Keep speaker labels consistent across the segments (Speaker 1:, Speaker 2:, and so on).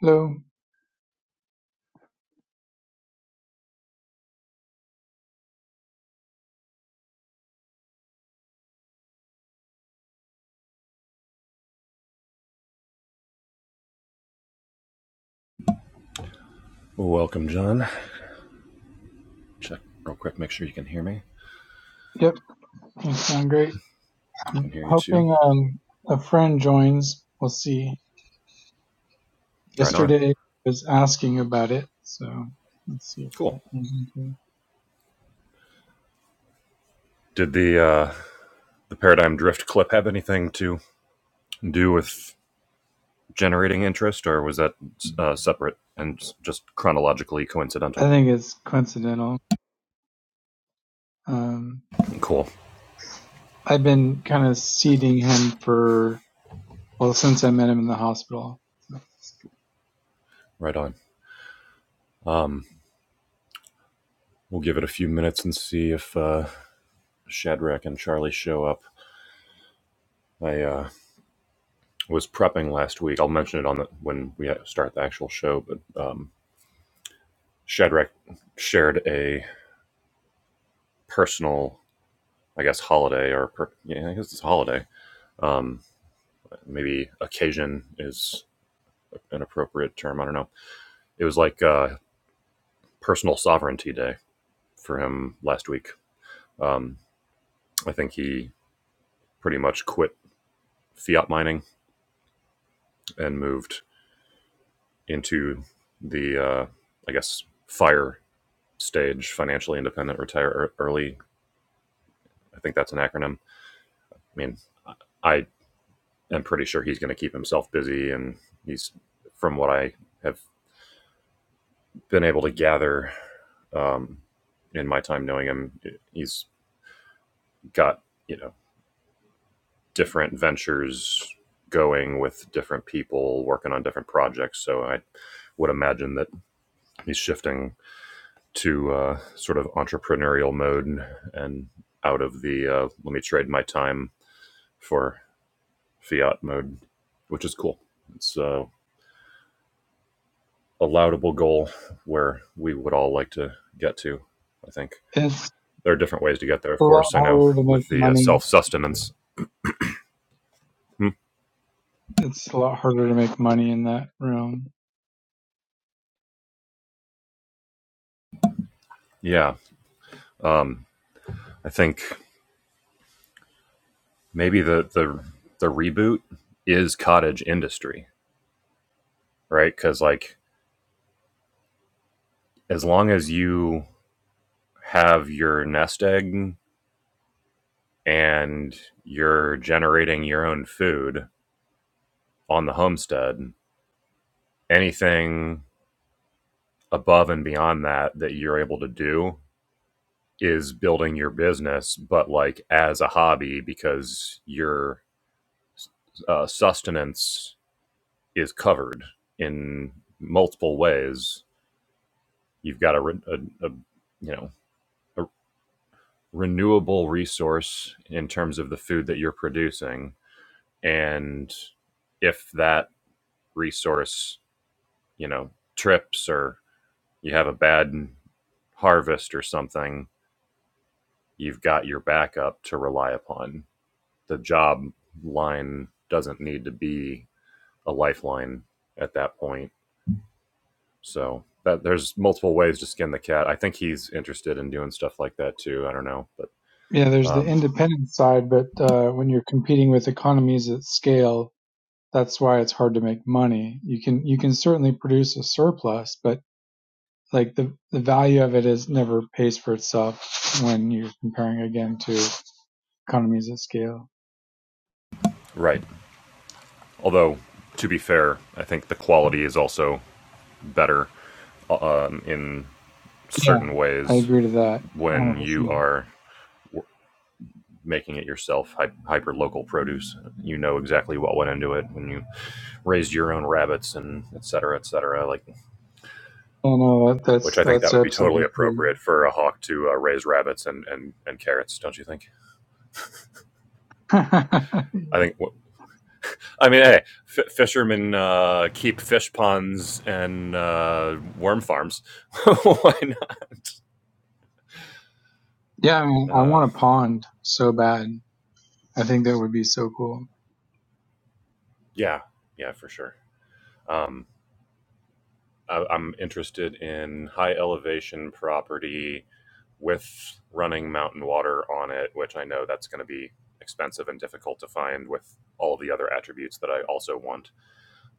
Speaker 1: Hello.
Speaker 2: Well, welcome, John. Check real quick, make sure you can hear me.
Speaker 1: Yep, you sound great.
Speaker 2: I can
Speaker 1: I'm
Speaker 2: hear you too.
Speaker 1: hoping um a friend joins. We'll see.
Speaker 2: Right on.
Speaker 1: Yesterday was asking about it, so let's see if
Speaker 2: Cool.
Speaker 1: that turns into.
Speaker 2: Did the uh, the paradigm drift clip have anything to do with generating interest, or was that uh, separate and just chronologically
Speaker 1: I
Speaker 2: coincidental?
Speaker 1: think it's coincidental. Um,
Speaker 2: Cool.
Speaker 1: I've been kind of seeding him for well since I met him in the hospital.
Speaker 2: Right on. Um, we'll give it a few minutes and see if uh, Shadrach and Charlie show up. I uh, was prepping last week. I'll mention it on the when we start the actual show. But um, Shadrach shared a personal I guess holiday or per, yeah, I guess it's a holiday. Um, maybe occasion is an appropriate term. I don't know. It was like uh, personal sovereignty day for him last week. Um, I think he pretty much quit fiat mining and moved into the uh, I guess fire stage, financially independent, retire early. I think that's an acronym. I mean, I am pretty sure he's going to keep himself busy, and he's from what I have been able to gather um, in my time knowing him. He's got you know different ventures going with different people working on different projects. So I would imagine that he's shifting to uh, sort of entrepreneurial mode and out of the uh, let me trade my time for fiat mode, which is cool. It's uh, a laudable goal where we would all like to get to, I think.
Speaker 1: It's
Speaker 2: there are different ways to get there,
Speaker 1: a
Speaker 2: of
Speaker 1: lot
Speaker 2: course. I know
Speaker 1: harder to make
Speaker 2: with the uh,
Speaker 1: money.
Speaker 2: self sustenance.
Speaker 1: It's a lot harder to make money in that realm.
Speaker 2: Yeah, um, I think maybe the the the reboot is cottage industry, right? Because like as long as you have your nest egg and you're generating your own food on the homestead, anything above and beyond that that you're able to do is building your business, but like as a hobby because you're uh, sustenance is covered in multiple ways. You've got a, a, a you know a renewable resource in terms of the food that you're producing, and if that resource you know trips or you have a bad harvest or something, you've got your backup to rely upon. The job line doesn't need to be a lifeline at that point So that there's multiple ways to skin the cat. I think he's interested in doing stuff like that too. I don't know, but
Speaker 1: Yeah, there's the
Speaker 2: um,
Speaker 1: independent side, but uh, when you're competing with economies at scale, that's why it's hard to make money. You can you can certainly produce a surplus, but like the the value of it is never pays for itself when you're comparing again to economies of scale.
Speaker 2: right. Although to be fair, I think the quality is also better um, in
Speaker 1: Yeah,
Speaker 2: certain
Speaker 1: I
Speaker 2: ways
Speaker 1: agree to that 100.
Speaker 2: when you
Speaker 1: percent
Speaker 2: are making it yourself hy- hyper local produce you know exactly what went into it when you raised your own rabbits and et cetera et cetera like
Speaker 1: No, no, that,
Speaker 2: which
Speaker 1: that's
Speaker 2: i think that
Speaker 1: that's
Speaker 2: would be totally
Speaker 1: absolutely true.
Speaker 2: appropriate for a hawk to uh, raise rabbits and, and and carrots don't you think i think I mean, hey, f- fishermen uh, keep fish ponds and uh, worm farms. Why not?
Speaker 1: yeah, I mean, I
Speaker 2: Uh,
Speaker 1: want a pond so bad. I think that would be so cool.
Speaker 2: yeah, yeah, for sure. Um, I- I'm interested in high elevation property with running mountain water on it, which I know that's going to be expensive and difficult to find with all the other attributes that I also want.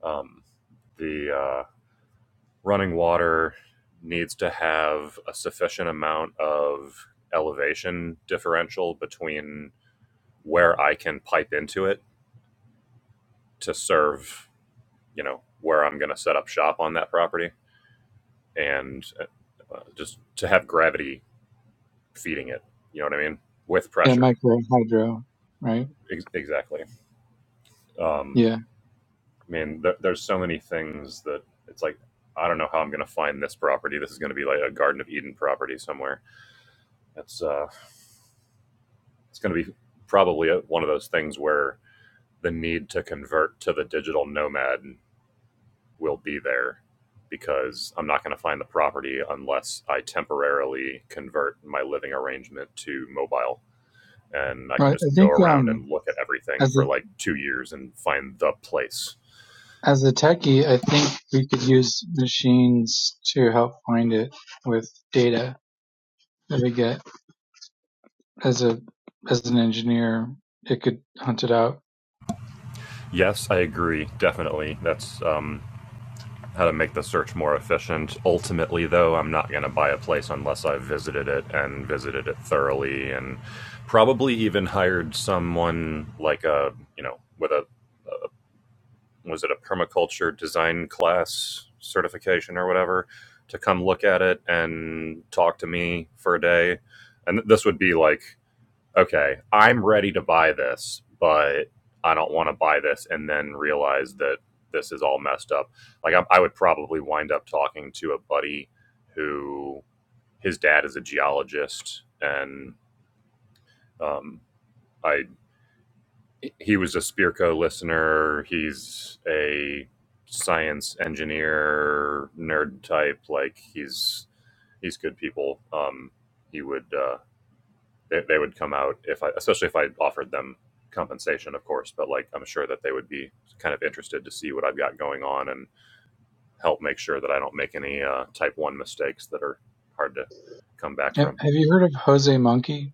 Speaker 2: Um, the uh, running water needs to have a sufficient amount of elevation differential between where I can pipe into it to serve, you know, where I'm going to set up shop on that property and uh, uh, just to have gravity feeding it, you know what I mean? With
Speaker 1: Yeah,
Speaker 2: pressure.
Speaker 1: micro hydro, right?
Speaker 2: Ex- exactly. Um,
Speaker 1: Yeah,
Speaker 2: I mean, there there's so many things that it's like, I don't know how I'm going to find this property. This is going to be like a Garden of Eden property somewhere. That's, uh, It's going to be probably one of those things where the need to convert to the digital nomad will be there because I'm not going to find the property unless I temporarily convert my living arrangement to mobile. And I can
Speaker 1: right. I
Speaker 2: just go
Speaker 1: think
Speaker 2: around
Speaker 1: um,
Speaker 2: and look at everything
Speaker 1: as
Speaker 2: for like two years and find the place.
Speaker 1: As a techie, I think we could use machines to help find it with data that we get. As a as an engineer, it could hunt it out.
Speaker 2: Yes, I agree. Definitely. That's um, how to make the search more efficient. Ultimately, though, I'm not going to buy a place unless I've visited it and visited it thoroughly and probably even hired someone like a, you know, with a, a was it a permaculture design class certification or whatever to come look at it and talk to me for a day. And this would be like okay, I'm ready to buy this, but I don't want to buy this and then realize that this is all messed up. Like, I, I would probably wind up talking to a buddy who his dad is a geologist, and um, I he was a Spearco listener. He's a science engineer nerd type. Like, he's he's good people. Um, he would. Uh, they, they would come out if I, especially if I offered them compensation, of course. But like, I'm sure that they would be kind of interested to see what I've got going on and help make sure that I don't make any uh, type one mistakes that are hard to come back
Speaker 1: Have,
Speaker 2: from.
Speaker 1: have you heard of Jose Monkey?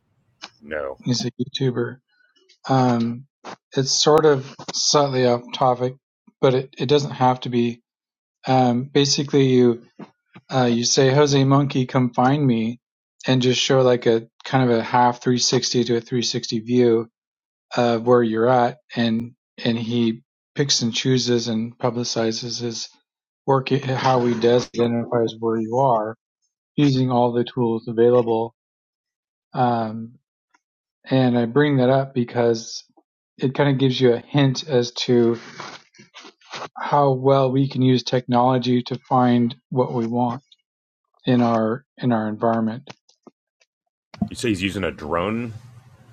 Speaker 2: No,
Speaker 1: He's a YouTuber. Um, it's sort of slightly off topic, but it, it doesn't have to be. Um, basically, you uh, you say Jose Monkey, come find me, and just show like a kind of a half 360 to a 360 view uh, where you're at, and and he picks and chooses and publicizes his work, how he does identifies where you are using all the tools available. Um, and I bring that up because it kind of gives you a hint as to how well we can use technology to find what we want in our in our environment.
Speaker 2: you say he's using a drone,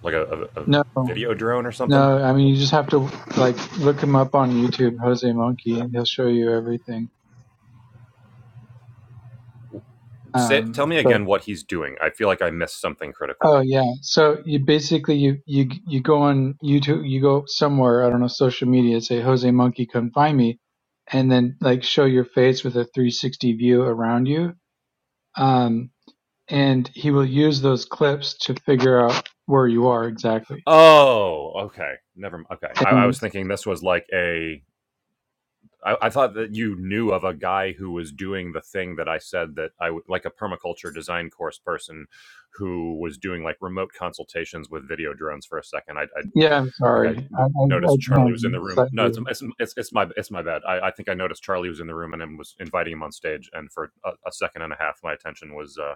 Speaker 2: like a, a, a
Speaker 1: No,
Speaker 2: video drone or something.
Speaker 1: no, I mean you just have to like look him up on YouTube, Jose Monkey, and he'll show you everything.
Speaker 2: Say, tell
Speaker 1: Um,
Speaker 2: me again what he's doing. I feel like I missed something critical.
Speaker 1: Oh yeah. So you basically you you you go on YouTube, you go somewhere, I don't know, social media, say Jose Monkey come find me and then like show your face with a 360 view around you. Um and he will use those clips to figure out where you are exactly.
Speaker 2: Oh, okay. Never. mind. Okay, I, I
Speaker 1: And
Speaker 2: was thinking this was like a I, I thought that you knew of a guy who was doing the thing that I said that I would like a permaculture design course person who was doing like remote consultations with video drones for a second. I, I
Speaker 1: yeah, I'm
Speaker 2: think
Speaker 1: sorry.
Speaker 2: I
Speaker 1: I I,
Speaker 2: w-
Speaker 1: I
Speaker 2: noticed Charlie
Speaker 1: can't
Speaker 2: was in the room.
Speaker 1: cite
Speaker 2: No,
Speaker 1: you.
Speaker 2: it's it's it's, my it's my bad. I, I think I noticed Charlie was in the room and was inviting him on stage. And for a, a second and a half, my attention was uh,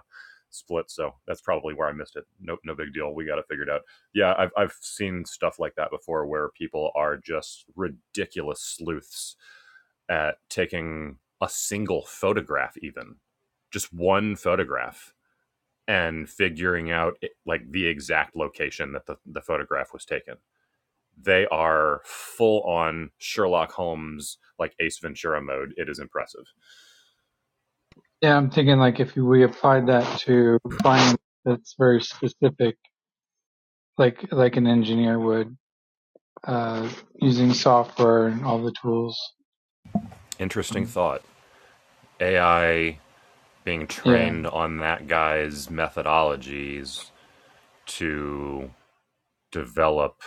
Speaker 2: split. So that's probably where I missed it. No, no big deal. We got it figured out. Yeah, I've I've seen stuff like that before, where people are just ridiculous sleuths at taking a single photograph, even just one photograph, and figuring out like the exact location that the, the photograph was taken they are full on Sherlock Holmes, like Ace Ventura mode. It is impressive.
Speaker 1: Yeah, I'm thinking like if we applied that to finding that's very specific like like an engineer would uh using software and all the tools.
Speaker 2: Interesting
Speaker 1: Um,
Speaker 2: thought. AI being
Speaker 1: yeah,
Speaker 2: trained on that guy's methodologies to develop,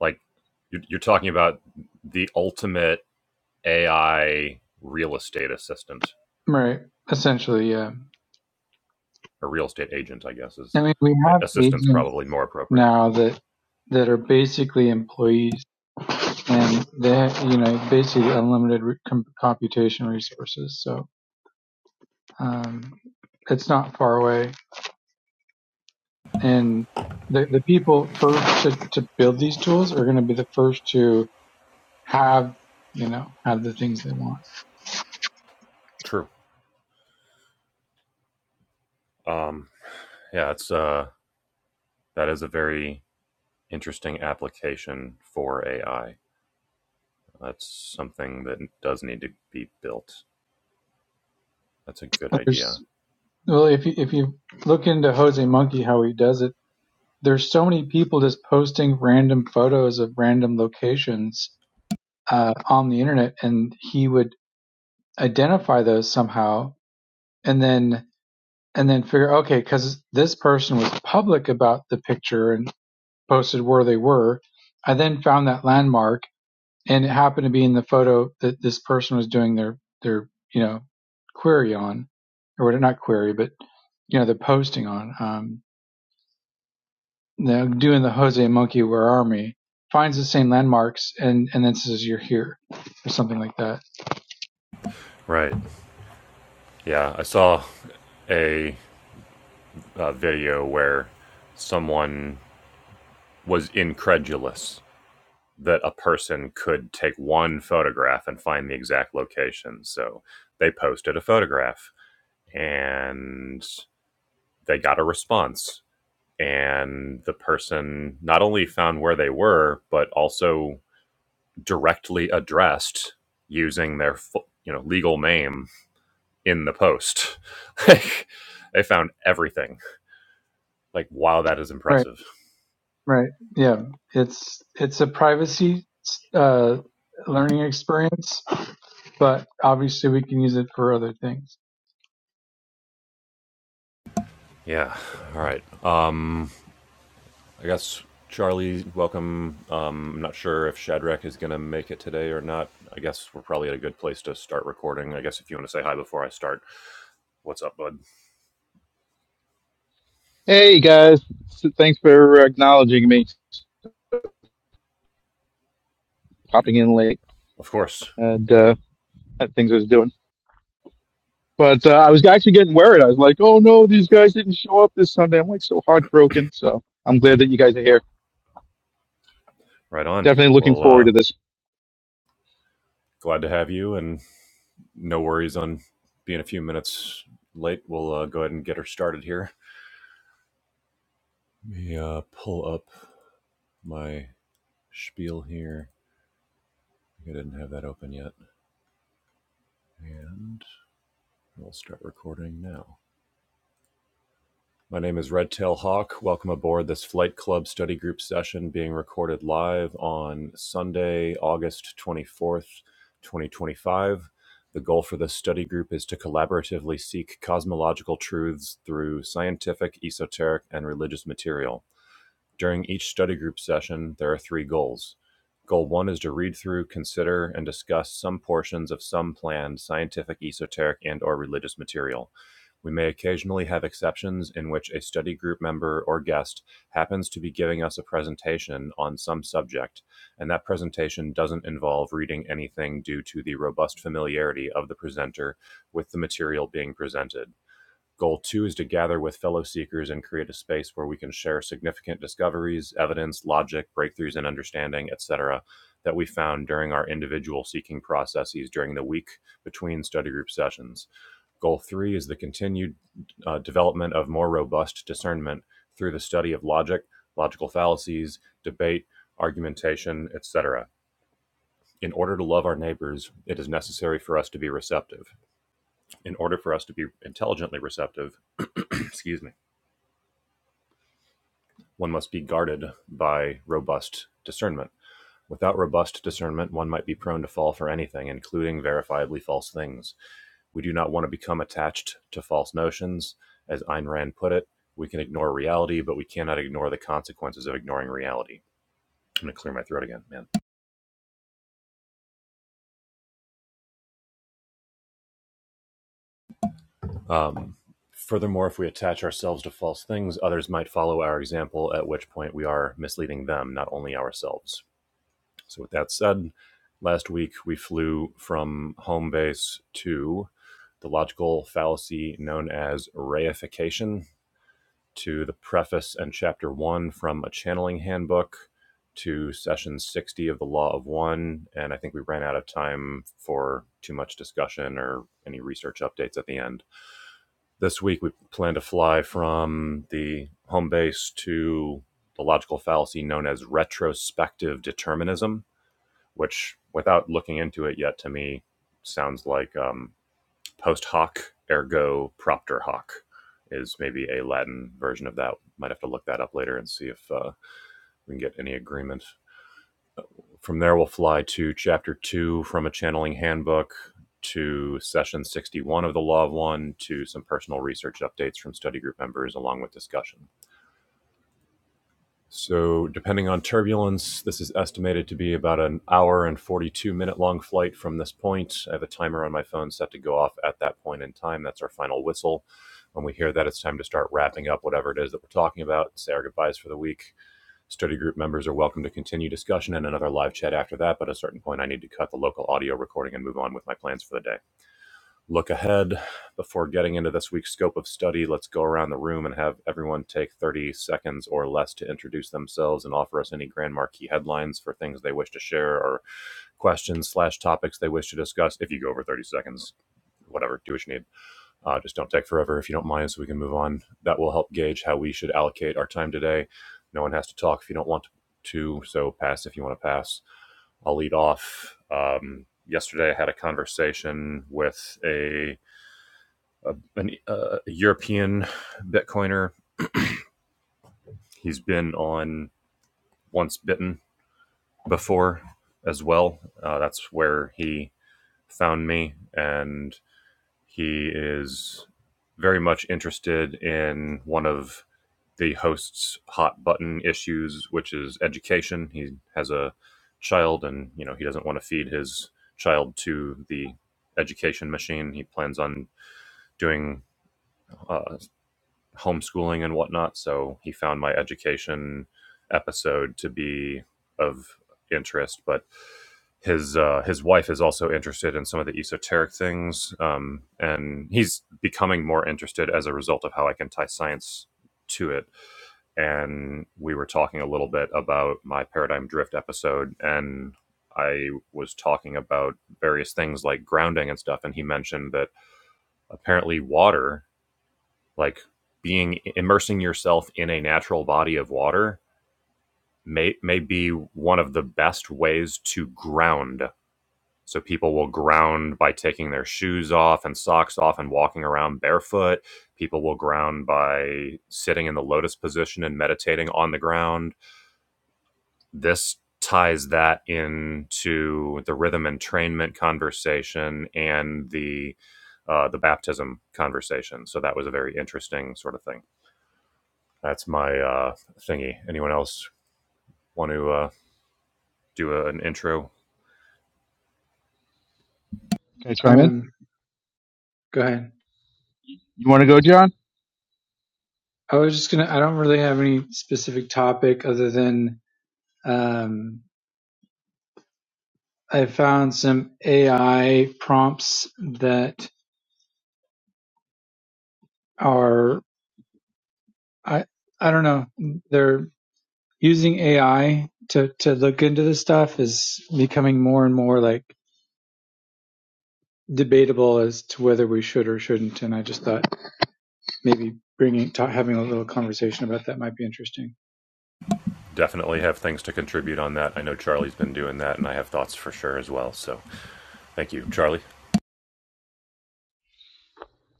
Speaker 2: like, you're, talking about the ultimate AI real estate assistant
Speaker 1: right. Essentially, yeah.
Speaker 2: or real estate agent, I guess, is
Speaker 1: I mean, we
Speaker 2: uh,
Speaker 1: have
Speaker 2: assistant's
Speaker 1: agents
Speaker 2: probably more appropriate.
Speaker 1: now that that are basically employees, and they, ha- you know, basically unlimited re- com- computation resources. So um, it's not far away, and the the people first to, to build these tools are going to be the first to have, you know, have the things they want.
Speaker 2: True. Um, yeah, it's uh, that is a very interesting application for AI. That's something that does need to be built. That's a good idea.
Speaker 1: There's well, if you if you look into Jose Monkey how he does it, there's so many people just posting random photos of random locations uh, on the internet, and he would identify those somehow, and then and then figure okay, because this person was public about the picture and posted where they were. I then found that landmark and it happened to be in the photo that this person was doing their their you know query on, or what- not query, but you know they're posting on. Um, they're doing the Jose Monkey, where are me? Finds the same landmarks and and then says you're here or something like that.
Speaker 2: Right. Yeah, I saw a, uh video where someone was incredulous that a person could take one photograph and find the exact location. So they posted a photograph and they got a response. And the person not only found where they were, but also directly addressed using their you know legal name in the post. Like, they found everything. Like, wow, that is
Speaker 1: Right,
Speaker 2: impressive.
Speaker 1: right, yeah. It's it's a privacy uh, learning experience, but obviously we can use it for other things.
Speaker 2: Yeah. All right. Um, I guess Charlie, welcome. Um, I'm not sure if Shadrach is going to make it today or not. I guess we're probably at a good place to start recording. I guess if you want to say hi before I start, what's up, bud?
Speaker 3: Hey guys, S- thanks for acknowledging me, popping in late
Speaker 2: Of course.
Speaker 3: and uh, had things I was doing. But uh, I was actually getting worried. I was like, "Oh no, these guys didn't show up this Sunday." I'm like so heartbroken. So I'm glad that you guys are here.
Speaker 2: Right on.
Speaker 3: Definitely looking
Speaker 2: Well,
Speaker 3: forward
Speaker 2: uh,
Speaker 3: to this.
Speaker 2: glad to have you, and no worries on being a few minutes late. We'll uh, go ahead and get her started here. Let me uh, pull up my spiel here. I didn't have that open yet. And we'll start recording now. My name is Redtail Hawk. Welcome aboard this Flight Club study group session being recorded live on Sunday, August 24th, 2025. The goal for this study group is to collaboratively seek cosmological truths through scientific, esoteric, and religious material. During each study group session, there are three goals. Goal one is to read through, consider, and discuss some portions of some planned scientific, esoteric, and or religious material. We may occasionally have exceptions in which a study group member or guest happens to be giving us a presentation on some subject, and that presentation doesn't involve reading anything due to the robust familiarity of the presenter with the material being presented. Goal two is to gather with fellow seekers and create a space where we can share significant discoveries, evidence, logic, breakthroughs in understanding, etc., that we found during our individual seeking processes during the week between study group sessions. Goal three is the continued uh, development of more robust discernment through the study of logic, logical fallacies, debate, argumentation, etc. In order to love our neighbors, it is necessary for us to be receptive. In order for us to be intelligently receptive, excuse me one must be guarded by robust discernment. Without robust discernment, one might be prone to fall for anything, including verifiably false things. We do not want to become attached to false notions. As Ayn Rand put it, we can ignore reality, but we cannot ignore the consequences of ignoring reality. I'm going to clear my throat again, man. Um, furthermore, if we attach ourselves to false things, others might follow our example, at which point we are misleading them, not only ourselves. So, with that said, last week we flew from home base to the logical fallacy known as reification to the preface and chapter one from a channeling handbook to session 60 of the law of one and i think we ran out of time for too much discussion or any research updates at the end this week we plan to fly from the home base to the logical fallacy known as retrospective determinism which, without looking into it yet, to me sounds like um, post hoc ergo propter hoc is maybe a Latin version of that. Might have to look that up later and see if uh, we can get any agreement. From there, we'll fly to chapter two from a channeling handbook to session 61 of the Law of One to some personal research updates from study group members, along with discussion. So, depending on turbulence, this is estimated to be about an hour and 42 minute long flight from this point. I have a timer on my phone set to go off at that point in time. That's our final whistle. When we hear that, it's time to start wrapping up whatever it is that we're talking about, say our goodbyes for the week. Study group members are welcome to continue discussion and another live chat after that, but at a certain point, I need to cut the local audio recording and move on with my plans for the day. Look ahead. Before getting into this week's scope of study, let's go around the room and have everyone take 30 seconds or less to introduce themselves and offer us any grand marquee headlines for things they wish to share or questions slash topics they wish to discuss. If you go over 30 seconds, whatever, do what you need. Uh, just don't take forever if you don't mind, so we can move on. That will help gauge how we should allocate our time today. No one has to talk if you don't want to, so pass if you want to pass. I'll lead off. Um, yesterday, I had a conversation with a a, an, uh, a European Bitcoiner. He's been on Once Bitten before as well. Uh, that's where he found me, and he is very much interested in one of the host's hot button issues, which is education. He has a child, and you know he doesn't want to feed his child to the education machine. He plans on doing uh, homeschooling and whatnot. So he found my education episode to be of interest. But his uh, his wife is also interested in some of the esoteric things, um, and he's becoming more interested as a result of how I can tie science to it. And we were talking a little bit about my paradigm drift episode, and I was talking about various things like grounding and stuff, and he mentioned that apparently water like being immersing yourself in a natural body of water may may be one of the best ways to ground so people will ground by taking their shoes off and socks off and walking around barefoot people will ground by sitting in the lotus position and meditating on the ground this ties that into the rhythm entrainment conversation and the uh, the baptism conversation so that was a very interesting sort of thing That's my uh, thingy. Anyone else want to uh, do a, an intro?
Speaker 3: Can I chime in?
Speaker 1: Um, go ahead.
Speaker 3: You want to go, John?
Speaker 1: I was just gonna. I don't really have any specific topic other than Um, I found some AI prompts that are I I don't know they're using AI to to look into this stuff is becoming more and more like debatable as to whether we should or shouldn't. And I just thought maybe bringing ta having a little conversation about that might be interesting.
Speaker 2: Definitely have things to contribute on that. I know Charlie's been doing that, and I have thoughts for sure as well. So thank you, Charlie.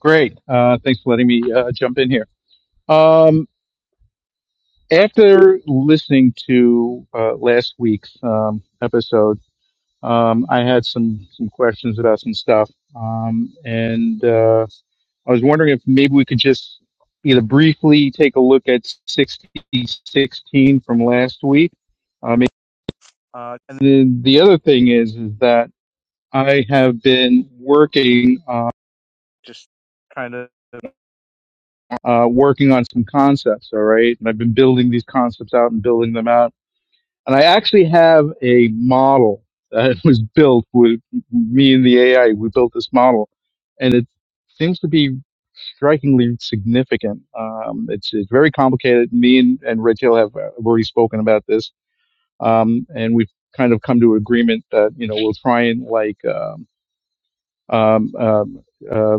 Speaker 3: Great. Uh, thanks for letting me uh, jump in here. Um, after listening to uh, last week's um, episode, um, I had some some questions about some stuff, um, and. Uh, I was wondering if maybe we could just either briefly take a look at 6016 from last week. Um, then the other thing is, is that I have been working uh, uh, working on some concepts, all right, and I've been building these concepts out and building them out, and I actually have a model that was built with me and the AI. We built this model, and it seems to be. strikingly significant. Um, it's, it's very complicated. Me and, and Red Tail have uh, already spoken about this, um, and we've kind of come to an agreement that you know we'll try and like um, um, um, uh,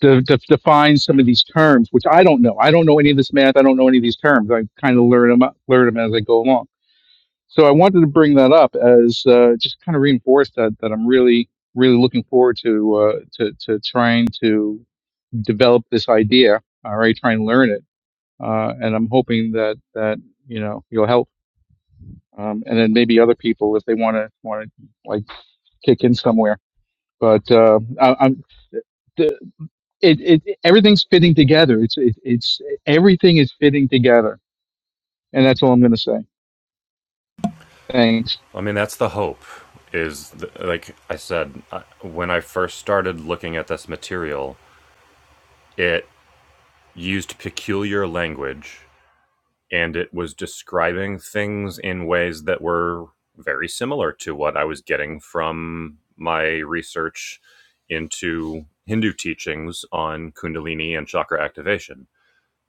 Speaker 3: de- de- define some of these terms, which I don't know. I don't know any of this math. I don't know any of these terms. I kind of learn them learn them as I go along. So I wanted to bring that up as uh, just kind of reinforce that that I'm really really looking forward to uh, to to trying to develop this idea. All right, try and learn it uh, and I'm hoping that that you know you'll help, um, and then maybe other people if they want to want to like kick in somewhere. But uh, I, I'm the, it, it everything's fitting together. It's it, it's everything is fitting together, and that's all I'm going to say. Thanks.
Speaker 2: I mean, that's the hope. Is th like I said, I, when I first started looking at this material, it used peculiar language and it was describing things in ways that were very similar to what I was getting from my research into Hindu teachings on Kundalini and chakra activation.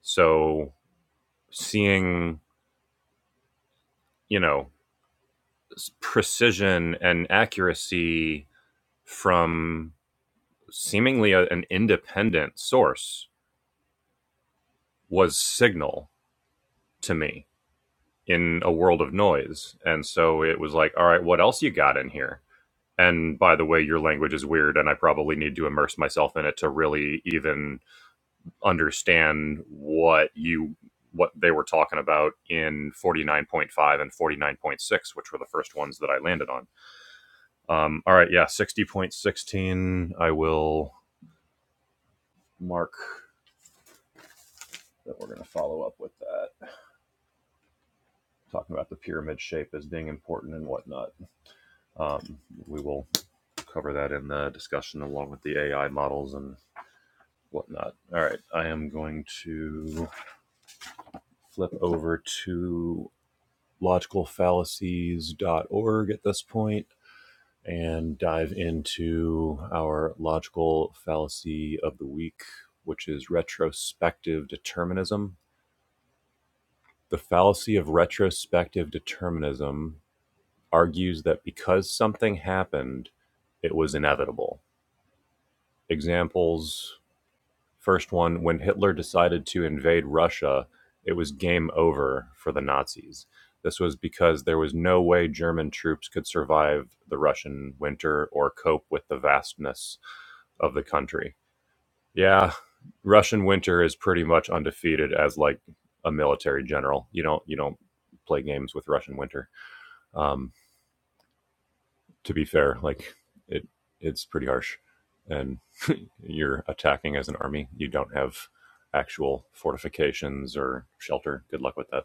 Speaker 2: So seeing, you know, precision and accuracy from seemingly a- an independent source was signal to me in a world of noise. And so it was like, all right, what else you got in here? And by the way, your language is weird, and I probably need to immerse myself in it to really even understand what you what they were talking about in 49.5 and 49.6, which were the first ones that I landed on. Um, all right, yeah, 60.16. I will mark that we're going to follow up with that, talking about the pyramid shape as being important and whatnot. Um, we will cover that in the discussion along with the AI models and whatnot. All right, I am going to flip over to logicalfallacies.org at this point and dive into our logical fallacy of the week, which is retrospective determinism. The fallacy of retrospective determinism argues that because something happened, it was inevitable. Examples First one, when Hitler decided to invade Russia, it was game over for the Nazis. This was because there was no way German troops could survive the Russian winter or cope with the vastness of the country. Yeah, Russian winter is pretty much undefeated as like a military general. You don't you don't play games with Russian winter. Um, to be fair, like it it's pretty harsh, and you're attacking as an army. You don't have actual fortifications or shelter. Good luck with that.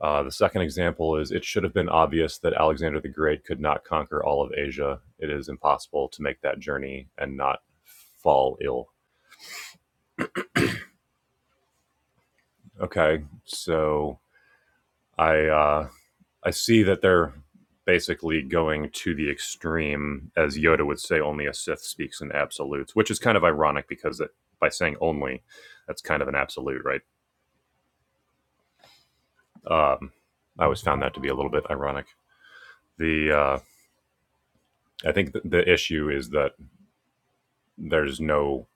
Speaker 2: Uh, the second example is it should have been obvious that Alexander the Great could not conquer all of Asia. It is impossible to make that journey and not fall ill. Okay, so I uh, I see that they're basically going to the extreme, as Yoda would say, only a Sith speaks in absolutes, which is kind of ironic because it, by saying only, that's kind of an absolute, right? Um, I always found that to be a little bit ironic. The uh, I think th- the issue is that there's no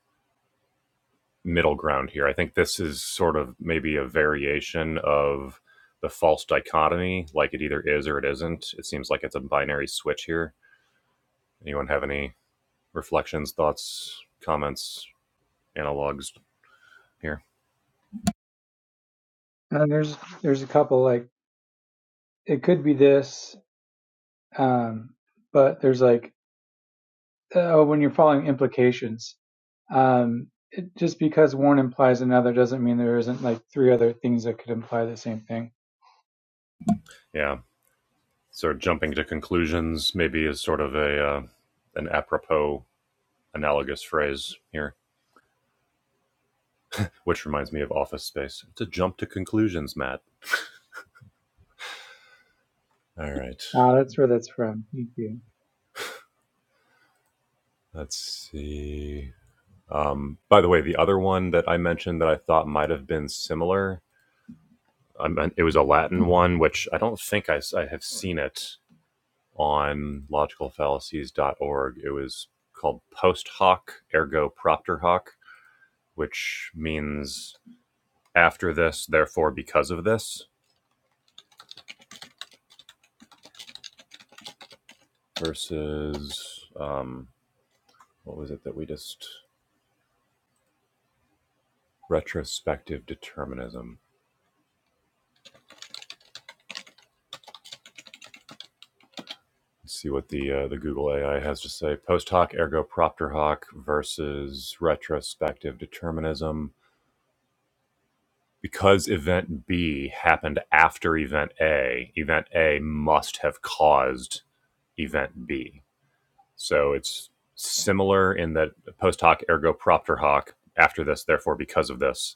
Speaker 2: middle ground here. I think this is sort of maybe a variation of the false dichotomy, like it either is or it isn't. It seems like it's a binary switch here. Anyone have any reflections, thoughts, comments, analogs here?
Speaker 1: And there's there's a couple like it could be this, um, but there's like uh, when you're following implications. Um, it, just because one implies another doesn't mean there isn't like three other things that could imply the same thing.
Speaker 2: Yeah. So jumping to conclusions maybe is sort of a uh, an apropos analogous phrase here. which reminds me of Office Space. It's a jump to conclusions, Matt. All right.
Speaker 1: Ah, that's where that's from. Thank you.
Speaker 2: Let's see. Um, by the way, the other one that I mentioned that I thought might have been similar, I it was a Latin one, which I don't think I I have seen it on logicalfallacies.org. It was called post hoc, ergo propter hoc, which means after this, therefore because of this, versus um, what was it that we just retrospective determinism Let's see what the uh, the Google AI has to say. Post hoc ergo propter hoc versus retrospective determinism. Because event B happened after event A, event A must have caused event B. So it's similar in that post hoc ergo propter hoc. After this, therefore, because of this,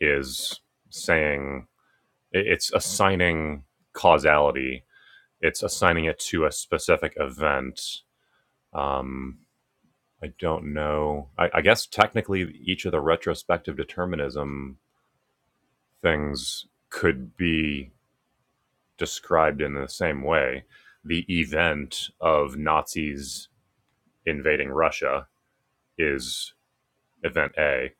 Speaker 2: is saying it's assigning causality. It's assigning it to a specific event. Um, I don't know. I, I guess technically, each of the retrospective determinism things could be described in the same way. The event of Nazis invading Russia is event A.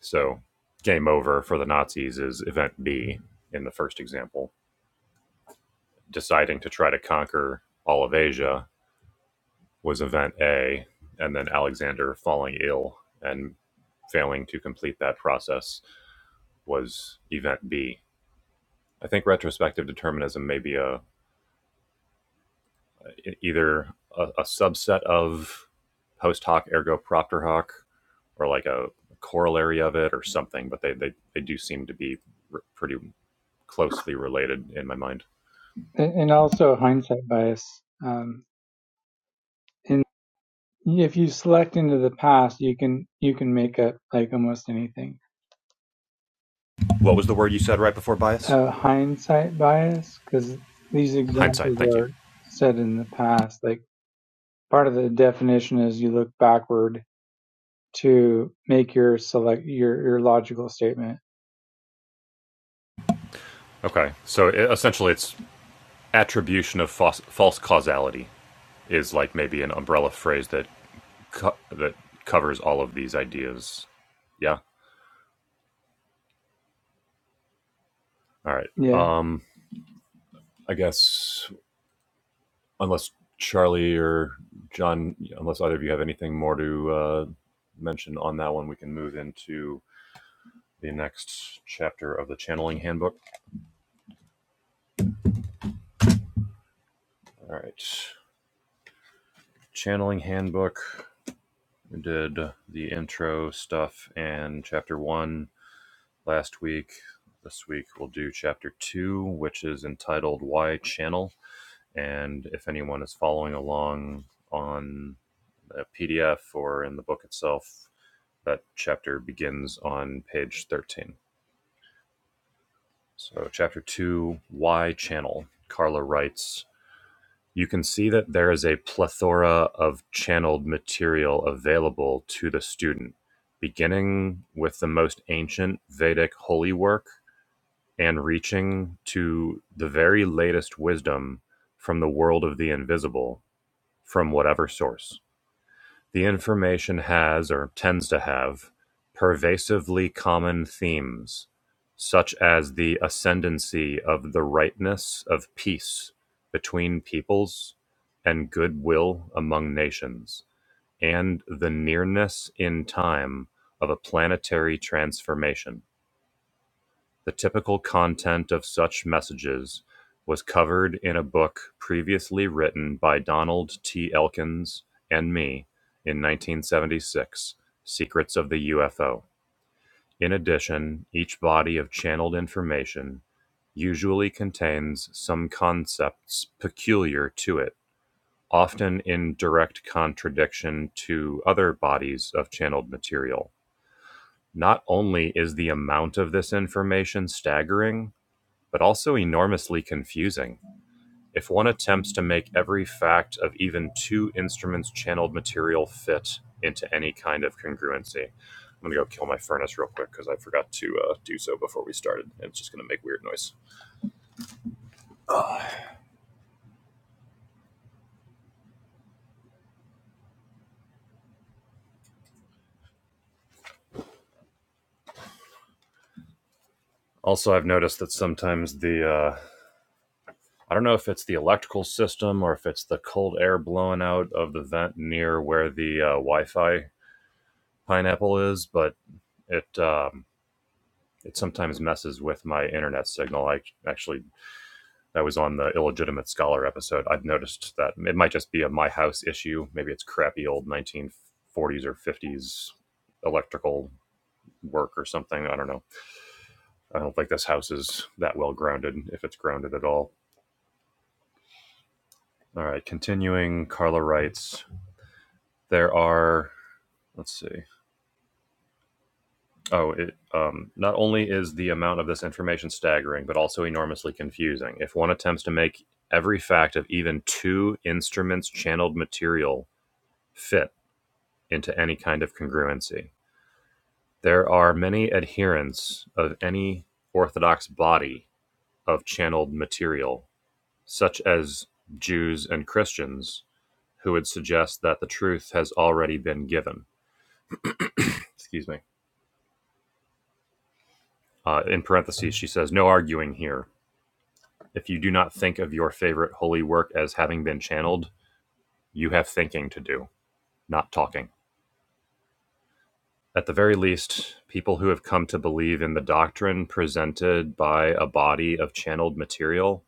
Speaker 2: So, game over for the Nazis is event B in the first example. Deciding to try to conquer all of Asia was event A, and then Alexander falling ill and failing to complete that process was event B. I think retrospective determinism may be a either a, a subset of post hoc ergo propter hoc, or like a corollary of it, or something. But they they, they do seem to be r- pretty closely related in my mind.
Speaker 1: And, and also hindsight bias. Um, and if you select into the past, you can you can make up like almost anything.
Speaker 2: What was the word you said right before bias?
Speaker 1: Uh, hindsight bias, because these
Speaker 2: Hindsight.
Speaker 1: examples
Speaker 2: Thank you.
Speaker 1: are said in the past. Like part of the definition is you look backward to make your select your your logical statement.
Speaker 2: Okay, so it, essentially, it's attribution of false, false causality is like maybe an umbrella phrase that co- that covers all of these ideas. Yeah. All right.
Speaker 1: Yeah.
Speaker 2: Um, I guess unless Charlie or John, unless either of you have anything more to uh, mention on that one, we can move into the next chapter of the channeling handbook. All right. Channeling handbook. We did the intro stuff and chapter one last week. This week we'll do chapter two, which is entitled Why Channel. And if anyone is following along on a PDF or in the book itself, That chapter begins on page 13. So, chapter 2, Why Channel? Carla writes You can see that there is a plethora of channeled material available to the student, beginning with the most ancient Vedic holy work and reaching to the very latest wisdom from the world of the invisible, from whatever source. The information has, or tends to have, pervasively common themes, such as the ascendancy of the rightness of peace between peoples and goodwill among nations, and the nearness in time of a planetary transformation. The typical content of such messages was covered in a book previously written by Donald T. Elkins and me in 1976, Secrets of the UFO. In addition, each body of channeled information usually contains some concepts peculiar to it, often in direct contradiction to other bodies of channeled material. Not only is the amount of this information staggering, but also enormously confusing. If one attempts to make every fact of even two instruments' channeled material fit into any kind of congruency. I'm gonna go kill my furnace real quick because I forgot to uh, do so before we started. It's just gonna make weird noise. Also, I've noticed that sometimes the uh, I don't know if it's the electrical system or if it's the cold air blowing out of the vent near where the uh, Wi-Fi pineapple is, but it um, it sometimes messes with my internet signal. I actually that was on the illegitimate scholar episode. i have noticed that it might just be a my house issue. Maybe it's crappy old 1940s or 50s electrical work or something. I don't know. I don't think this house is that well grounded, if it's grounded at all. All right, continuing, Carla writes there are. Let's see. Oh, it um, not only is the amount of this information staggering, but also enormously confusing. If one attempts to make every fact of even two instruments' channeled material fit into any kind of congruency. There are many adherents of any orthodox body of channeled material, such as Jews and Christians, who would suggest that the truth has already been given. Excuse me. Uh, in parentheses, she says, No arguing here. If you do not think of your favorite holy work as having been channeled, you have thinking to do, not talking. At the very least, people who have come to believe in the doctrine presented by a body of channeled material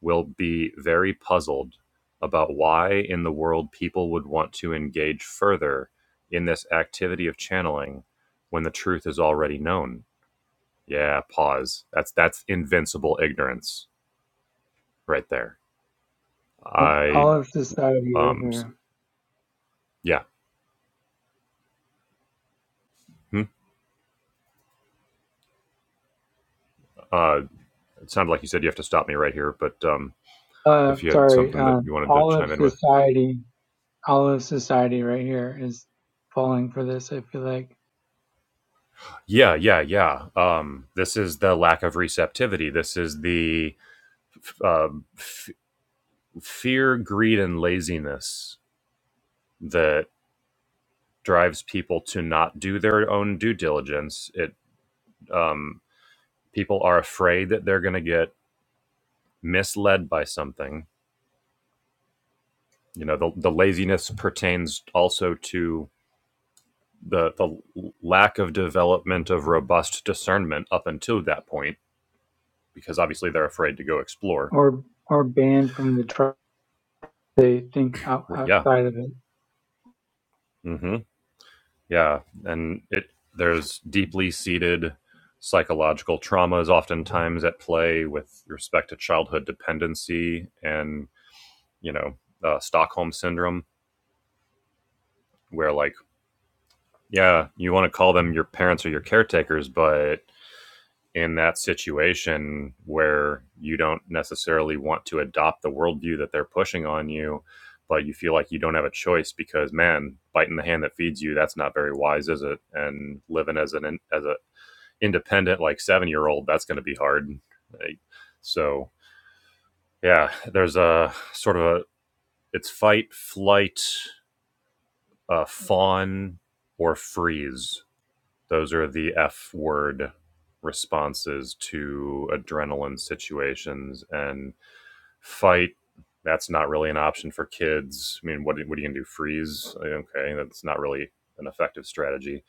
Speaker 2: will be very puzzled about why in the world people would want to engage further in this activity of channeling when the truth is already known. Yeah, pause. That's that's invincible ignorance right there. I
Speaker 1: All of society right
Speaker 2: um
Speaker 1: here.
Speaker 2: yeah. Hmm? Uh, it sounded like you said you have to stop me right here, but um,
Speaker 1: Uh
Speaker 2: if you had
Speaker 1: sorry,
Speaker 2: something that
Speaker 1: um
Speaker 2: you wanted to
Speaker 1: all of
Speaker 2: chime in with.
Speaker 1: society all of society right here is falling for this, I feel like.
Speaker 2: Yeah, yeah, yeah. Um, this is the lack of receptivity. This is the f- um f- fear, greed, and laziness that drives people to not do their own due diligence. It um, people are afraid that they're going to get misled by something. You know, the, the laziness pertains also to the the lack of development of robust discernment up until that point, because obviously they're afraid to go explore.
Speaker 1: Or or banned from the tribe they think out,
Speaker 2: Yeah.
Speaker 1: outside of it.
Speaker 2: hmm Yeah, and it there's deeply seated psychological traumas oftentimes at play with respect to childhood dependency and you know uh, Stockholm syndrome, where like yeah, you want to call them your parents or your caretakers, but in that situation where you don't necessarily want to adopt the worldview that they're pushing on you, but you feel like you don't have a choice because man, biting the hand that feeds you, that's not very wise, is it? And living as an as a independent like seven year old that's going to be hard Like, so yeah there's a sort of a it's fight flight uh, fawn or freeze those are the f word responses to adrenaline situations and fight that's not really an option for kids i mean what, what are you going to do freeze Like, okay that's not really an effective strategy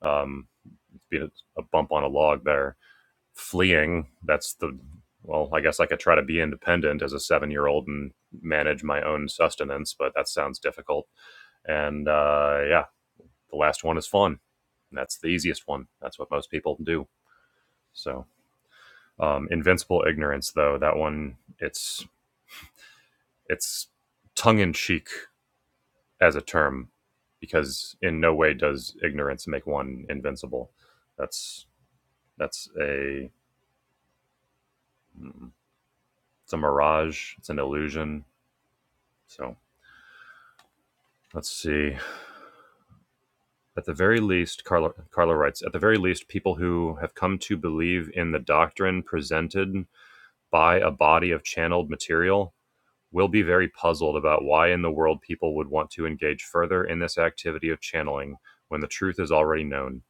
Speaker 2: um, be a, a bump on a log there fleeing. That's the well, I guess I could try to be independent as a seven year old and manage my own sustenance, but that sounds difficult. And uh, yeah, the last one is fun. that's the easiest one. That's what most people do. So um, invincible ignorance, though that one, it's it's tongue in cheek as a term, because in no way does ignorance make one invincible. That's that's a mm, it's a mirage. It's an illusion. So Let's see. At the very least, Carla, Carla writes, at the very least, people who have come to believe in the doctrine presented by a body of channeled material will be very puzzled about why in the world people would want to engage further in this activity of channeling when the truth is already known.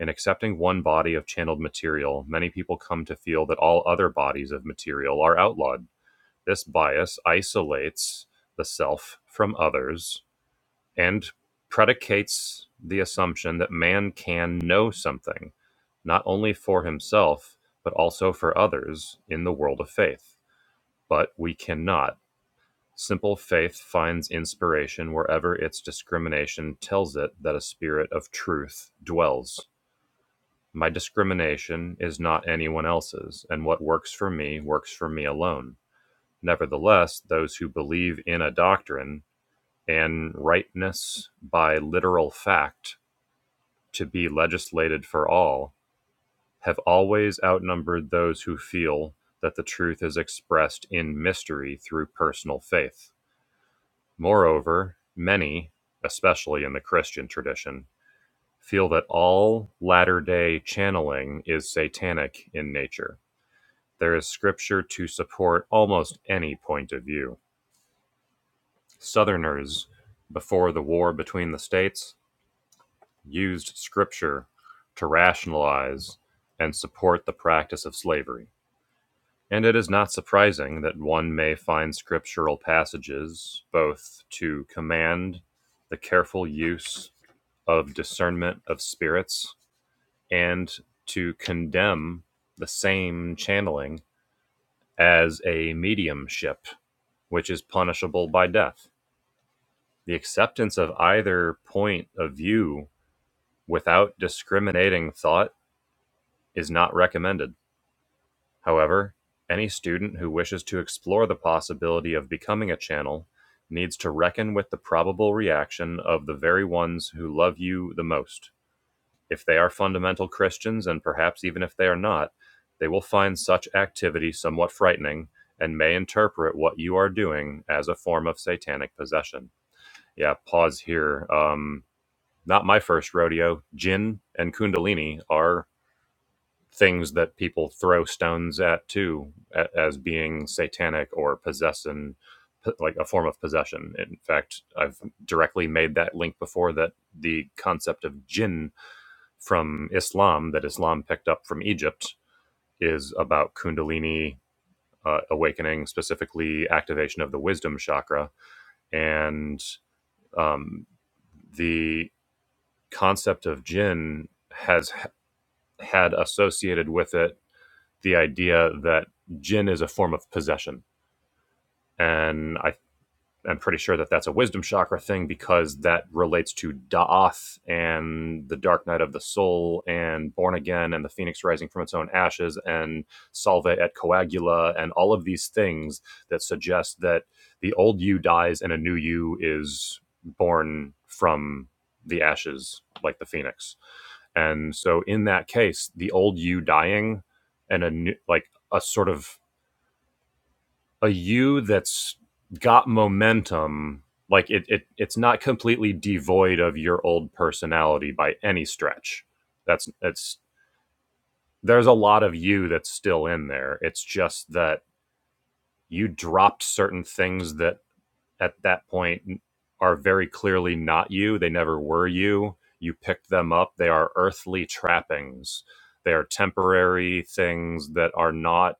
Speaker 2: In accepting one body of channeled material, many people come to feel that all other bodies of material are outlawed. This bias isolates the self from others and predicates the assumption that man can know something, not only for himself, but also for others in the world of faith. But we cannot. Simple faith finds inspiration wherever its discrimination tells it that a spirit of truth dwells. My discrimination is not anyone else's, and what works for me works for me alone. Nevertheless, those who believe in a doctrine and rightness by literal fact to be legislated for all have always outnumbered those who feel that the truth is expressed in mystery through personal faith. Moreover, many, especially in the Christian tradition, feel that all latter day channeling is satanic in nature. There is scripture to support almost any point of view. Southerners, before the war between the states, used Scripture to rationalize and support the practice of slavery. And it is not surprising that one may find scriptural passages both to command the careful use of discernment of spirits and to condemn the same channeling as a mediumship, which is punishable by death. The acceptance of either point of view without discriminating thought is not recommended, however, any student who wishes to explore the possibility of becoming a channel needs to reckon with the probable reaction of the very ones who love you the most. If they are fundamental Christians, and perhaps even if they are not, they will find such activity somewhat frightening and may interpret what you are doing as a form of satanic possession. Yeah, pause here. Um, not my first rodeo. Jin and Kundalini are things that people throw stones at too as being satanic or possession p- like a form of possession in fact i've directly made that link before that the concept of jinn from islam that islam picked up from egypt is about kundalini uh, awakening specifically activation of the wisdom chakra and um, the concept of jinn has had associated with it the idea that gin is a form of possession. And I I'm pretty sure that that's a wisdom chakra thing because that relates to Da'ath and the Dark Night of the Soul and Born Again and the Phoenix Rising from its own ashes and Salve et Coagula and all of these things that suggest that the old you dies and a new you is born from the ashes like the phoenix. And so in that case, the old you dying and a new, like a sort of a you that's got momentum like it, it it's not completely devoid of your old personality by any stretch that's that's there's a lot of you that's still in there it's just that you dropped certain things that at that point are very clearly not you they never were you you picked them up they are earthly trappings they are temporary things that are not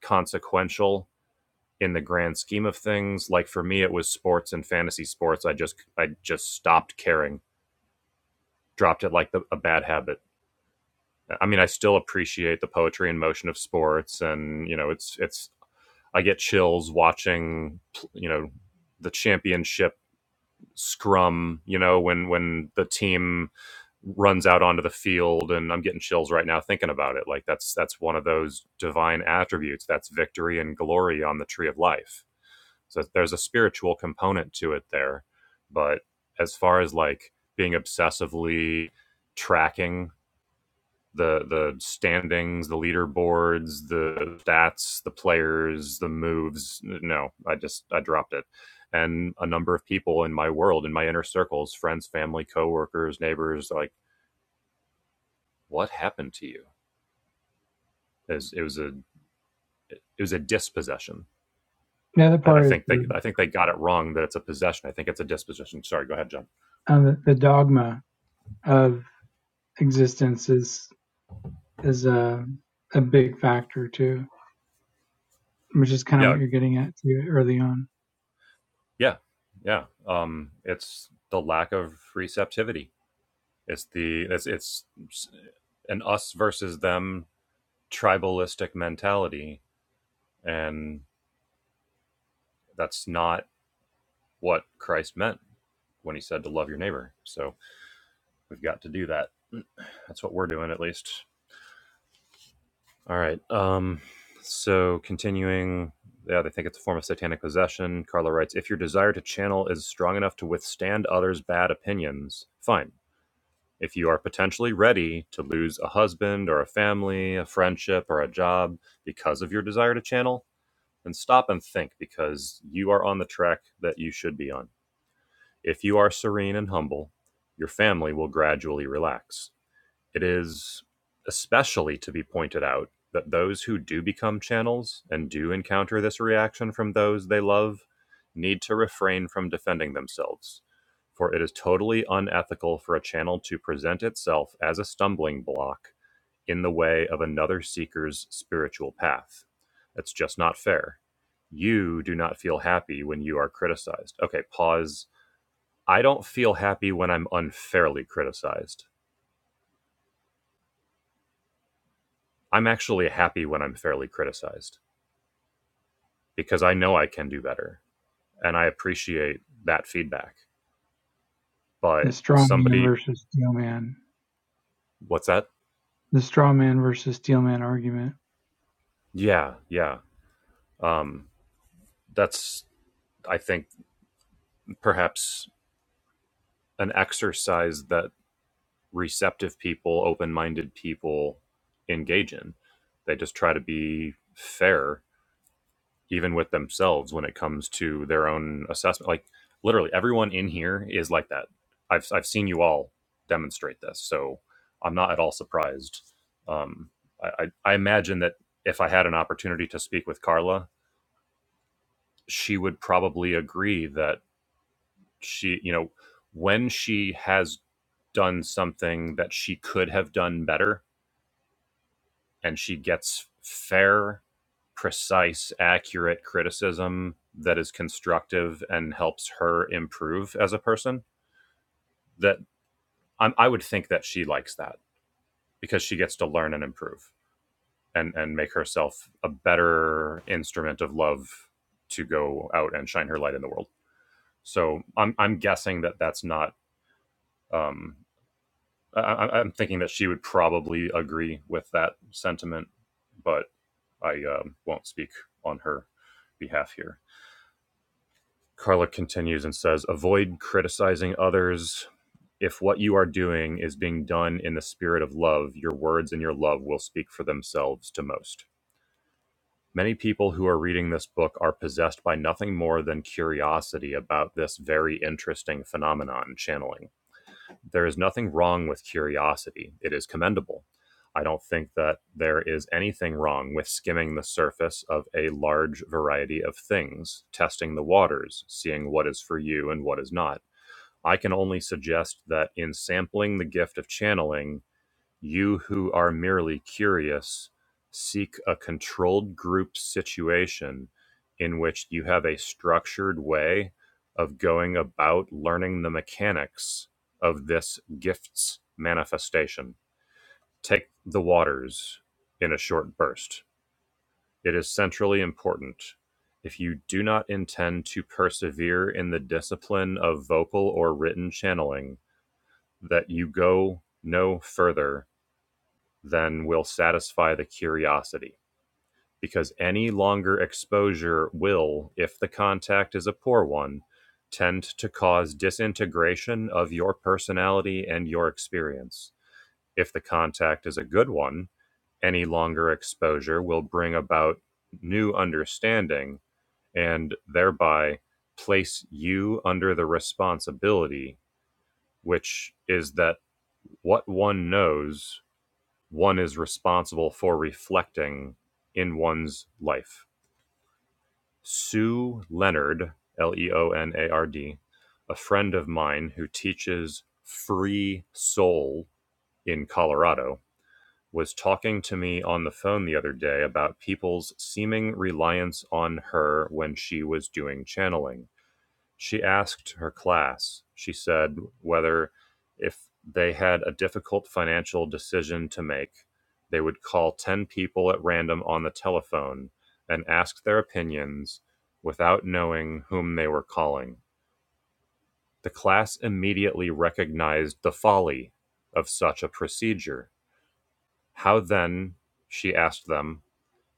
Speaker 2: consequential in the grand scheme of things. Like for me, it was sports and fantasy sports. I just I just stopped caring, dropped it like the, a bad habit. I mean, I still appreciate the poetry and motion of sports, and you know, it's it's I get chills watching, you know, the championship scrum. You know, when when the team runs out onto the field and I'm getting chills right now thinking about it like that's that's one of those divine attributes that's victory and glory on the tree of life So there's a spiritual component to it there. But as far as like being obsessively tracking the the standings, the leaderboards, the stats, the players, the moves, no, I just I dropped it. And a number of people in my world, in my inner circles, friends, family, coworkers, neighbors, like, what happened to you? It was, it was a it was a dispossession.
Speaker 1: The other
Speaker 2: I, I
Speaker 1: part is
Speaker 2: think they I think they got it wrong that it's a possession. I think it's a dispossession. Sorry, go ahead, John.
Speaker 1: um, the um, the dogma of existence is is a a big factor too, which is kind of
Speaker 2: Yeah,
Speaker 1: what you're getting at too early on.
Speaker 2: Yeah, yeah. Um, it's the lack of receptivity. It's the it's it's an us versus them tribalistic mentality, and that's not what Christ meant when he said to love your neighbor. So we've got to do that. That's what we're doing, at least. All right. Um, so continuing. Yeah, they think it's a form of satanic possession. Carla writes, if your desire to channel is strong enough to withstand others' bad opinions, fine If you are potentially ready to lose a husband or a family, a friendship or a job because of your desire to channel, then stop and think because you are on the track that you should be on. If you are serene and humble, your family will gradually relax it is especially to be pointed out that those who do become channels and do encounter this reaction from those they love need to refrain from defending themselves, for it is totally unethical for a channel to present itself as a stumbling block in the way of another seeker's spiritual path. It's just not fair. You do not feel happy when you are criticized. Okay, pause. I don't feel happy when I'm unfairly criticized. I'm actually happy when I'm fairly criticized because I know I can do better and I appreciate that feedback.
Speaker 1: The
Speaker 2: But
Speaker 1: strong man
Speaker 2: somebody,
Speaker 1: versus steel man.
Speaker 2: what's that?
Speaker 1: the straw man versus steel man argument.
Speaker 2: Yeah, yeah. Um, that's, I think, perhaps an exercise that receptive people, open minded people engage in. They just try to be fair even with themselves when it comes to their own assessment. Like literally everyone in here is like that. I've I've seen you all demonstrate this, so I'm not at all surprised. Um, I, I I imagine that if I had an opportunity to speak with Carla, she would probably agree that she, you know, when she has done something that she could have done better, and she gets fair, precise, accurate criticism that is constructive and helps her improve as a person. That I, I would think that she likes that because she gets to learn and improve and and make herself a better instrument of love to go out and shine her light in the world. So I'm I'm guessing that that's not um, I, I- am thinking that she would probably agree with that sentiment, but I um, won't speak on her behalf here. Carla continues and says, Avoid criticizing others. If what you are doing is being done in the spirit of love, your words and your love will speak for themselves to most. Many people who are reading this book are possessed by nothing more than curiosity about this very interesting phenomenon, channeling. There is nothing wrong with curiosity, it is commendable. I don't think that there is anything wrong with skimming the surface of a large variety of things, testing the waters, seeing what is for you and what is not. I can only suggest that in sampling the gift of channeling, you who are merely curious, seek a controlled group situation in which you have a structured way of going about learning the mechanics of this gift's manifestation. Take the waters in a short burst. It is centrally important. If you do not intend to persevere in the discipline of vocal or written channeling, that you go no further then will satisfy the curiosity. Because any longer exposure will, if the contact is a poor one, tend to cause disintegration of your personality and your experience. If the contact is a good one, any longer exposure will bring about new understanding and thereby place you under the responsibility, which is that what one knows one is responsible for reflecting in one's life. Sue Leonard, L E O N A R D, a friend of mine who teaches free soul in Colorado, was talking to me on the phone the other day about people's seeming reliance on her when she was doing channeling she asked her class, she said, whether if they had a difficult financial decision to make, they would call 10 people at random on the telephone and ask their opinions without knowing whom they were calling. The class immediately recognized the folly of such a procedure. How then, she asked them,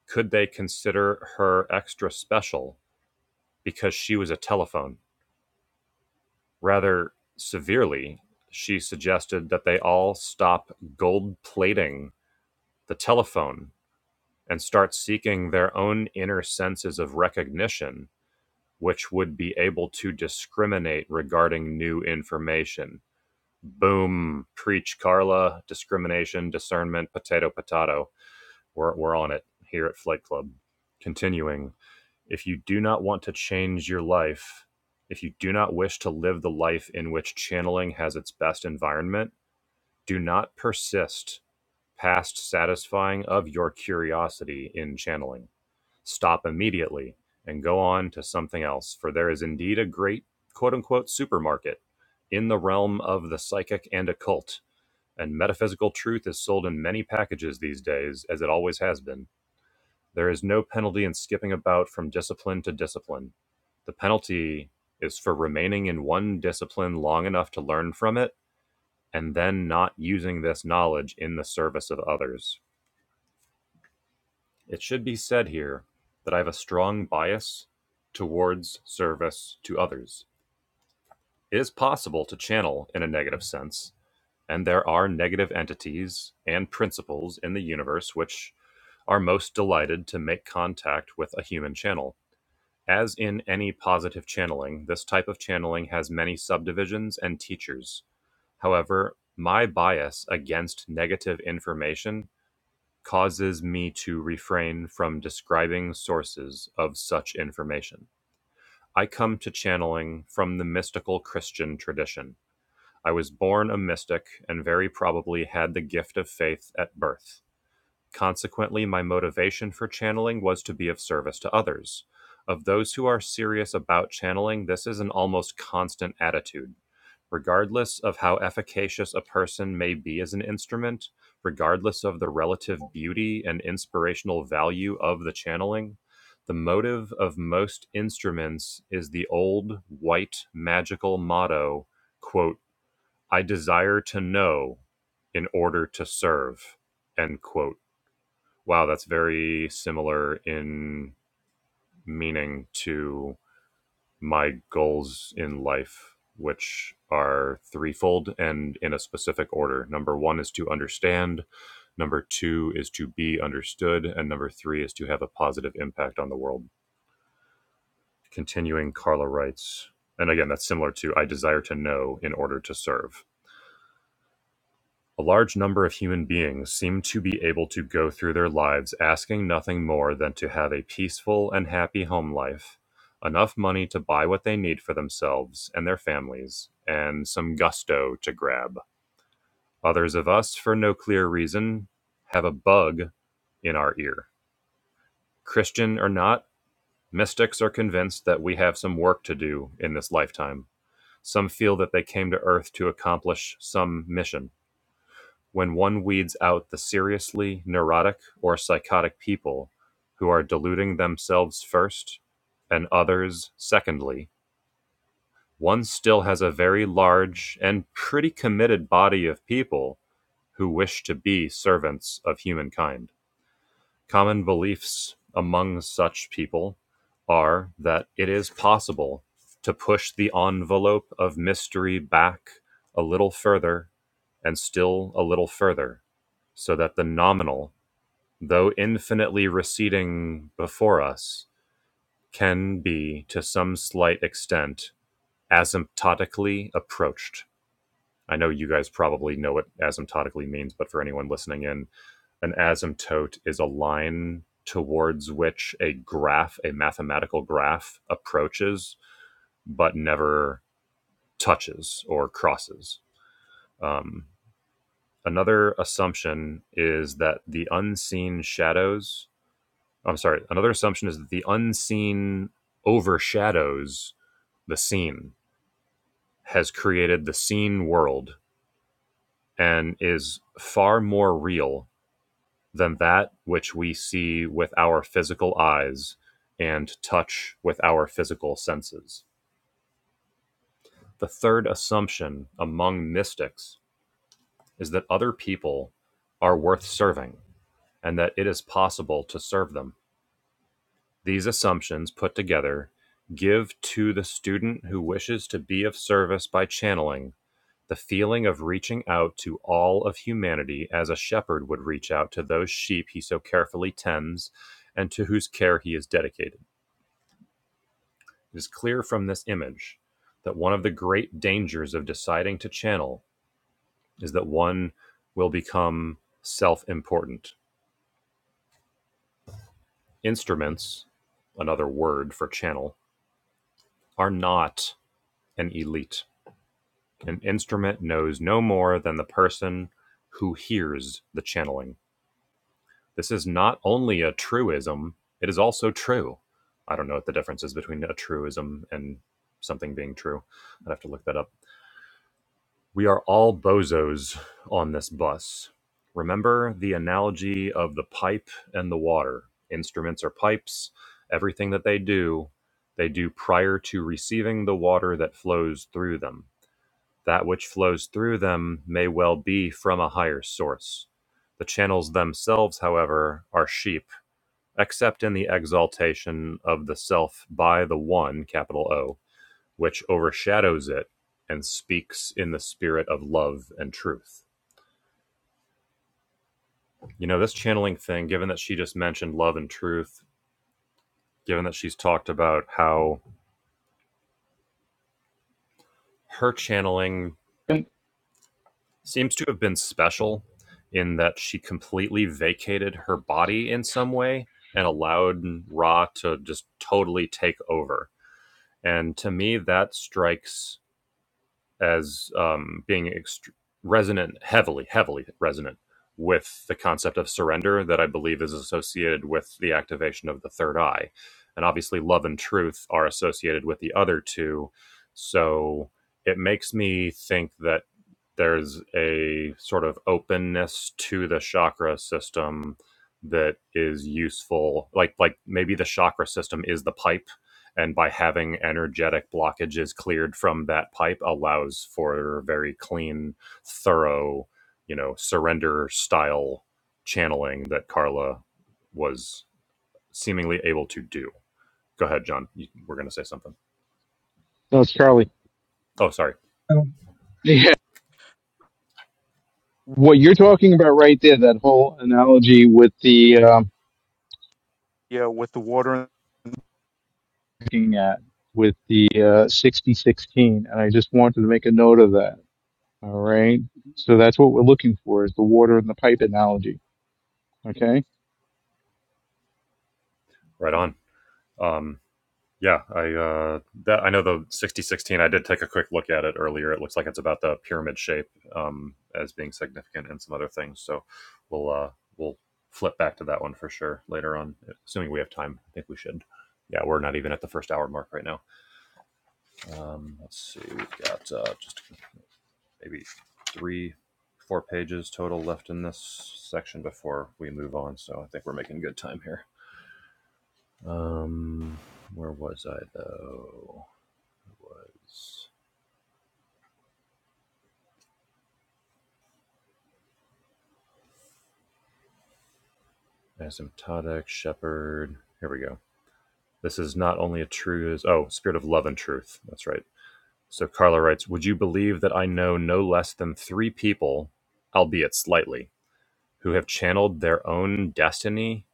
Speaker 2: could they consider her extra special because she was a telephone? Rather severely, she suggested that they all stop gold plating the telephone and start seeking their own inner senses of recognition, which would be able to discriminate regarding new information. Boom, preach Carla, discrimination, discernment, potato, potato. We're, we're on it here at Flight Club. Continuing. If you do not want to change your life, if you do not wish to live the life in which channeling has its best environment, do not persist past satisfying of your curiosity in channeling. Stop immediately and go on to something else, for there is indeed a great quote unquote supermarket in the realm of the psychic and occult, and metaphysical truth is sold in many packages these days, as it always has been. There is no penalty in skipping about from discipline to discipline. The penalty is for remaining in one discipline long enough to learn from it and then not using this knowledge in the service of others. It should be said here that I have a strong bias towards service to others. It is possible to channel in a negative sense, and there are negative entities and principles in the universe which are most delighted to make contact with a human channel As in any positive channeling, this type of channeling has many subdivisions and teachers. However, my bias against negative information causes me to refrain from describing sources of such information. I come to channeling from the mystical Christian tradition. I was born a mystic and very probably had the gift of faith at birth. Consequently, my motivation for channeling was to be of service to others. Of those who are serious about channeling, this is an almost constant attitude. Regardless of how efficacious a person may be as an instrument, regardless of the relative beauty and inspirational value of the channeling, the motive of most instruments is the old white magical motto, quote, I desire to know in order to serve, end quote wow, that's very similar in meaning to my goals in life, which are threefold and in a specific order. Number one is to understand, number two is to be understood, and number three is to have a positive impact on the world. Continuing, Carla writes, and again, that's similar to I desire to know in order to serve. A large number of human beings seem to be able to go through their lives asking nothing more than to have a peaceful and happy home life, enough money to buy what they need for themselves and their families, and some gusto to grab. Others of us, for no clear reason, have a bug in our ear. Christian or not, mystics are convinced that we have some work to do in this lifetime. Some feel that they came to Earth to accomplish some mission when one weeds out the seriously neurotic or psychotic people who are deluding themselves first and others secondly, one still has a very large and pretty committed body of people who wish to be servants of humankind. Common beliefs among such people are that it is possible to push the envelope of mystery back a little further and still a little further, so that the nominal, though infinitely receding before us, can be, to some slight extent, asymptotically approached. I know you guys probably know what asymptotically means, but for anyone listening in, an asymptote is a line towards which a graph, a mathematical graph, approaches but never touches or crosses. Um, another assumption is that the unseen shadows, I'm sorry, another assumption is that the unseen overshadows the seen, has created the seen world, and is far more real than that which we see with our physical eyes and touch with our physical senses. The third assumption among mystics is that other people are worth serving and that it is possible to serve them. These assumptions put together give to the student who wishes to be of service by channeling The feeling of reaching out to all of humanity as a shepherd would reach out to those sheep he so carefully tends and to whose care he is dedicated. It is clear from this image that one of the great dangers of deciding to channel is that one will become self important. Instruments, another word for channel, are not an elite. An instrument knows no more than the person who hears the channeling. This is not only a truism, it is also true. I don't know what the difference is between a truism and something being true. I'd have to look that up. We are all bozos on this bus. Remember the analogy of the pipe and the water. Instruments are pipes. Everything that they do, they do prior to receiving the water that flows through them. That which flows through them may well be from a higher source. The channels themselves, however, are sheep except in the exaltation of the self by the One, capital O, which overshadows it and speaks in the spirit of love and truth. You know, this channeling thing, given that she just mentioned love and truth, given that she's talked about how her channeling
Speaker 3: And
Speaker 2: seems to have been special in that she completely vacated her body in some way and allowed Ra to just totally take over. And to me, that strikes as um, being ext- resonant, heavily, heavily resonant with the concept of surrender that I believe is associated with the activation of the third eye. And obviously, love and truth are associated with the other two. So it makes me think that there's a sort of openness to the chakra system that is useful like like maybe the chakra system is the pipe and by having energetic blockages cleared from that pipe allows for very clean thorough you know surrender style channeling that carla was seemingly able to do go ahead john You- we're going to say something
Speaker 3: No, it's Charlie.
Speaker 2: oh sorry
Speaker 1: Oh,
Speaker 3: Yeah. What you're talking about right there, that whole analogy with the um, yeah, with the water and looking at with the uh, 6016, and I just wanted to make a note of that All right. So that's what we're looking for is the water and the pipe analogy. Okay.
Speaker 2: right on um Yeah, I uh, that I know the sixty sixteen. I did take a quick look at it earlier. It looks like it's about the pyramid shape um, as being significant and some other things. So we'll uh, we'll flip back to that one for sure later on, assuming we have time. I think we should. Yeah, we're not even at the first hour mark right now. Um, let's see, we've got uh, just maybe three, four pages total left in this section before we move on. So I think we're making good time here. Um, where was I though? was asymptotic shepherd. Here we go. This is not only a true oh spirit of love and truth. That's right. So Carla writes, "Would you believe that I know no less than three people, albeit slightly, who have channeled their own destiny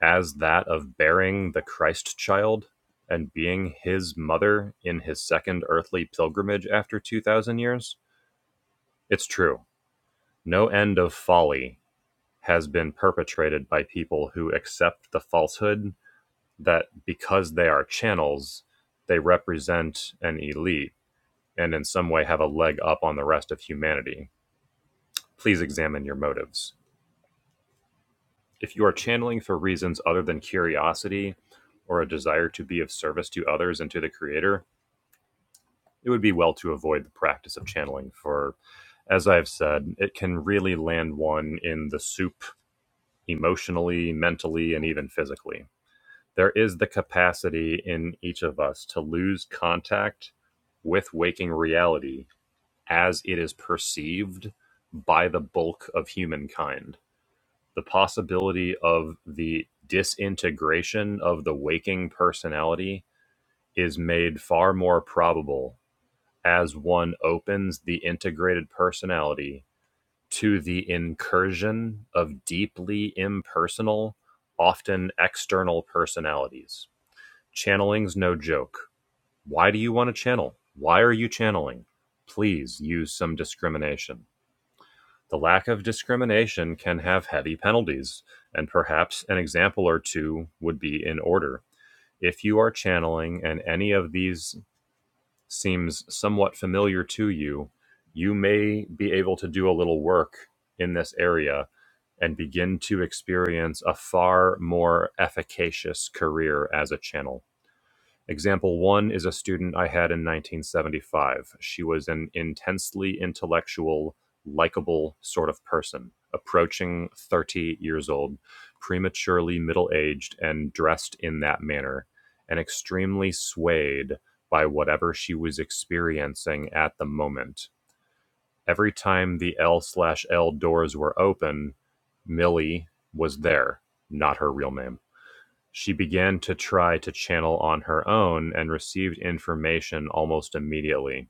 Speaker 2: as that of bearing the Christ child and being His mother in His second earthly pilgrimage after two thousand years? It's true. No end of folly." Has been perpetrated by people who accept the falsehood that because they are channels, they represent an elite and in some way have a leg up on the rest of humanity. Please examine your motives. If you are channeling for reasons other than curiosity or a desire to be of service to others and to the Creator, it would be well to avoid the practice of channeling for, as I've said, it can really land one in the soup emotionally, mentally, and even physically. there is the capacity in each of us to lose contact with waking reality as it is perceived by the bulk of humankind. The possibility of the disintegration of the waking personality is made far more probable as one opens the integrated personality to the incursion of deeply impersonal, often external personalities Channeling's no joke. Why do you want to channel? Why are you channeling? Please use some discrimination. The lack of discrimination can have heavy penalties, and perhaps an example or two would be in order. If you are channeling and any of these seems somewhat familiar to you, you may be able to do a little work in this area and begin to experience a far more efficacious career as a channel. Example one is a student I had in 1975. She was an intensely intellectual, likable sort of person, approaching 30 years old, prematurely middle aged, and dressed in that manner, and extremely swayed by whatever she was experiencing at the moment. Every time the L slash L doors were open, Millie was there, not her real name she began to try to channel on her own and received information almost immediately.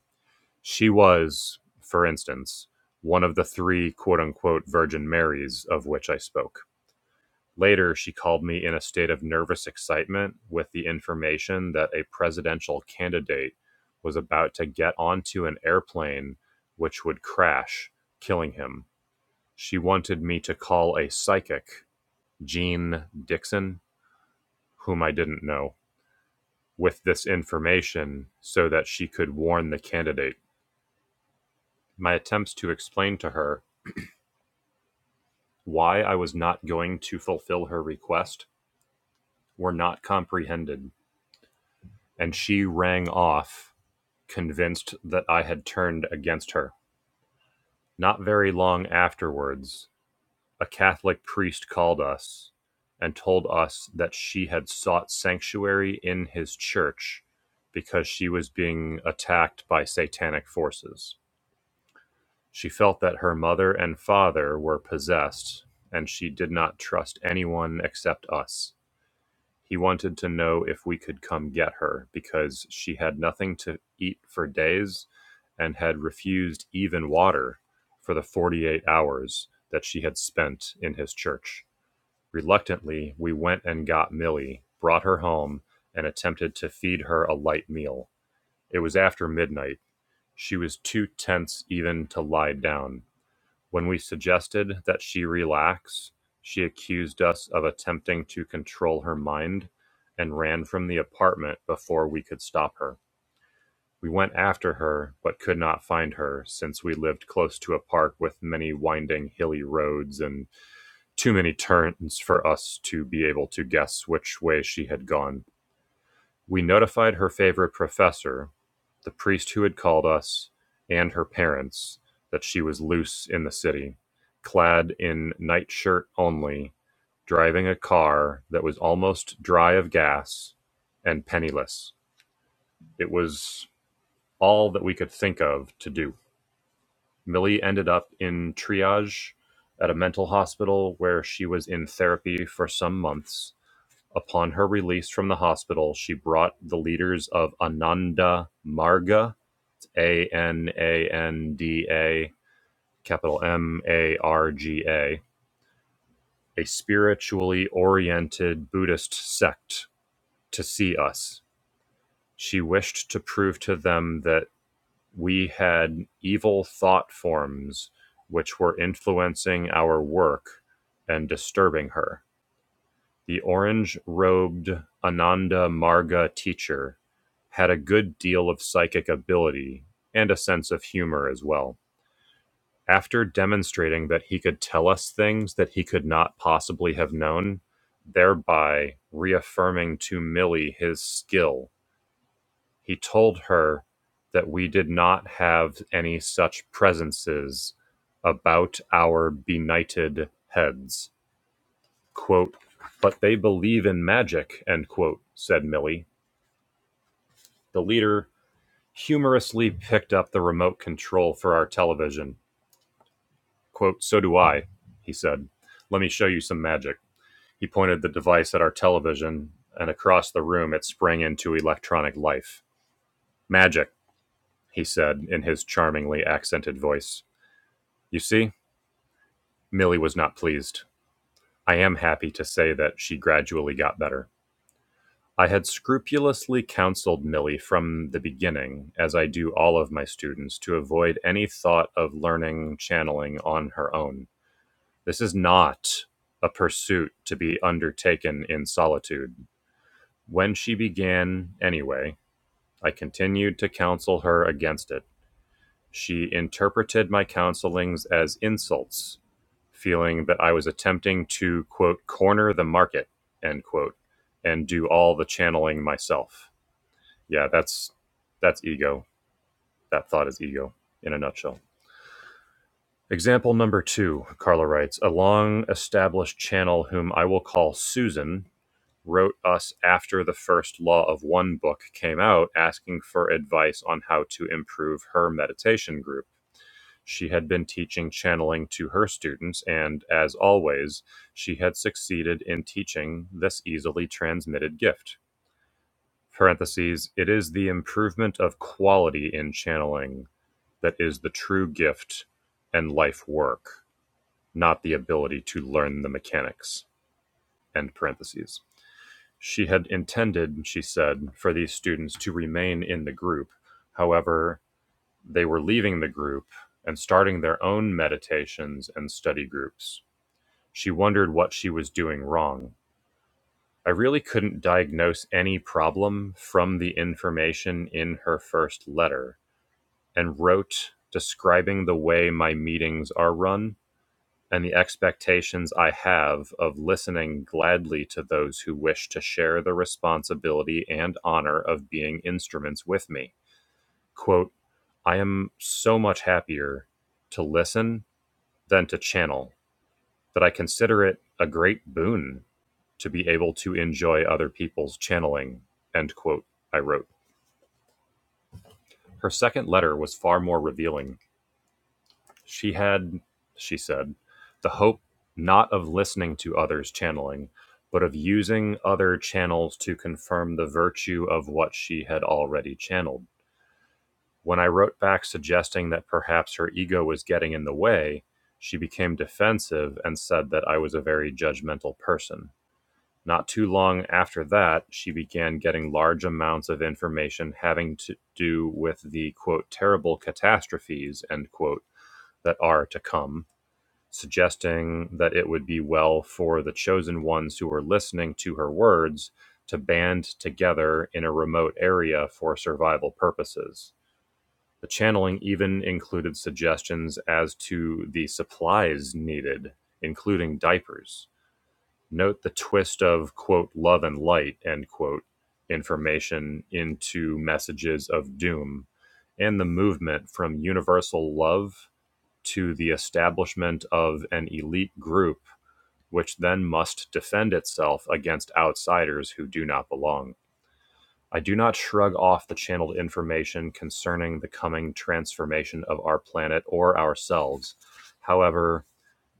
Speaker 2: She was, for instance, one of the three quote unquote Virgin Marys of which I spoke. Later, she called me in a state of nervous excitement with the information that a presidential candidate was about to get onto an airplane which would crash, killing him. She wanted me to call a psychic, Jean Dixon, whom I didn't know. with this information so that she could warn the candidate. My attempts to explain to her why I was not going to fulfill her request were not comprehended, and she rang off, convinced that I had turned against her. Not very long afterwards, a Catholic priest called us and told us that she had sought sanctuary in his church because she was being attacked by satanic forces. She felt that her mother and father were possessed, and she did not trust anyone except us. He wanted to know if we could come get her because she had nothing to eat for days and had refused even water for the 48 hours that she had spent in his church. Reluctantly, we went and got Millie, brought her home, and attempted to feed her a light meal. It was after midnight. She was too tense even to lie down. When we suggested that she relax, she accused us of attempting to control her mind and ran from the apartment before we could stop her. We went after her, but could not find her since we lived close to a park with many winding hilly roads and too many turns for us to be able to guess which way she had gone. We notified her favorite professor, the priest who had called us, and her parents that she was loose in the city, clad in nightshirt only, driving a car that was almost dry of gas and penniless. It was all that we could think of to do. Millie ended up in triage at a mental hospital where she was in therapy for some months Upon her release from the hospital, she brought the leaders of Ananda Marga A N A N D A, capital M A R G A, a spiritually oriented Buddhist sect, to see us. She wished to prove to them that we had evil thought forms which were influencing our work and disturbing her. The orange-robed Ananda Marga teacher had a good deal of psychic ability and a sense of humor as well. After demonstrating that he could tell us things that he could not possibly have known, thereby reaffirming to Millie his skill, he told her that we did not have any such presences about our benighted heads. Quote, but they believe in magic, end quote, said Millie. The leader humorously picked up the remote control for our television. Quote, so do I, he said. Let me show you some magic. He pointed the device at our television, and across the room it sprang into electronic life. Magic, he said in his charmingly accented voice. You see, Millie was not pleased. I am happy to say that she gradually got better. I had scrupulously counseled Milly from the beginning, as I do all of my students, to avoid any thought of learning channeling on her own. This is not a pursuit to be undertaken in solitude. When she began, anyway, I continued to counsel her against it. She interpreted my counselings as insults, feeling that I was attempting to, quote, corner the market, end quote, and do all the channeling myself. Yeah, that's that's ego. That thought is ego in a nutshell. Example number two, Carla writes, a long established channel whom I will call Susan wrote us after the first law of one book came out asking for advice on how to improve her meditation group. She had been teaching channeling to her students, and as always, she had succeeded in teaching this easily transmitted gift. Parentheses, it is the improvement of quality in channeling That is the true gift and life work, not the ability to learn the mechanics. End parentheses. She had intended, she said, for these students to remain in the group. However, they were leaving the group and starting their own meditations and study groups. She wondered what she was doing wrong. I really couldn't diagnose any problem from the information in her first letter and wrote describing the way my meetings are run and the expectations I have of listening gladly to those who wish to share the responsibility and honor of being instruments with me. Quote, I am so much happier to listen than to channel that I consider it a great boon to be able to enjoy other people's channeling. End quote, I wrote. Her second letter was far more revealing. She had, she said, the hope not of listening to others' channeling, but of using other channels to confirm the virtue of what she had already channeled. When I wrote back suggesting that perhaps her ego was getting in the way, she became defensive and said that I was a very judgmental person. Not too long after that, she began getting large amounts of information having to do with the quote terrible catastrophes end quote that are to come suggesting that it would be well for the chosen ones who were listening to her words to band together in a remote area for survival purposes. The channeling even included suggestions as to the supplies needed, including diapers. Note the twist of, quote, love and light, end quote, information into messages of doom and the movement from universal love to the establishment of an elite group, which then must defend itself against outsiders who do not belong. I do not shrug off the channeled information concerning the coming transformation of our planet or ourselves. However,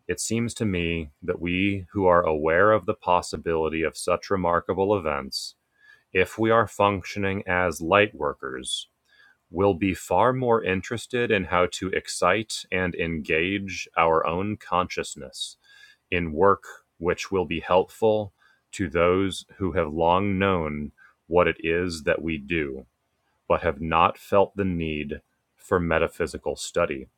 Speaker 2: it seems to me that we who are aware of the possibility of such remarkable events, if we are functioning as light workers, will be far more interested in how to excite and engage our own consciousness in work which will be helpful to those who have long known what it is that we do, but have not felt the need for metaphysical study.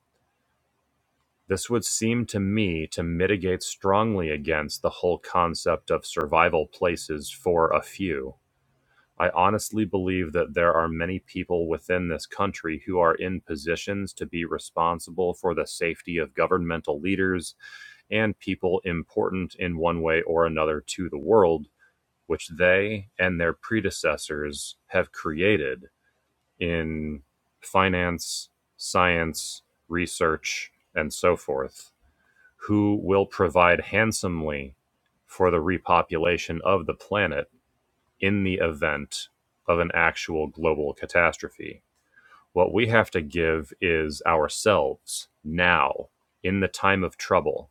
Speaker 2: This would seem to me to mitigate strongly against the whole concept of survival places for a few I honestly believe that there are many people within this country who are in positions to be responsible for the safety of governmental leaders and people important in one way or another to the world, which they and their predecessors have created in finance, science, research, and so forth, who will provide handsomely for the repopulation of the planet in the event of an actual global catastrophe. What we have to give is ourselves now in the time of trouble,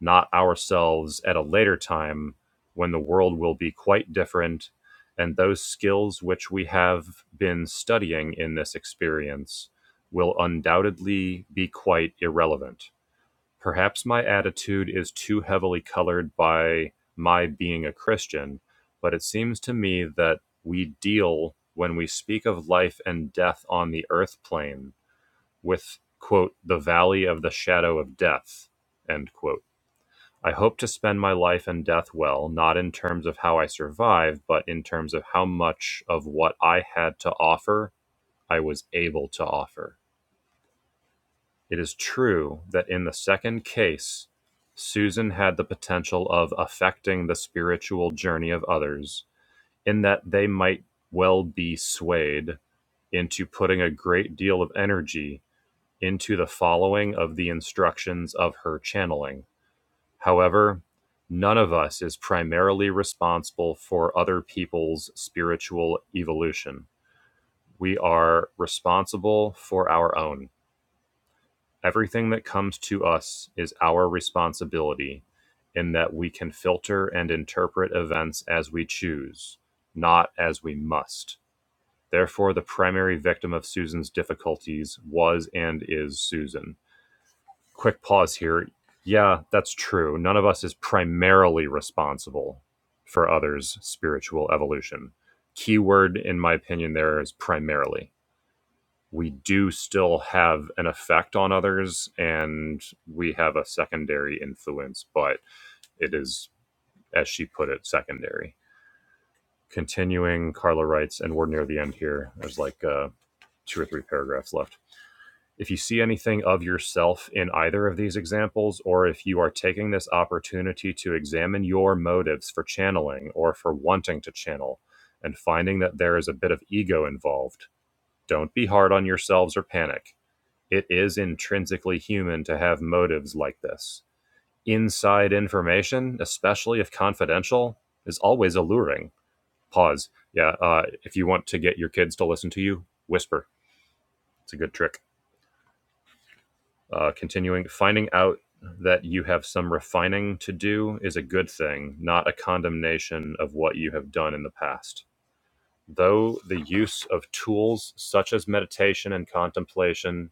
Speaker 2: not ourselves at a later time when the world will be quite different and those skills which we have been studying in this experience will undoubtedly be quite irrelevant Perhaps my attitude is too heavily colored by my being a Christian, but it seems to me that we deal, when we speak of life and death on the earth plane, with, quote, the valley of the shadow of death, end quote. I hope to spend my life and death well, not in terms of how I survive, but in terms of how much of what I had to offer I was able to offer it is true that in the second case, Susan had the potential of affecting the spiritual journey of others, in that they might well be swayed into putting a great deal of energy into the following of the instructions of her channeling. However, none of us is primarily responsible for other people's spiritual evolution. We are responsible for our own. Everything that comes to us is our responsibility in that we can filter and interpret events as we choose, not as we must. Therefore, the primary victim of Susan's difficulties was and is Susan. Quick pause here. Yeah, that's true. None of us is primarily responsible for others' spiritual evolution. Keyword, in my opinion, there is primarily we do still have an effect on others and we have a secondary influence, but it is, as she put it, secondary. Continuing, Carla writes, and we're near the end here. There's like uh, two or three paragraphs left. If you see anything of yourself in either of these examples, or if you are taking this opportunity to examine your motives for channeling or for wanting to channel and finding that there is a bit of ego involved, don't be hard on yourselves or panic It is intrinsically human to have motives like this. Inside information, especially if confidential, is always alluring. Pause. Yeah, uh, if you want to get your kids to listen to you, whisper. It's a good trick. Uh, continuing, finding out that you have some refining to do is a good thing, not a condemnation of what you have done in the past. Though the use of tools such as meditation and contemplation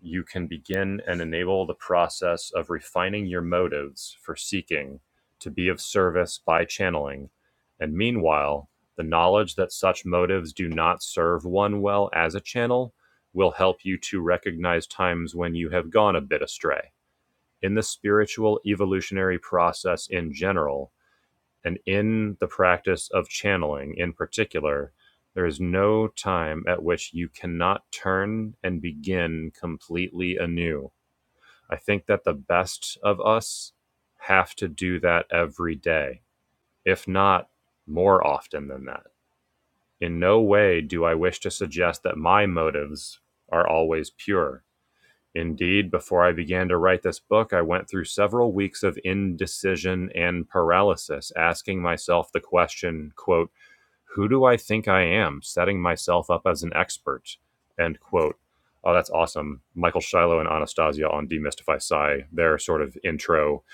Speaker 2: you can begin and enable the process of refining your motives for seeking to be of service by channeling. And meanwhile, the knowledge that such motives do not serve one well as a channel will help you to recognize times when you have gone a bit astray. In the spiritual evolutionary process in general, and in the practice of channeling in particular, there is no time at which you cannot turn and begin completely anew. I think that the best of us have to do that every day, if not more often than that. In no way do I wish to suggest that my motives are always pure Indeed, before I began to write this book, I went through several weeks of indecision and paralysis, asking myself the question, quote, who do I think I am, setting myself up as an expert, end quote. Oh, that's awesome. Michael Shiloh and Anastasia on Demystify Psy, their sort of intro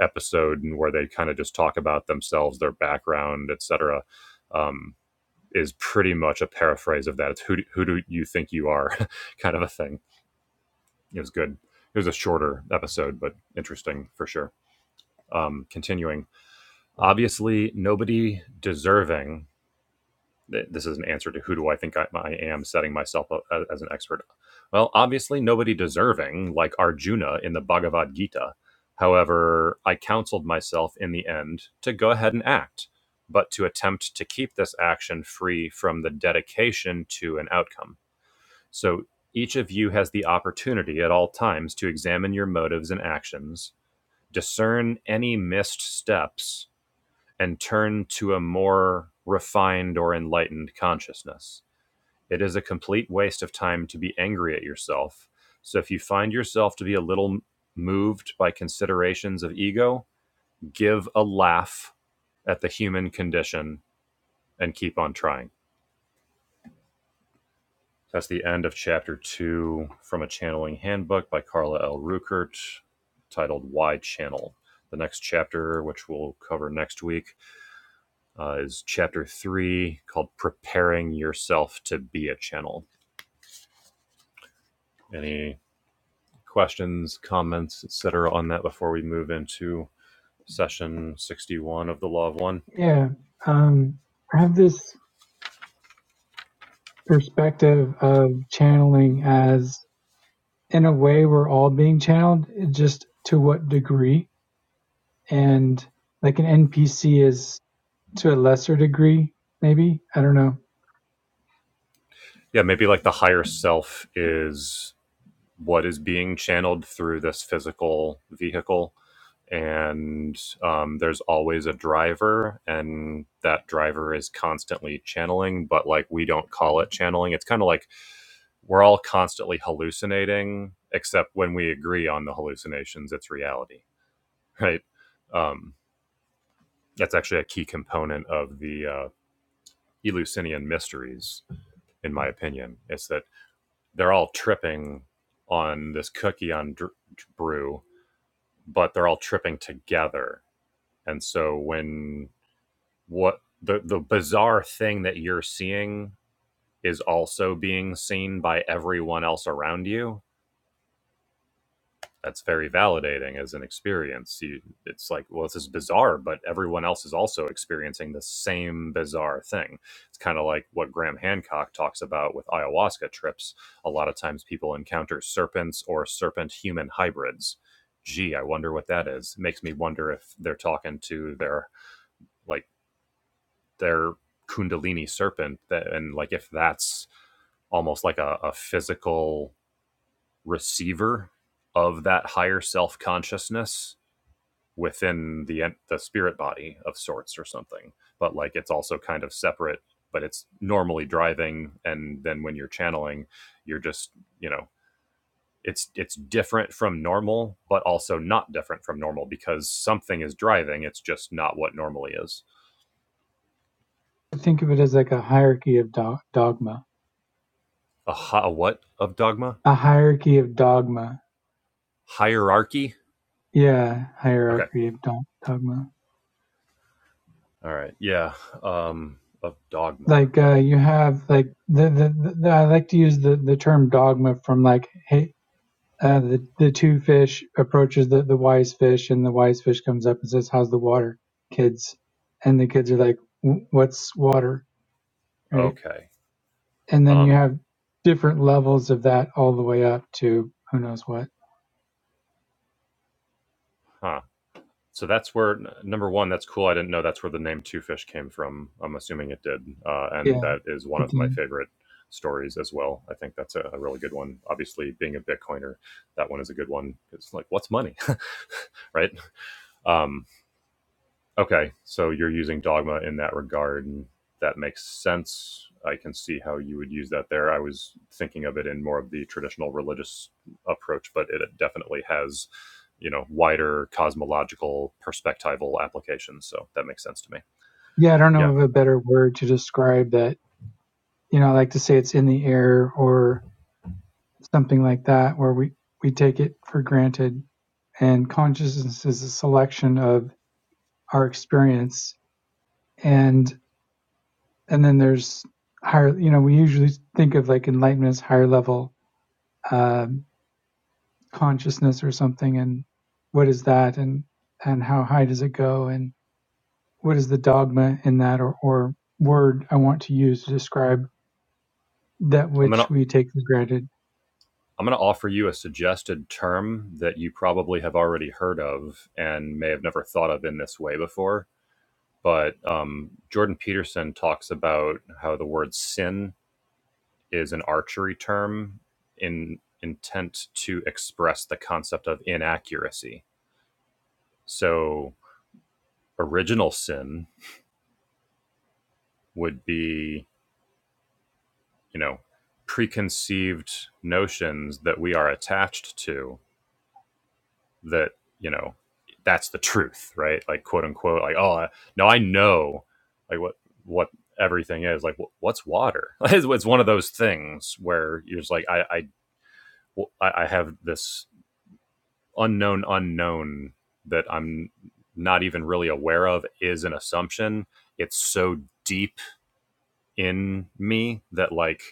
Speaker 2: episode where they kind of just talk about themselves, their background, etc., um, is pretty much a paraphrase of that. It's who do, who do you think you are kind of a thing it was good. It was a shorter episode, but interesting for sure. Um, continuing, obviously, nobody deserving. This is an answer to who do I think I, I am, setting myself up as an expert. Well, obviously, nobody deserving like Arjuna in the Bhagavad Gita. However, I counseled myself in the end to go ahead and act, but to attempt to keep this action free from the dedication to an outcome so each of you has the opportunity at all times to examine your motives and actions, discern any missed steps, and turn to a more refined or enlightened consciousness. It is a complete waste of time to be angry at yourself. So if you find yourself to be a little moved by considerations of ego, give a laugh at the human condition and keep on trying. That's the end of chapter two from a channeling handbook by Carla L. Ruckert titled Why Channel. The next chapter, which we'll cover next week, uh, is chapter three called Preparing Yourself to Be a Channel. Any questions, comments, etc., on that before we move into session 61 of the Law of One?
Speaker 1: yeah. Um, I have this perspective of channeling as, in a way, we're all being channeled, just to what degree. And like an NPC is to a lesser degree, maybe. I don't know.
Speaker 2: Yeah, maybe like the higher self is what is being channeled through this physical vehicle and um, there's always a driver and that driver is constantly channeling but like we don't call it channeling it's kind of like we're all constantly hallucinating except when we agree on the hallucinations it's reality right um, that's actually a key component of the uh, eleusinian mysteries in my opinion it's that they're all tripping on this cookie on dr- brew but they're all tripping together. And so when what the the bizarre thing that you're seeing is also being seen by everyone else around you, that's very validating as an experience. You, it's like, well, this is bizarre, but everyone else is also experiencing the same bizarre thing. It's kind of like what Graham Hancock talks about with ayahuasca trips. A lot of times people encounter serpents or serpent human hybrids. Gee, I wonder what that is. It makes me wonder if they're talking to their, like, their kundalini serpent that, and like if that's almost like a, a physical receiver of that higher self consciousness within the the spirit body of sorts or something but like it's also kind of separate but it's normally driving and then when you're channeling you're just you know it's it's different from normal but also not different from normal because something is driving it's just not what normally is
Speaker 1: I think of it as like a hierarchy of do- dogma.
Speaker 2: a, hi- a what of dogma
Speaker 1: A hierarchy of dogma.
Speaker 2: hierarchy
Speaker 1: Yeah,
Speaker 2: okay
Speaker 1: hierarchy of do- dogma.
Speaker 2: all right yeah um of dogma
Speaker 1: like uh, you have like the, the, the I like to use the, the term dogma from like hey uh, the the two fish approaches the, the wise fish and the wise fish comes up and says how's the water kids and the kids are like what's water right
Speaker 2: okay
Speaker 1: and then you
Speaker 2: um
Speaker 1: have different levels of that all the way up to who knows what
Speaker 2: huh so that's where number one that's cool i didn't know that's where the name two fish came from i'm assuming it did uh, and
Speaker 1: yeah
Speaker 2: that is one
Speaker 1: it
Speaker 2: of my
Speaker 1: did.
Speaker 2: favorite stories as well i think that's a, a really good one obviously being a bitcoiner that one is a good one it's like what's money right Um, Okay, so you're using dogma in that regard, and that makes sense. I can see how you would use that there. I was thinking of it in more of the traditional religious approach, but it definitely has, you know, wider cosmological perspectival applications. So that makes sense to me.
Speaker 1: yeah I don't know
Speaker 2: Yeah,
Speaker 1: of a better word to describe that you know I like to say it's in the air or something like that where we, we take it for granted and consciousness is a selection of our experience and and then there's higher you know we usually think of like enlightenment as higher level um, consciousness or something and what is that and and how high does it go and what is the dogma in that or, or word i want to use to describe that
Speaker 2: I'm gonna
Speaker 1: which we take for granted
Speaker 2: I'm gonna offer you a suggested term that you probably have already heard of and may have never thought of in this way before. But um, Jordan Peterson talks about how the word sin is an archery term in intent to express the concept of inaccuracy. So original sin would be, you know, preconceived notions that we are attached to that, you know, that's the truth, right? Like quote unquote, like, oh, no, I know like what, what everything is like, what's water? it's, one of those things where you're just like, I, I I have this unknown unknown that I'm not even really aware of is an assumption. It's so deep in me that like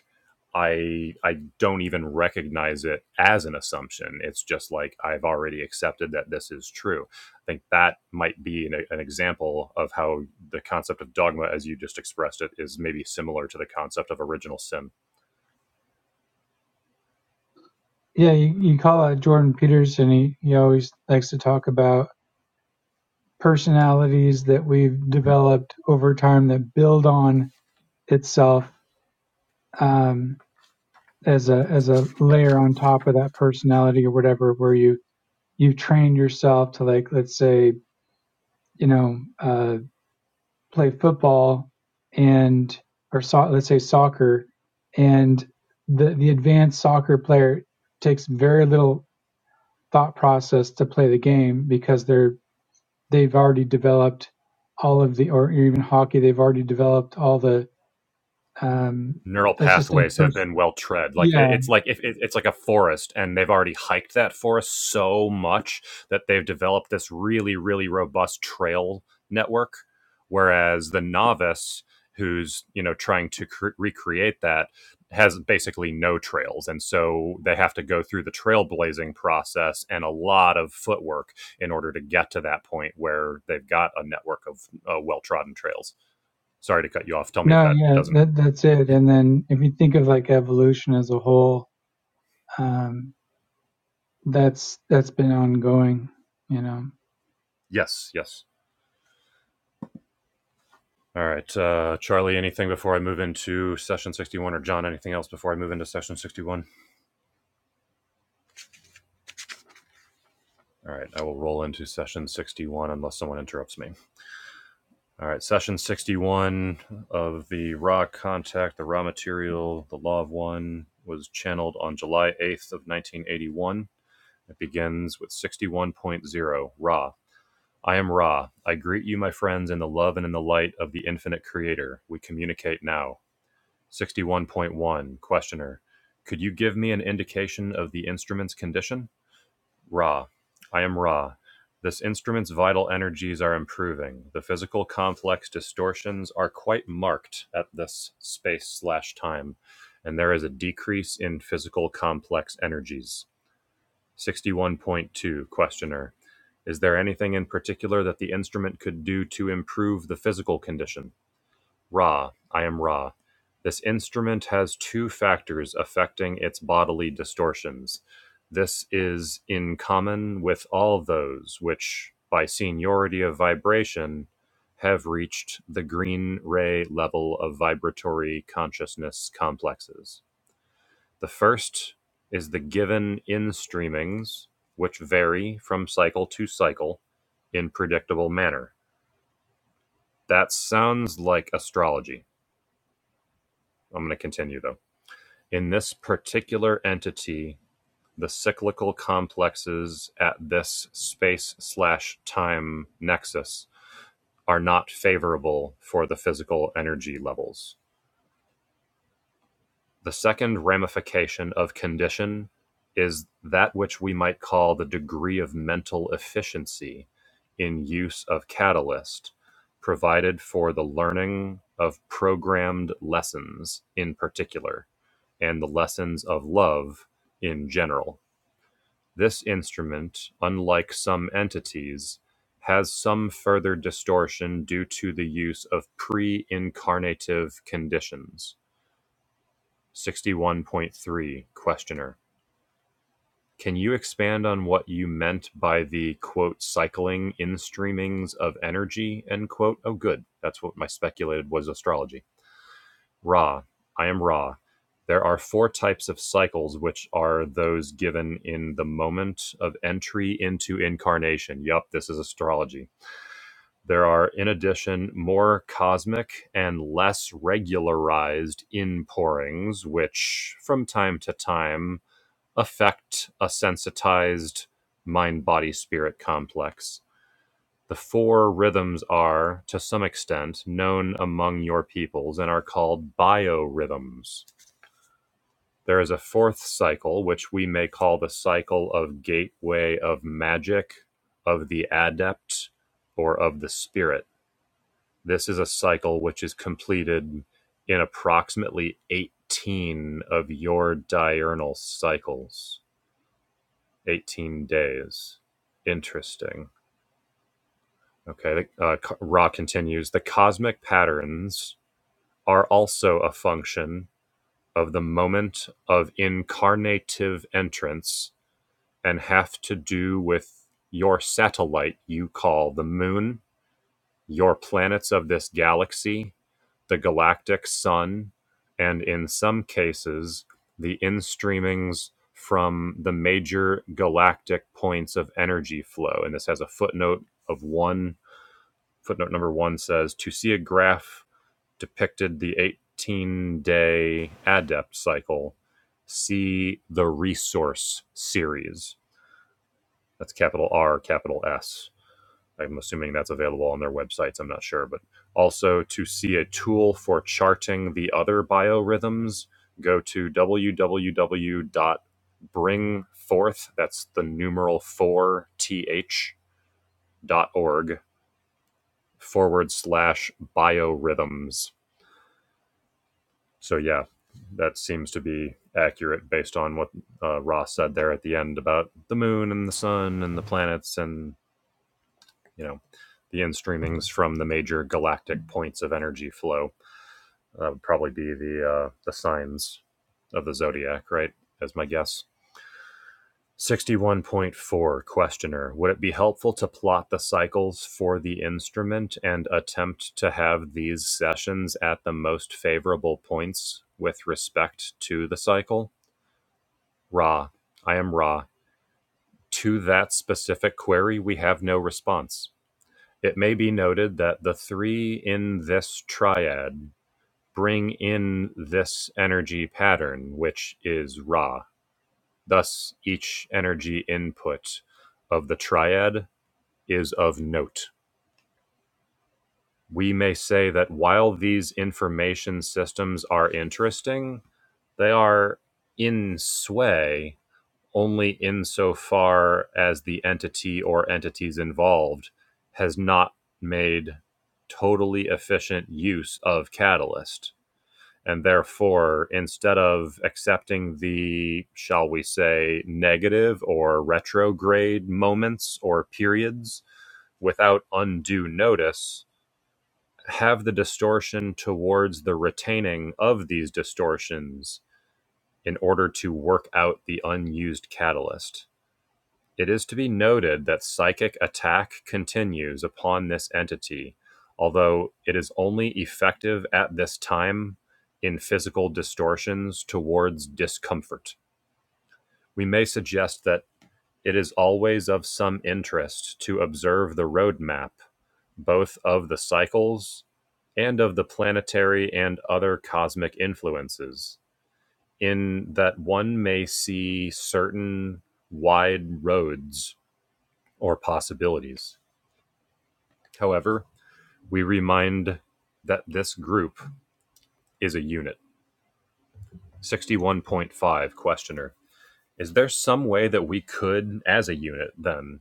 Speaker 2: I I don't even recognize it as an assumption. It's just like I've already accepted that this is true. I think that might be an, an example of how the concept of dogma, as you just expressed it, is maybe similar to the concept of original sin.
Speaker 1: yeah you, you call out jordan peterson he, he always likes to talk about personalities that we've developed over time that build on itself um, as a as a layer on top of that personality or whatever, where you you've trained yourself to like let's say you know uh, play football and or so, let's say soccer and the the advanced soccer player takes very little thought process to play the game because they're they've already developed all of the, or even hockey, they've already developed all the, um,
Speaker 2: neural
Speaker 1: let's just say
Speaker 2: pathways have
Speaker 1: first,
Speaker 2: been well tread like
Speaker 1: yeah,
Speaker 2: it, it's like if it, it's like a forest and they've already hiked that forest so much that they've developed this really really robust trail network whereas the novice who's you know trying to cre- recreate that has basically no trails and so they have to go through the trailblazing process and a lot of footwork in order to get to that point where they've got a network of uh, well-trodden trails sorry to cut you off tell me if
Speaker 1: no,
Speaker 2: that
Speaker 1: yeah,
Speaker 2: doesn't
Speaker 1: that, that's it. And then if you think of like evolution as a whole, um, that's, that's been ongoing, you know.
Speaker 2: yes yes All right, uh, Charlie. Anything before I move into session sixty-one, or John? Anything else before I move into session sixty-one? All right, I will roll into session sixty-one unless someone interrupts me. All right, session sixty-one of the raw contact, the raw material, the law of one was channeled on July eighth of nineteen eighty-one. It begins with sixty-one point zero raw. I am Ra. I greet you, my friends, in the love and in the light of the infinite Creator. We communicate now. 61.1 Questioner. Could you give me an indication of the instrument's condition? Ra. I am Ra. This instrument's vital energies are improving. The physical complex distortions are quite marked at this space slash time, and there is a decrease in physical complex energies. 61.2 Questioner. Is there anything in particular that the instrument could do to improve the physical condition? Ra, I am Ra. This instrument has two factors affecting its bodily distortions. This is in common with all those which, by seniority of vibration, have reached the green ray level of vibratory consciousness complexes. The first is the given in streamings, which vary from cycle to cycle in predictable manner. That sounds like astrology. I'm going to continue though. In this particular entity, the cyclical complexes at this space-slash-time nexus are not favorable for the physical energy levels. The second ramification of condition is that which we might call the degree of mental efficiency in use of catalyst provided for the learning of programmed lessons in particular and the lessons of love in general. This instrument, unlike some entities, has some further distortion due to the use of pre-incarnative conditions. 61.3 Questioner. Can you expand on what you meant by the quote cycling in streamings of energy end quote? Oh, good. That's what my speculated was astrology. Ra: I am Ra. There are four types of cycles, which are those given in the moment of entry into incarnation. Yup, this is astrology. There are, in addition, more cosmic and less regularized inpourings, which from time to time affect a sensitized mind body spirit complex. The four rhythms are, to some extent, known among your peoples and are called biorhythms. There is a fourth cycle, which we may call the cycle of gateway of magic, of the adept, or of the spirit. This is a cycle which is completed in approximately 18 of your diurnal cycles, 18 days. Interesting. Okay, uh, Ra continues the cosmic patterns are also a function of the moment of incarnative entrance and have to do with your satellite you call the moon, your planets of this galaxy, the galactic sun, and in some cases, the instreamings from the major galactic points of energy flow. And this has a footnote of one. Footnote number one says to see a graph depicted the 18 day adept cycle, see the resource series that's capital R, capital S. I'm assuming that's available on their websites. I'm not sure, but also to see a tool for charting the other biorhythms, go to www.bringforth. That's the numeral four th dot org forward slash biorhythms. So yeah, that seems to be accurate based on what uh, Ross said there at the end about the moon and the sun and the planets and you know, the in streamings from the major galactic points of energy flow. That would probably be the uh, the signs of the zodiac, right? As my guess. 61.4 questioner would it be helpful to plot the cycles for the instrument and attempt to have these sessions at the most favorable points with respect to the cycle ra i am ra to that specific query we have no response It may be noted that the three in this triad bring in this energy pattern, which is Ra. Thus, each energy input of the triad is of note. We may say that while these information systems are interesting, they are in sway only insofar as the entity or entities involved has not made totally efficient use of Catalyst. And therefore, instead of accepting the, shall we say, negative or retrograde moments or periods without undue notice, have the distortion towards the retaining of these distortions in order to work out the unused catalyst it is to be noted that psychic attack continues upon this entity, although it is only effective at this time in physical distortions towards discomfort. We may suggest that it is always of some interest to observe the roadmap, both of the cycles and of the planetary and other cosmic influences, in that one may see certain wide roads or possibilities. However, we remind that this group is a unit. 61.5 Questioner. Is there some way that we could, as a unit, then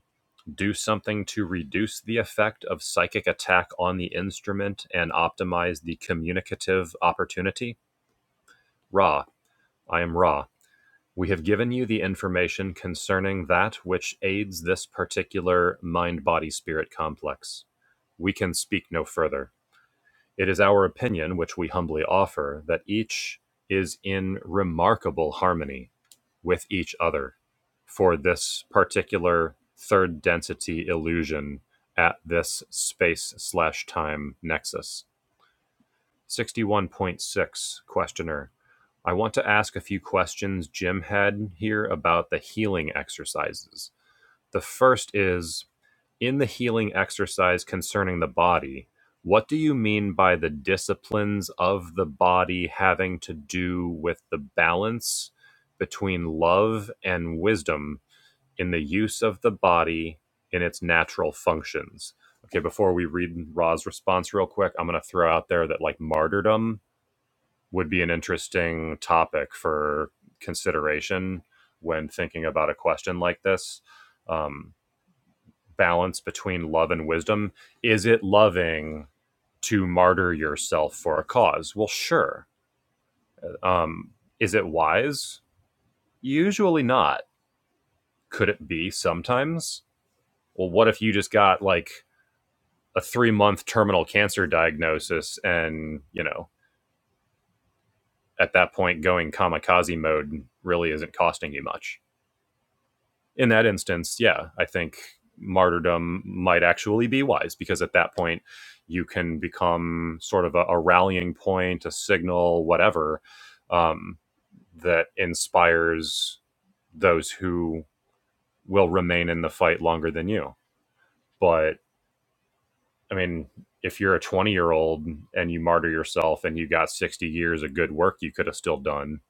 Speaker 2: do something to reduce the effect of psychic attack on the instrument and optimize the communicative opportunity? Ra, I am Ra. We have given you the information concerning that which aids this particular mind body spirit complex. We can speak no further. It is our opinion, which we humbly offer, that each is in remarkable harmony with each other for this particular third density illusion at this space slash time nexus. 61.6 Questioner. I want to ask a few questions Jim had here about the healing exercises. The first is in the healing exercise concerning the body, what do you mean by the disciplines of the body having to do with the balance between love and wisdom in the use of the body in its natural functions? Okay, before we read Ra's response real quick, I'm going to throw out there that like martyrdom would be an interesting topic for consideration when thinking about a question like this. Um, balance between love and wisdom. Is it loving to martyr yourself for a cause? Well, sure. Um, is it wise? Usually not. Could it be sometimes? Well, what if you just got like a three month terminal cancer diagnosis and, you know, at that point going kamikaze mode really isn't costing you much? in that instance, yeah, I think martyrdom might actually be wise because at that point you can become sort of a, a rallying point, a signal, whatever, um, that inspires those who will remain in the fight longer than you. But I mean, if you're a 20 year old and you martyr yourself and you got 60 years of good work you could have still done,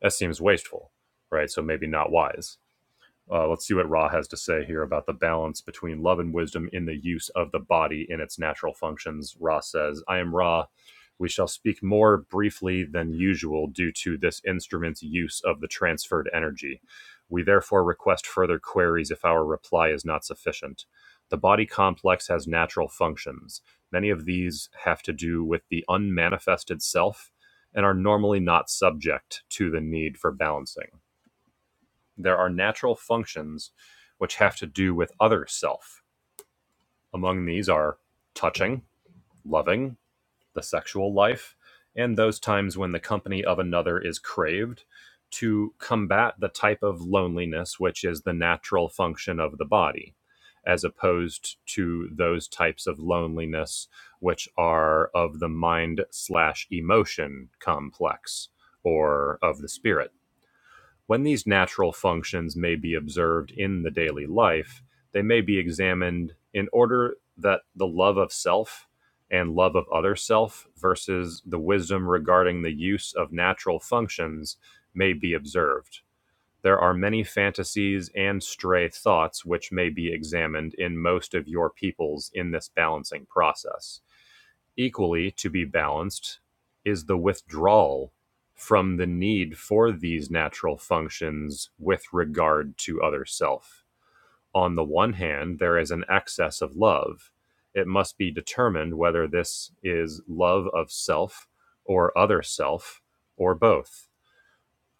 Speaker 2: that seems wasteful, right? So maybe not wise. Uh, let's see what Ra has to say here about the balance between love and wisdom in the use of the body in its natural functions. Ra says, I am Ra. We shall speak more briefly than usual due to this instrument's use of the transferred energy. We therefore request further queries if our reply is not sufficient. The body complex has natural functions. Many of these have to do with the unmanifested self and are normally not subject to the need for balancing there are natural functions which have to do with other self. Among these are touching, loving, the sexual life, and those times when the company of another is craved to combat the type of loneliness which is the natural function of the body, as opposed to those types of loneliness which are of the mind slash emotion complex or of the spirit when these natural functions may be observed in the daily life, they may be examined in order that the love of self and love of other self versus the wisdom regarding the use of natural functions may be observed. There are many fantasies and stray thoughts which may be examined in most of your peoples in this balancing process. Equally to be balanced is the withdrawal from the need for these natural functions with regard to other self. On the one hand, there is an excess of love. It must be determined whether this is love of self or other self or both.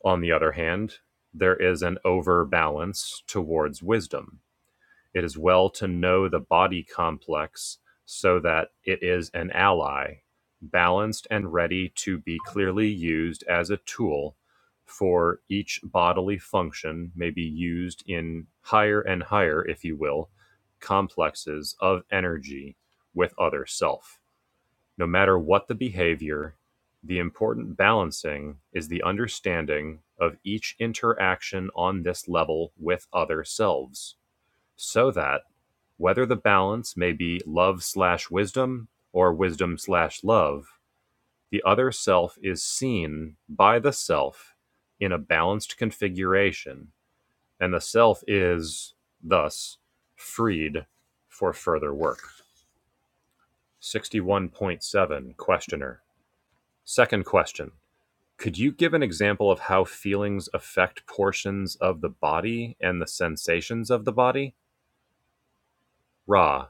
Speaker 2: On the other hand, there is an overbalance towards wisdom. It is well to know the body complex so that it is an ally, balanced and ready to be clearly used as a tool for each bodily function may be used in higher and higher, if you will, complexes of energy with other self. No matter what the behavior, the important balancing is the understanding of each interaction on this level with other selves, so that whether the balance may be love/wisdom slash wisdom or wisdom/love, slash love, the other self is seen by the self in a balanced configuration, and the self is thus freed for further work. 61.7 Questioner. Second question. Could you give an example of how feelings affect portions of the body and the sensations of the body? Ra.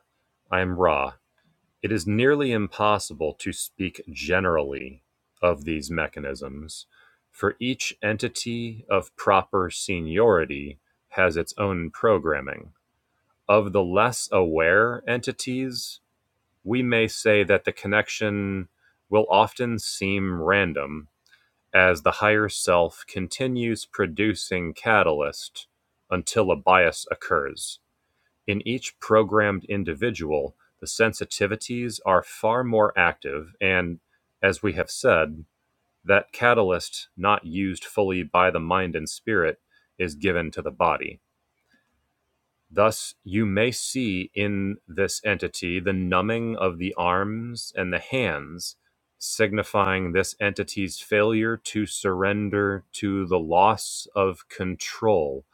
Speaker 2: I am Ra. It is nearly impossible to speak generally of these mechanisms, for each entity of proper seniority has its own programming. Of the less aware entities, we may say that the connection will often seem random as the higher self continues producing catalyst until a bias occurs. In each programmed individual, the sensitivities are far more active and, as we have said, that catalyst not used fully by the mind and spirit is given to the body. Thus, you may see in this entity the numbing of the arms and the hands, signifying this entity's failure to surrender to the loss of control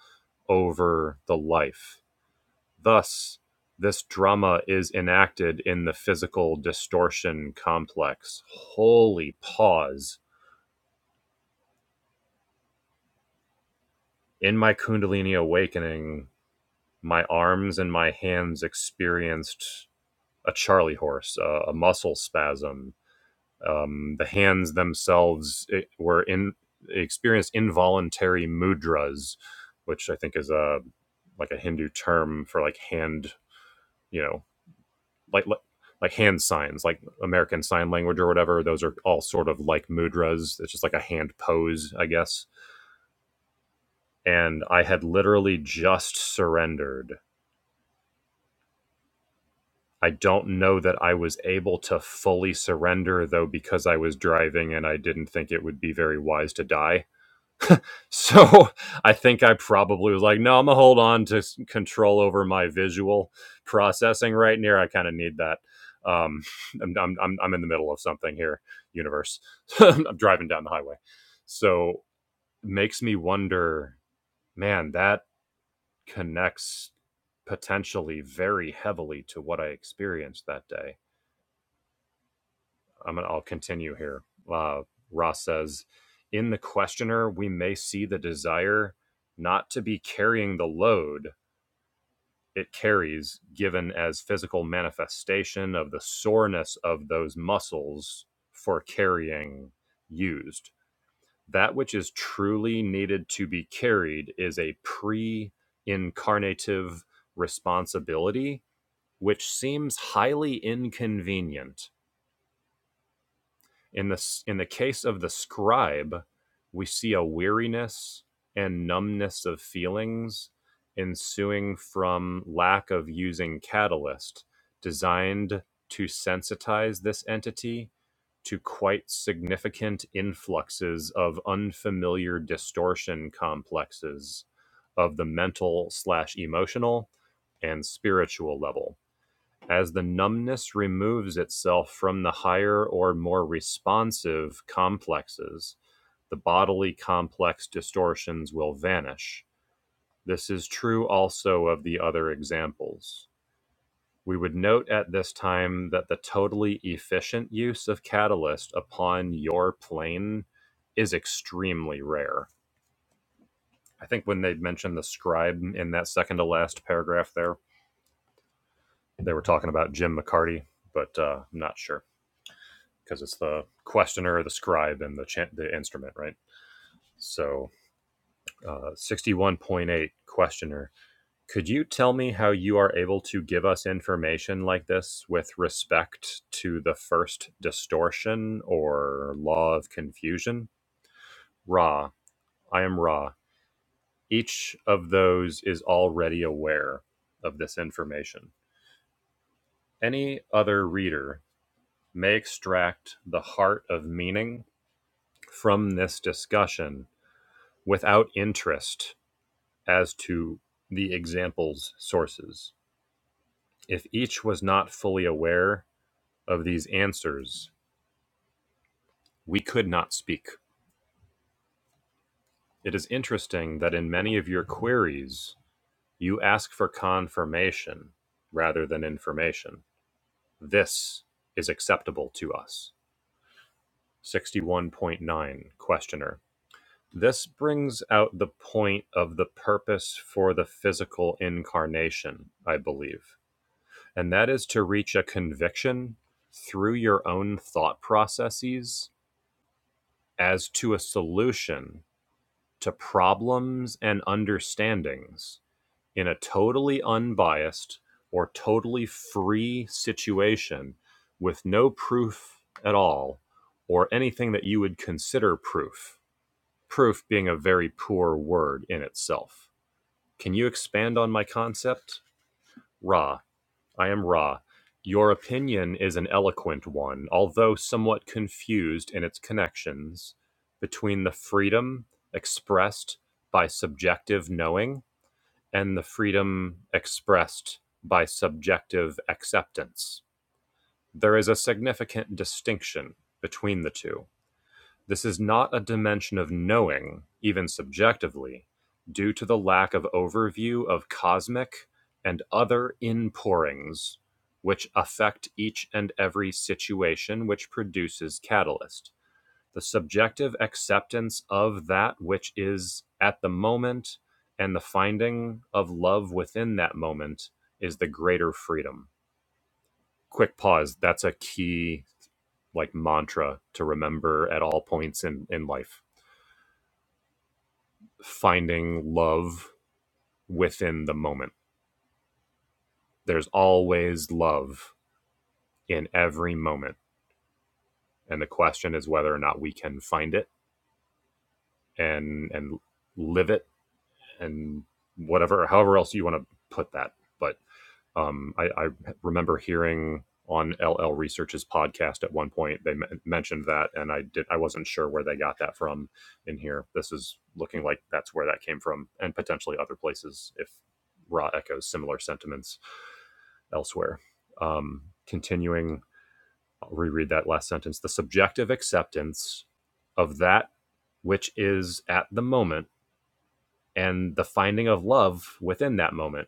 Speaker 2: over the life Thus, this drama is enacted in the physical distortion complex. Holy pause. In my Kundalini awakening, my arms and my hands experienced a charley horse, a, a muscle spasm. Um, the hands themselves eh, were in experienced involuntary mudras, which I think is a like a Hindu term for like hand, you know, like like like hand signs, like American Sign Language or whatever. Those are all sort of like mudras. It's just like a hand pose, I guess. And I had literally just surrendered. I don't know that I was able to fully surrender though because I was driving and I didn't think it would be very wise to die. So I think I probably was like, no, I'm gonna hold on to control over my visual processing right near. I kind of need that. Um, I'm I'm I'm in the middle of something here, universe. I'm driving down the highway, so makes me wonder, man, that connects potentially very heavily to what I experienced that day I'm gonna, I'll continue here. Uh, Ross says, in the questioner, we may see the desire not to be carrying the load it carries, given as physical manifestation of the soreness of those muscles for carrying used. That which is truly needed to be carried is a pre incarnative responsibility, which seems highly inconvenient In the in the case of the scribe, we see a weariness and numbness of feelings ensuing from lack of using catalyst designed to sensitize this entity to quite significant influxes of unfamiliar distortion complexes of the mental slash emotional and spiritual level as the numbness removes itself from the higher or more responsive complexes, the bodily complex distortions will vanish. This is true also of the other examples. We would note at this time that the totally efficient use of catalyst upon your plane is extremely rare. I think when they mentioned the scribe in that second to last paragraph there, they were talking about Jim McCarty, but uh, I'm not sure. because it's the questioner, the scribe, and the chan the instrument, right? So, uh, sixty-one point eight questioner. Could you tell me how you are able to give us information like this with respect to the first distortion or law of confusion? Ra, I am Ra. Each of those is already aware of this information. Any other reader may extract the heart of meaning from this discussion without interest as to the example's sources. If each was not fully aware of these answers, we could not speak. It is interesting that in many of your queries, you ask for confirmation rather than information. This is acceptable to us. 61.9 Questioner. This brings out the point of the purpose for the physical incarnation, I believe. and that is to reach a conviction through your own thought processes as to a solution to problems and understandings in a totally unbiased or totally free situation with no proof at all or anything that you would consider proof. Proof being a very poor word in itself. Can you expand on my concept? Ra, I am Ra. Your opinion is an eloquent one, although somewhat confused in its connections between the freedom expressed by subjective knowing and the freedom expressed by subjective acceptance. There is a significant distinction between the two. This is not a dimension of knowing, even subjectively, due to the lack of overview of cosmic and other inpourings which affect each and every situation which produces catalyst. The subjective acceptance of that which is at the moment and the finding of love within that moment is the greater freedom. Quick pause. That's a key like mantra to remember at all points in, in life. finding love within the moment. There's always love in every moment. And the question is whether or not we can find it and and live it and whatever, however else you want to put that. But um, I, I remember hearing on LL Research's podcast at one point they m- mentioned that, and I did I wasn't sure where they got that from. In here, this is looking like that's where that came from, and potentially other places if Ra echoes similar sentiments. elsewhere. Um, continuing, I'll reread that last sentence. The subjective acceptance of that which is at the moment and the finding of love within that moment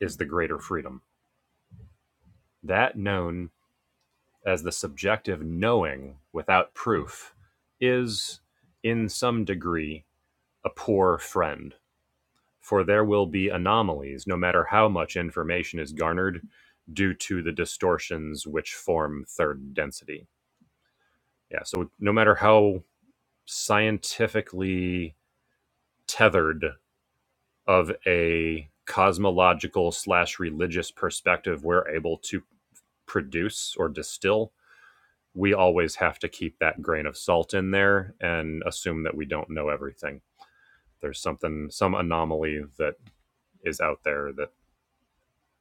Speaker 2: is the greater freedom. That known as the subjective knowing without proof is, in some degree, a poor friend, for there will be anomalies no matter how much information is garnered due to the distortions which form third density Yeah. So no matter how scientifically tethered of a cosmological slash religious perspective we're able to produce or distill, we always have to keep that grain of salt in there and assume that we don't know everything. There's something, some anomaly that is out there that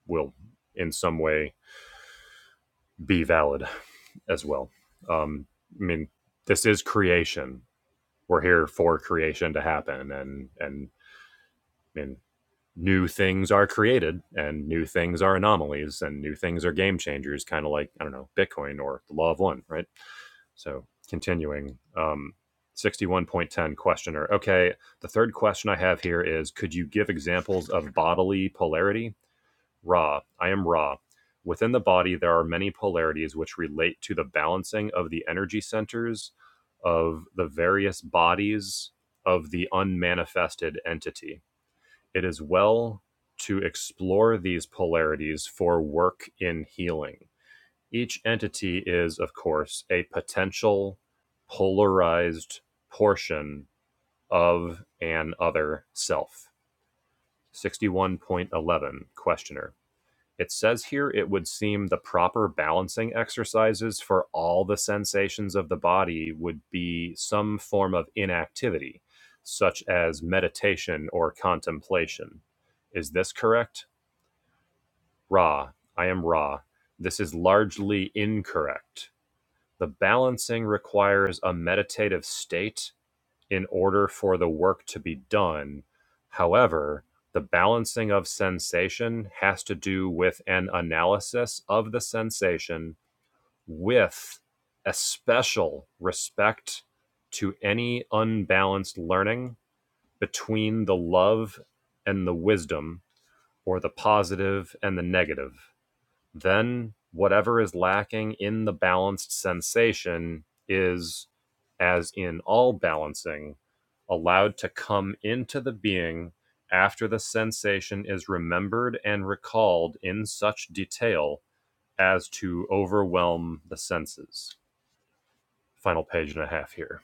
Speaker 2: will in some way be valid as well. Um, I mean, this is creation. We're here for creation to happen and, and, I mean new things are created and new things are anomalies and new things are game changers kind of like i don't know bitcoin or the law of one right so continuing um 61.10 questioner okay the third question i have here is could you give examples of bodily polarity ra i am ra within the body there are many polarities which relate to the balancing of the energy centers of the various bodies of the unmanifested entity it is well to explore these polarities for work in healing. Each entity is, of course, a potential polarized portion of an other self. 61.11 Questioner. It says here it would seem the proper balancing exercises for all the sensations of the body would be some form of inactivity, such as meditation or contemplation. Is this correct? Ra, I am Ra. This is largely incorrect. The balancing requires a meditative state in order for the work to be done. However, the balancing of sensation has to do with an analysis of the sensation with a special respect to any unbalanced learning between the love and the wisdom or the positive and the negative then whatever is lacking in the balanced sensation is, as in all balancing, allowed to come into the being after the sensation is remembered and recalled in such detail as to overwhelm the senses. Final page and a half here.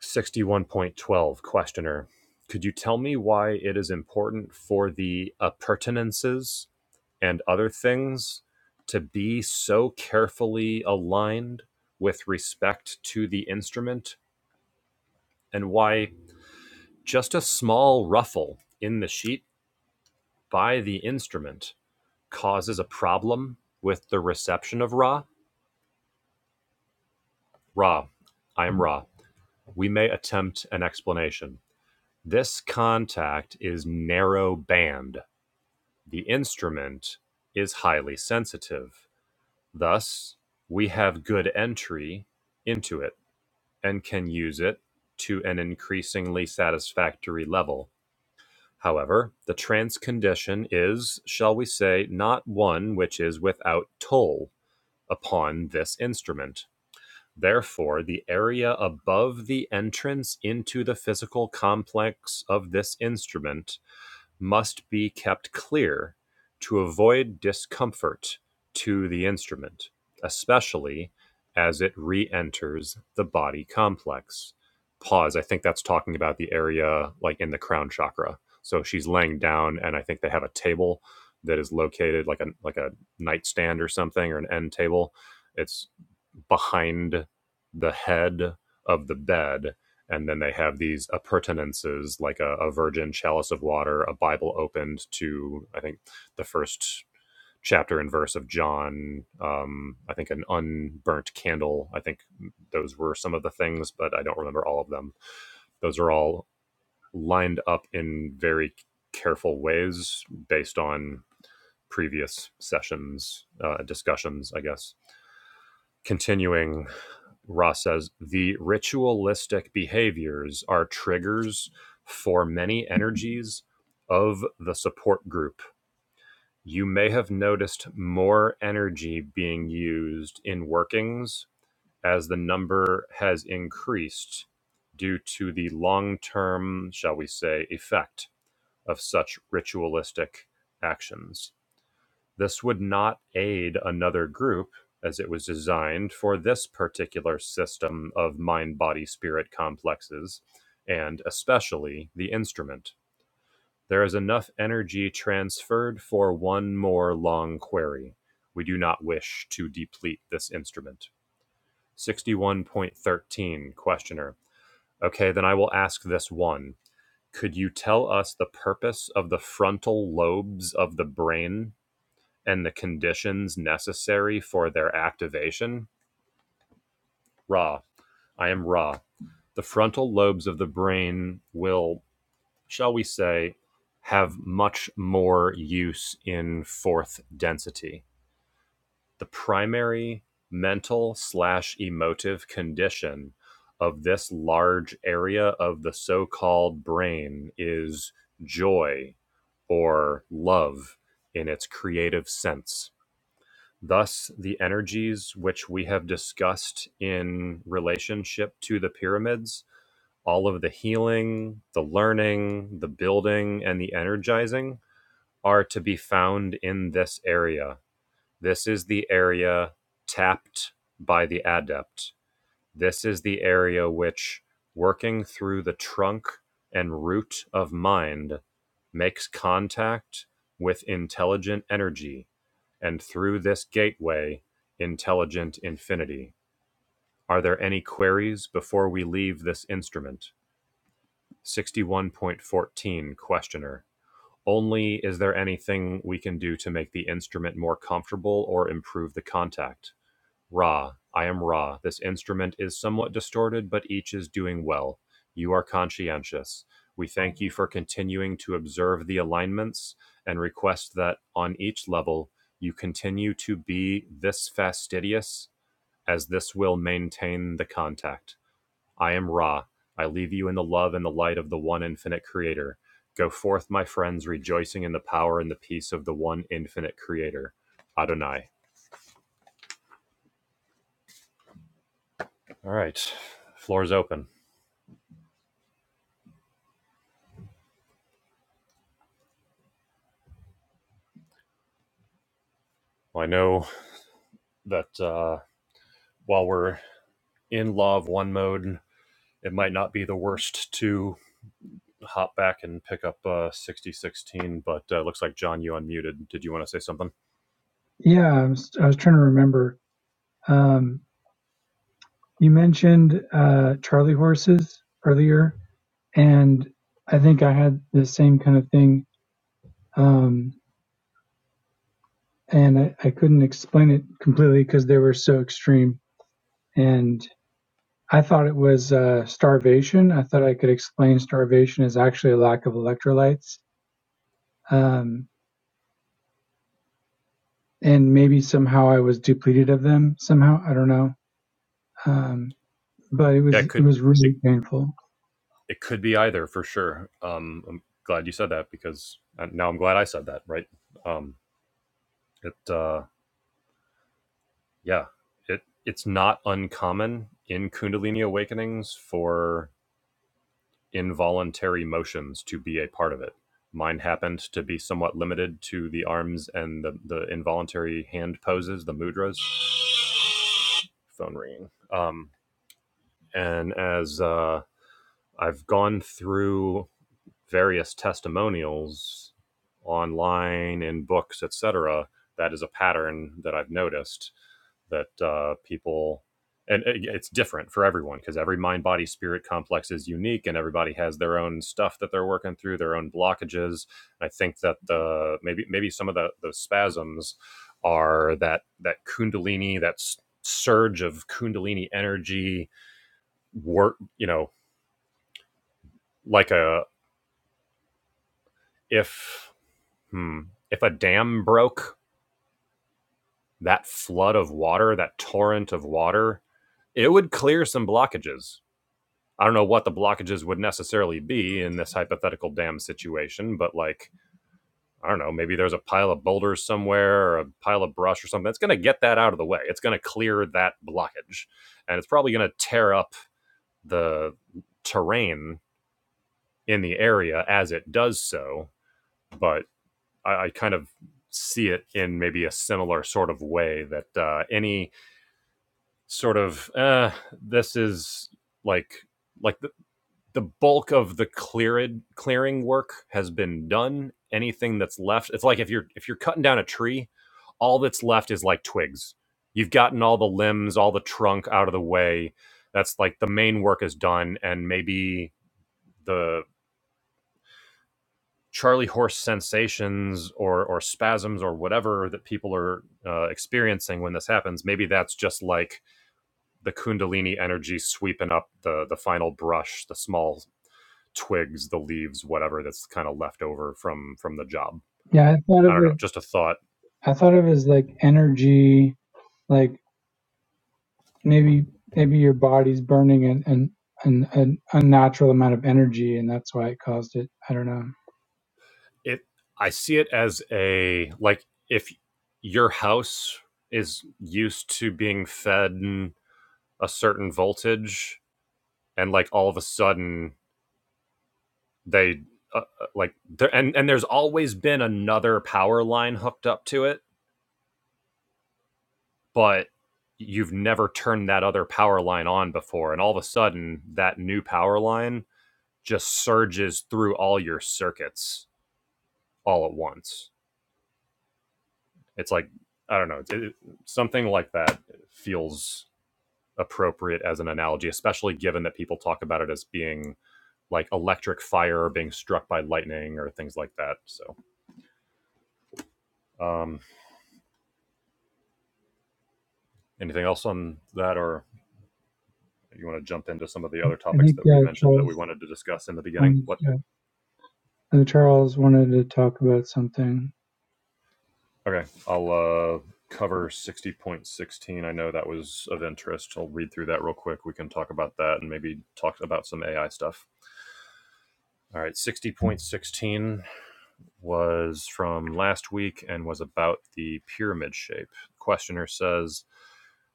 Speaker 2: 61.12 Questioner. Could you tell me why it is important for the appurtenances and other things to be so carefully aligned with respect to the instrument and why just a small ruffle in the sheet by the instrument causes a problem with the reception of Ra? Ra, I am Ra. We may attempt an explanation. This contact is narrow band The instrument is highly sensitive. Thus, we have good entry into it and can use it to an increasingly satisfactory level. However, the trance condition is, shall we say, not one which is without toll upon this instrument. Therefore, the area above the entrance into the physical complex of this instrument must be kept clear to avoid discomfort to the instrument, especially as it re enters the body complex. Pause. I think that's talking about the area like in the crown chakra. So she's laying down, and I think they have a table that is located like a like a nightstand or something or an end table. It's behind the head of the bed. And then they have these appurtenances like a, a virgin chalice of water, a Bible opened to, I think, the first chapter and verse of John, um, I think an unburnt candle. I think those were some of the things, but I don't remember all of them. Those are all lined up in very careful ways based on previous sessions, uh, discussions, I guess. Continuing Ross says the ritualistic behaviors are triggers for many energies of the support group. You may have noticed more energy being used in workings as the number has increased due to the long term, shall we say, effect of such ritualistic actions. This would not aid another group, as it was designed for this particular system of mind body spirit complexes, and especially the instrument. There is enough energy transferred for one more long query. We do not wish to deplete this instrument. 61.13 Questioner. Okay, then I will ask this one. Could you tell us the purpose of the frontal lobes of the brain and the conditions necessary for their activation. Ra. I am Ra. The frontal lobes of the brain will, shall we say, have much more use in fourth density. The primary mental slash emotive condition of this large area of the so called brain is joy or love in its creative sense. Thus, the energies which we have discussed in relationship to the pyramids, all of the healing, the learning, the building, and the energizing, are to be found in this area. This is the area tapped by the adept this is the area which, working through the trunk and root of mind, makes contact with intelligent energy, and through this gateway, intelligent infinity. Are there any queries before we leave this instrument? 61.14 Questioner. Only is there anything we can do to make the instrument more comfortable or improve the contact? Ra, I am Ra. This instrument is somewhat distorted, but each is doing well. You are conscientious. We thank you for continuing to observe the alignments and request that on each level you continue to be this fastidious, as this will maintain the contact. I am Ra. I leave you in the love and the light of the one infinite creator. Go forth, my friends, rejoicing in the power and the peace of the one infinite creator. Adonai. All right. Floor's open. Well, I know that uh, while we're in Law of One mode, it might not be the worst to hop back and pick up uh, 6016, but it uh, looks like John, you unmuted. Did you want to say something?
Speaker 1: Yeah, I was, I was trying to remember. Um, you mentioned, uh, Charlie horses earlier, and I think I had the same kind of thing. Um, and I, I couldn't explain it completely because they were so extreme And I thought it was uh, starvation. I thought I could explain starvation as actually a lack of electrolytes. Um, and maybe somehow I was depleted of them somehow. I don't know. Um, but it
Speaker 2: Yeah,
Speaker 1: was
Speaker 2: it
Speaker 1: it
Speaker 2: could
Speaker 1: was really
Speaker 2: it,
Speaker 1: painful.
Speaker 2: it could be either for sure. Um, I'm glad you said that because uh, now I'm glad I said that. Right? Um, it uh, yeah, it it's not uncommon in Kundalini awakenings for involuntary motions to be a part of it. Mine happened to be somewhat limited to the arms and the, the involuntary hand poses, the mudras. Phone ringing. Um, and as uh, I've gone through various testimonials online in books, etc., that is a pattern that I've noticed that uh, people and it's different for everyone because every mind body spirit complex is unique and everybody has their own stuff that they're working through their own blockages i think that the maybe maybe some of the those spasms are that that kundalini that surge of kundalini energy work you know like a if hmm, if a dam broke that flood of water that torrent of water it would clear some blockages I don't know what the blockages would necessarily be in this hypothetical dam situation, but like, I don't know, maybe there's a pile of boulders somewhere or a pile of brush or something. That's going to get that out of the way. It's going to clear that blockage. And it's probably going to tear up the terrain in the area as it does so. But I, I kind of see it in maybe a similar sort of way that uh, any sort of, uh, this is like, like the bulk of the cleared clearing work has been done. Anything that's left, it's like if you're if you're cutting down a tree, all that's left is like twigs. You've gotten all the limbs, all the trunk out of the way. That's like the main work is done, and maybe the charley horse sensations or or spasms or whatever that people are uh, experiencing when this happens. Maybe that's just like the kundalini energy sweeping up the the final brush, the small twigs, the leaves, whatever that's kind of left over from from the job.
Speaker 1: Yeah, I thought
Speaker 2: I
Speaker 1: of
Speaker 2: don't know,
Speaker 1: it.
Speaker 2: just a thought.
Speaker 1: I thought of it as like energy, like maybe maybe your body's burning an an, an, an unnatural amount of energy, and that's why it caused it. I don't know.
Speaker 2: It I see it as a like if your house is used to being fed a certain voltage and like all of a sudden they uh, uh, like there and and there's always been another power line hooked up to it, but you've never turned that other power line on before and all of a sudden that new power line just surges through all your circuits all at once. It's like I don't know, it, something like that feels appropriate as an analogy, especially given that people talk about it as being like electric fire or being struck by lightning or things like that. So, um, anything else on that, or you want to jump into some of the other
Speaker 1: I
Speaker 2: topics
Speaker 1: think
Speaker 2: that we
Speaker 1: uh,
Speaker 2: mentioned that we
Speaker 1: Charles
Speaker 2: wanted to discuss in the beginning?
Speaker 1: wanted
Speaker 2: What?
Speaker 1: to, uh, Charles wanted to talk about something.
Speaker 2: Okay, I'll uh, cover 60.16. I know that was of interest. I'll read through that real quick. We can talk about that and maybe talk about some AI stuff. All right, 60.16 was from last week and was about the pyramid shape. Questioner says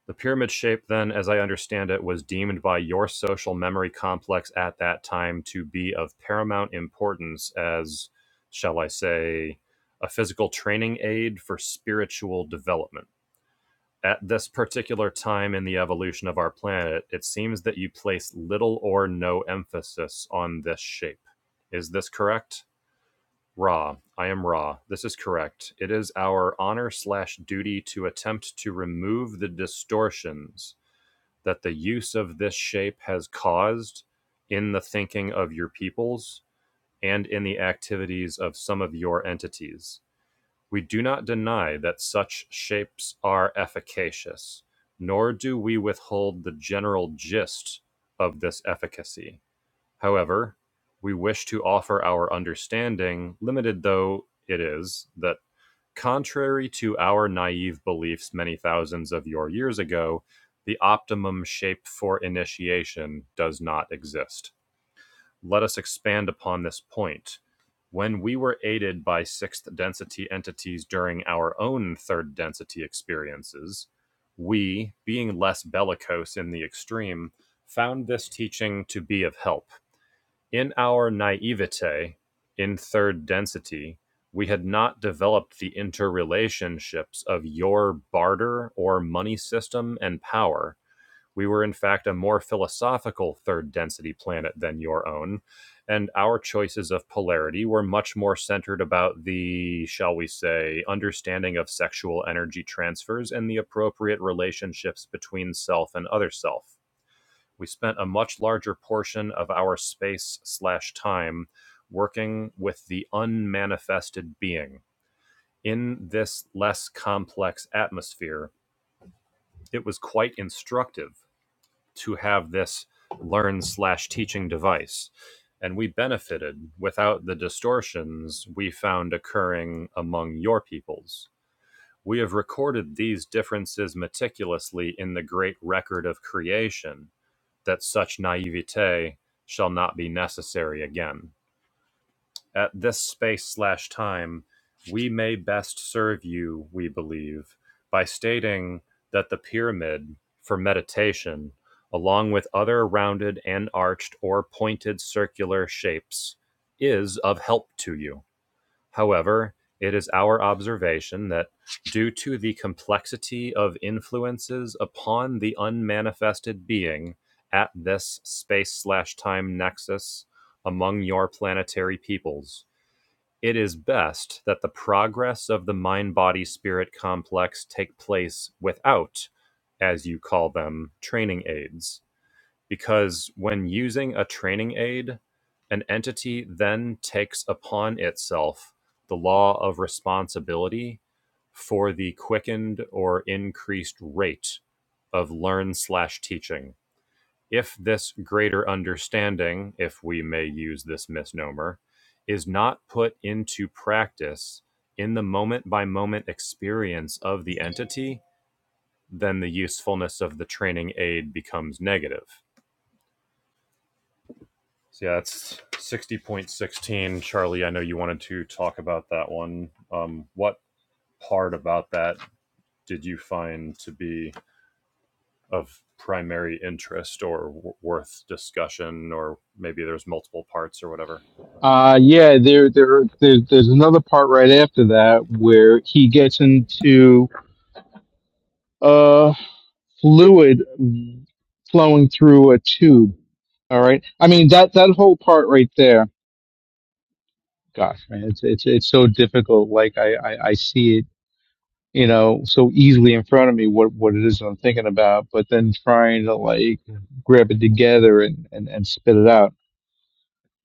Speaker 2: The pyramid shape, then, as I understand it, was deemed by your social memory complex at that time to be of paramount importance as, shall I say, a physical training aid for spiritual development. At this particular time in the evolution of our planet, it seems that you place little or no emphasis on this shape. Is this correct? Ra, I am Ra. This is correct. It is our honor slash duty to attempt to remove the distortions that the use of this shape has caused in the thinking of your peoples and in the activities of some of your entities. We do not deny that such shapes are efficacious, nor do we withhold the general gist of this efficacy. However, we wish to offer our understanding, limited though it is, that contrary to our naive beliefs many thousands of your years ago, the optimum shape for initiation does not exist. Let us expand upon this point. When we were aided by sixth density entities during our own third density experiences, we, being less bellicose in the extreme, found this teaching to be of help. In our naivete, in third density, we had not developed the interrelationships of your barter or money system and power we were, in fact, a more philosophical third density planet than your own, and our choices of polarity were much more centered about the, shall we say, understanding of sexual energy transfers and the appropriate relationships between self and other self. We spent a much larger portion of our space slash time working with the unmanifested being. In this less complex atmosphere, it was quite instructive to have this learn slash teaching device and we benefited without the distortions we found occurring among your peoples we have recorded these differences meticulously in the great record of creation that such naivete shall not be necessary again at this space slash time, we may best serve you, we believe, by stating that the pyramid for meditation, along with other rounded and arched or pointed circular shapes, is of help to you. However, it is our observation that due to the complexity of influences upon the unmanifested being at this space slash time nexus among your planetary peoples, it is best that the progress of the mind body spirit complex take place without, as you call them, training aids. Because when using a training aid, an entity then takes upon itself the law of responsibility for the quickened or increased rate of learn slash teaching if this greater understanding, if we may use this misnomer, is not put into practice in the moment by moment experience of the entity, then the usefulness of the training aid becomes negative. So, yeah, that's 60.16. Charlie, I know you wanted to talk about that one. Um, what part about that did you find to be of primary interest or w- worth discussion, or maybe there's multiple parts or whatever?
Speaker 3: Uh, yeah, there, there, there, there's another part right after that where he gets into, uh, fluid flowing through a tube. All right. I mean, that, that whole part right there, gosh, man, it's, it's, it's so difficult. Like I, I, I see it, you know, so easily in front of me what, what it is I'm thinking about, but then trying to like grab it together and, and, and spit it out.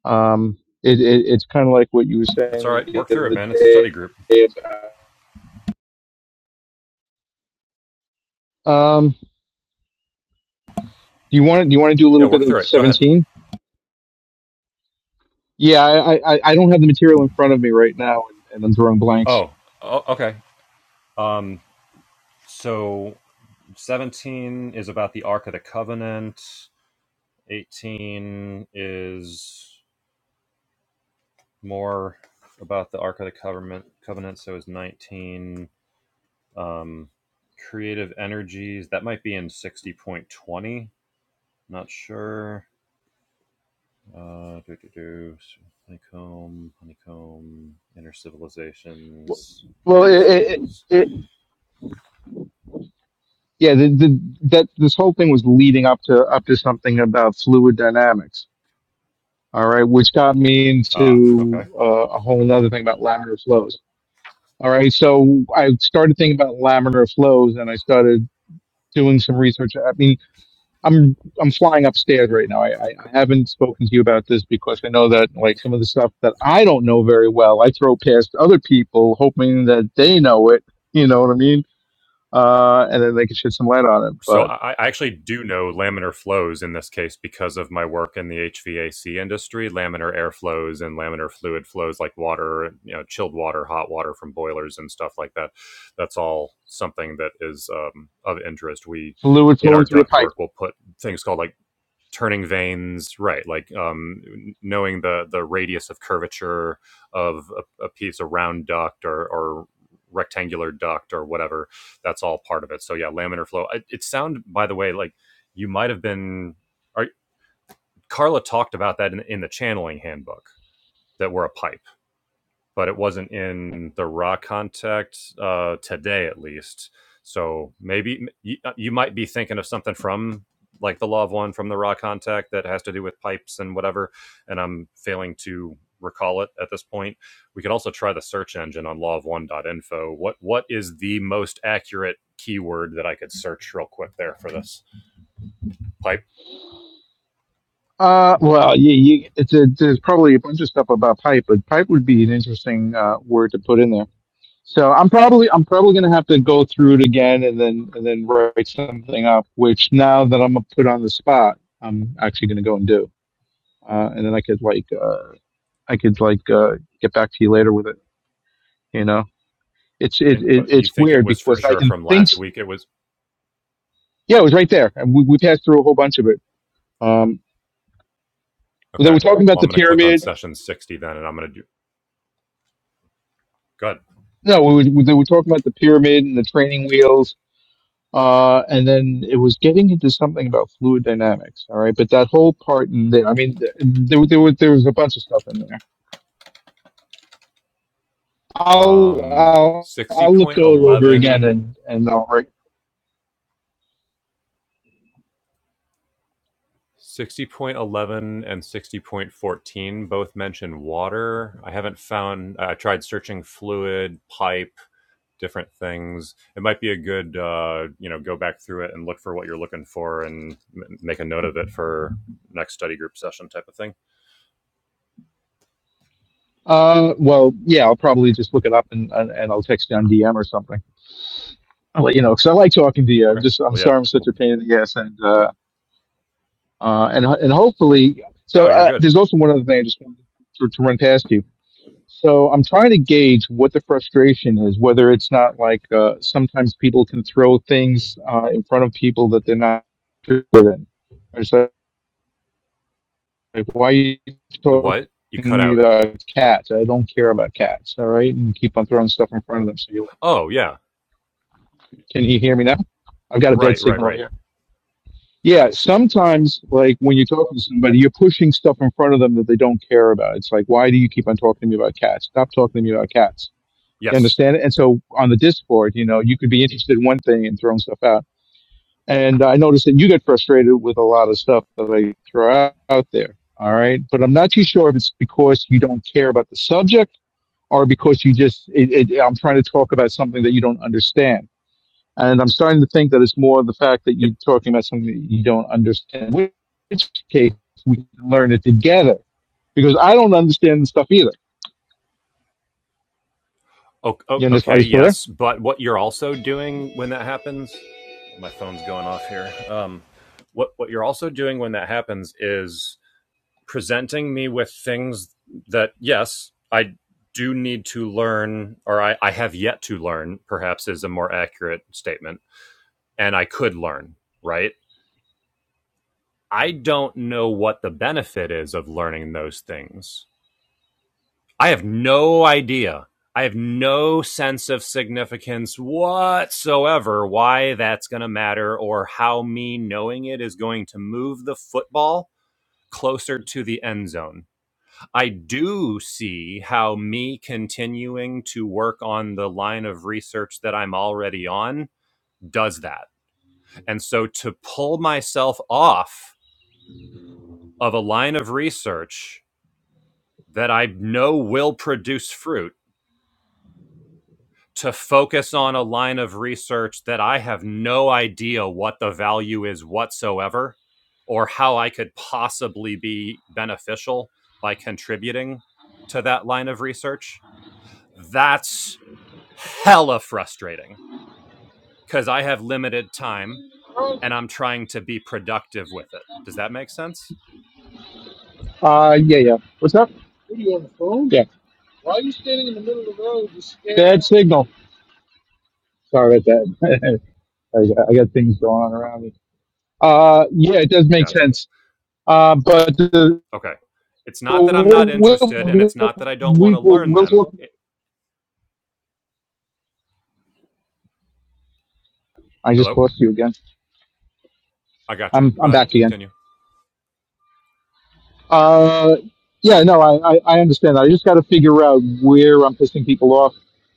Speaker 3: Um, it, it, it's kind of like what you were
Speaker 2: That's all
Speaker 3: saying
Speaker 2: right.
Speaker 3: the
Speaker 2: Work through it,
Speaker 3: other
Speaker 2: man. It's a
Speaker 3: day.
Speaker 2: study group.
Speaker 3: About, um, do you want to do you want to do a
Speaker 2: Yeah,
Speaker 3: little bit
Speaker 2: work
Speaker 3: of
Speaker 2: through it. Go ahead.
Speaker 3: seventeen? Yeah, I, I, I don't have the material in front of me right now, and, and I'm drawing blanks.
Speaker 2: Oh, oh okay. Um, so 17 is about the Ark of the Covenant. 18 is more about the Ark of the Covenant. Covenant. So is 19. Um, creative energies. That might be in 60.20. Not sure. Uh, do, do, do. Honeycomb, honeycomb, inner civilizations,
Speaker 3: Well, it, it, it,
Speaker 2: bases.
Speaker 3: it- yeah, the, the, that this whole thing was leading up to up to something about fluid dynamics. All right, which got me
Speaker 2: Ah,
Speaker 3: into
Speaker 2: okay.
Speaker 3: uh, a whole other thing about laminar flows. All right, so I started thinking about laminar flows, and I started doing some research. I mean, I'm I'm flying upstairs right now. I, I, I haven't spoken to you about this because I know that like some of the stuff that I don't know very well, I throw past other people, hoping that they know it. You know what I mean? Uh, and then they can shed some light on it.
Speaker 2: So
Speaker 3: But
Speaker 2: I, I actually do know laminar flows in this case because of my work in the HVAC industry, laminar air flows and laminar fluid flows like water, you know, chilled water, hot water from boilers and stuff like that. That's all something that is um, of interest. We
Speaker 3: fluid
Speaker 2: in our
Speaker 3: flowing through a
Speaker 2: duct
Speaker 3: pipe.
Speaker 2: work, we'll put things called like turning vanes, right like um knowing the the radius of curvature of a, a piece a round duct or or rectangular duct or whatever that's all part of it so yeah laminar flow it, it sound by the way like you might have been are, carla talked about that in, in the channeling handbook that we're a pipe but it wasn't in the raw context uh, today, at least. So maybe you, you might be thinking of something from like the law of one from the raw contact that has to do with pipes and whatever, and I'm failing to recall it at this point. We could also try the search engine on law of one.info. What what is the most accurate keyword that I could search real quick there for this pipe?
Speaker 3: Uh, well, yeah, you, it's a, there's probably a bunch of stuff about pipe, but pipe would be an interesting uh, word to put in there. So I'm probably I'm probably gonna have to go through it again and then and then write something up. Which now that I'm put on the spot, I'm actually gonna go and do. uh, and then I could like uh, I could like uh, get back to you later with it. You know, it's it,
Speaker 2: And
Speaker 3: it
Speaker 2: but you
Speaker 3: it's
Speaker 2: think it
Speaker 3: weird
Speaker 2: was for
Speaker 3: because I
Speaker 2: sure
Speaker 3: can
Speaker 2: from
Speaker 3: think.
Speaker 2: last week? It was
Speaker 3: Yeah, it was right there, and we, we passed through a whole bunch of it. Um, they
Speaker 2: okay.
Speaker 3: were talking about
Speaker 2: Well, I'm
Speaker 3: the
Speaker 2: going to click on
Speaker 3: pyramid.
Speaker 2: session 60 then, and I'm going to do good.
Speaker 3: No, we were, they were talking about the pyramid and the training wheels, uh, and then it was getting into something about fluid dynamics. All right, but that whole part in there. I mean, th- there there was there was a bunch of stuff in there. I'll
Speaker 2: um
Speaker 3: I'll
Speaker 2: sixty
Speaker 3: I'll look it
Speaker 2: point
Speaker 3: over again
Speaker 2: eleven,
Speaker 3: and and I'll
Speaker 2: sixty point eleven, and 60.14 both mention water i haven't found i tried searching fluid pipe different things it might be a good uh you know go back through it and look for what you're looking for and m- make a note of it for next study group session type of thing
Speaker 3: Uh, well, yeah, I'll probably just look it up and and, and I'll text you on DM or something. I'll let you know because I like talking to you. I'm
Speaker 2: okay
Speaker 3: just I'm
Speaker 2: well yeah
Speaker 3: sorry I'm such
Speaker 2: well,
Speaker 3: a pain in the ass and uh, uh and and hopefully so
Speaker 2: no you're
Speaker 3: uh,
Speaker 2: good
Speaker 3: there's also one other thing I just wanted to, to run past you. So I'm trying to gauge what the frustration is, whether it's not like uh, sometimes people can throw things uh, in front of people that they're not interested in. It's like, like, why are you
Speaker 2: the
Speaker 3: talking
Speaker 2: what you
Speaker 3: to
Speaker 2: cut
Speaker 3: me
Speaker 2: out
Speaker 3: about cats? I don't care about cats, all right? And keep on throwing stuff in front of them. So you
Speaker 2: oh yeah
Speaker 3: Can you hear me now? I've got a bad
Speaker 2: right right
Speaker 3: signal over
Speaker 2: right
Speaker 3: here. Yeah, sometimes, like when you're talking to somebody, you're pushing stuff in front of them that they don't care about. It's like, why do you keep on talking to me about cats? Stop talking to me about cats. You
Speaker 2: yes
Speaker 3: understand it? And so on the Discord, you know, you could be interested in one thing and throwing stuff out. And I noticed that you get frustrated with a lot of stuff that I throw out there. All right. But I'm not too sure if it's because you don't care about the subject or because you just, it, it, I'm trying to talk about something that you don't understand and I'm starting to think that it's more the fact that you're talking about something that you don't understand, which case we can learn it together because I don't understand the stuff either. You understand? Are
Speaker 2: Okay,
Speaker 3: you still there?
Speaker 2: yes, but what you're also doing when that happens, my phone's going off here. Um, what what you're also doing when that happens is presenting me with things that yes, I do need to learn, or I, I have yet to learn. Perhaps is a more accurate statement, and I could learn. Right? I don't know what the benefit is of learning those things. I have no idea. I have no sense of significance whatsoever why that's going to matter or how me knowing it is going to move the football closer to the end zone. I do see how me continuing to work on the line of research that I'm already on does that. And so to pull myself off of a line of research that I know will produce fruit to focus on a line of research that I have no idea what the value is whatsoever or how I could possibly be beneficial by contributing to that line of research. That's hella frustrating because I have limited time and I'm trying to be productive with it. Does that make sense?
Speaker 3: Uh, yeah, yeah. What's up? What Are you on the phone? Yeah. Why are you standing in the middle of the road? You scared Bad signal. Sorry about that. I, got- I got things going on around me. Uh, yeah, it does make
Speaker 2: Gotcha.
Speaker 3: sense. Uh, but uh,
Speaker 2: Okay. It's not that I'm
Speaker 3: we'll,
Speaker 2: not
Speaker 3: we'll,
Speaker 2: interested and it's
Speaker 3: we'll,
Speaker 2: not that I don't want
Speaker 3: we-
Speaker 2: to
Speaker 3: we'll,
Speaker 2: learn
Speaker 3: we'll
Speaker 2: them.
Speaker 3: talk.
Speaker 2: It-
Speaker 3: I just
Speaker 2: Hello?
Speaker 3: lost you again.
Speaker 2: I gotcha.
Speaker 3: I'm,
Speaker 2: Go
Speaker 3: I'm
Speaker 2: ahead.
Speaker 3: back again.
Speaker 2: Continue.
Speaker 3: Uh, yeah, no, I, I, I understand that. I just got to figure out where I'm pissing people off.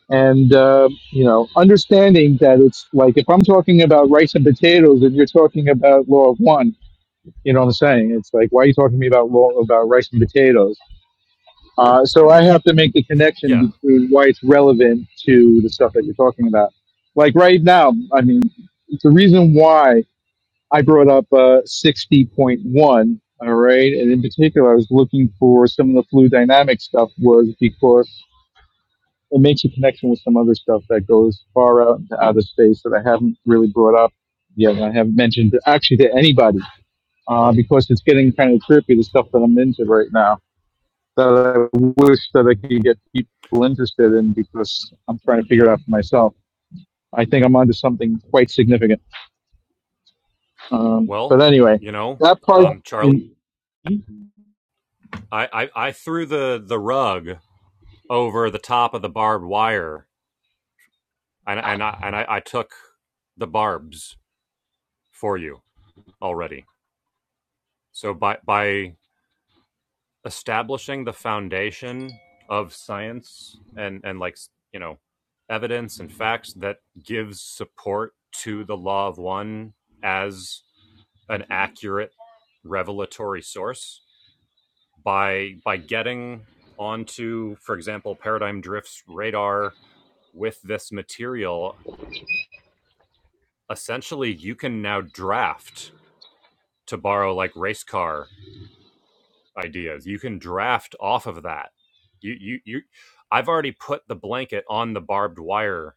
Speaker 3: And, uh, you know, understanding that it's like if I'm talking about rice and potatoes and you're talking about law of one, you know what I'm saying? It's like, why are you talking to me about law about rice and potatoes? Uh, so I have to make the connection
Speaker 2: Yeah.
Speaker 3: between why it's relevant to the stuff that you're talking about. Like right now, I mean, it's the reason why. I brought up uh, 60.1, all right? And in particular, I was looking for some of the fluid dynamic stuff was because it makes a connection with some other stuff that goes far out into outer space that I haven't really brought up yet. and I haven't mentioned to- actually to anybody uh, because it's getting kind of trippy, the stuff that I'm into right now that I wish that I could get people interested in because I'm trying to figure it out for myself. I think I'm onto something quite significant. Um, but
Speaker 2: Well,
Speaker 3: anyway,
Speaker 2: you know,
Speaker 3: that part
Speaker 2: um, Charlie,
Speaker 3: in.
Speaker 2: I, I, I threw the, the rug over the top of the barbed wire, and and I, and I, I took the barbs for you already. So by by establishing the foundation of science and and like you know evidence and facts that gives support to the law of one as an accurate revelatory source by by getting onto, for example, Paradigm Drift's radar with this material, essentially you can now draft to borrow like race car ideas. You can draft off of that. You you you I've already put the blanket on the barbed wire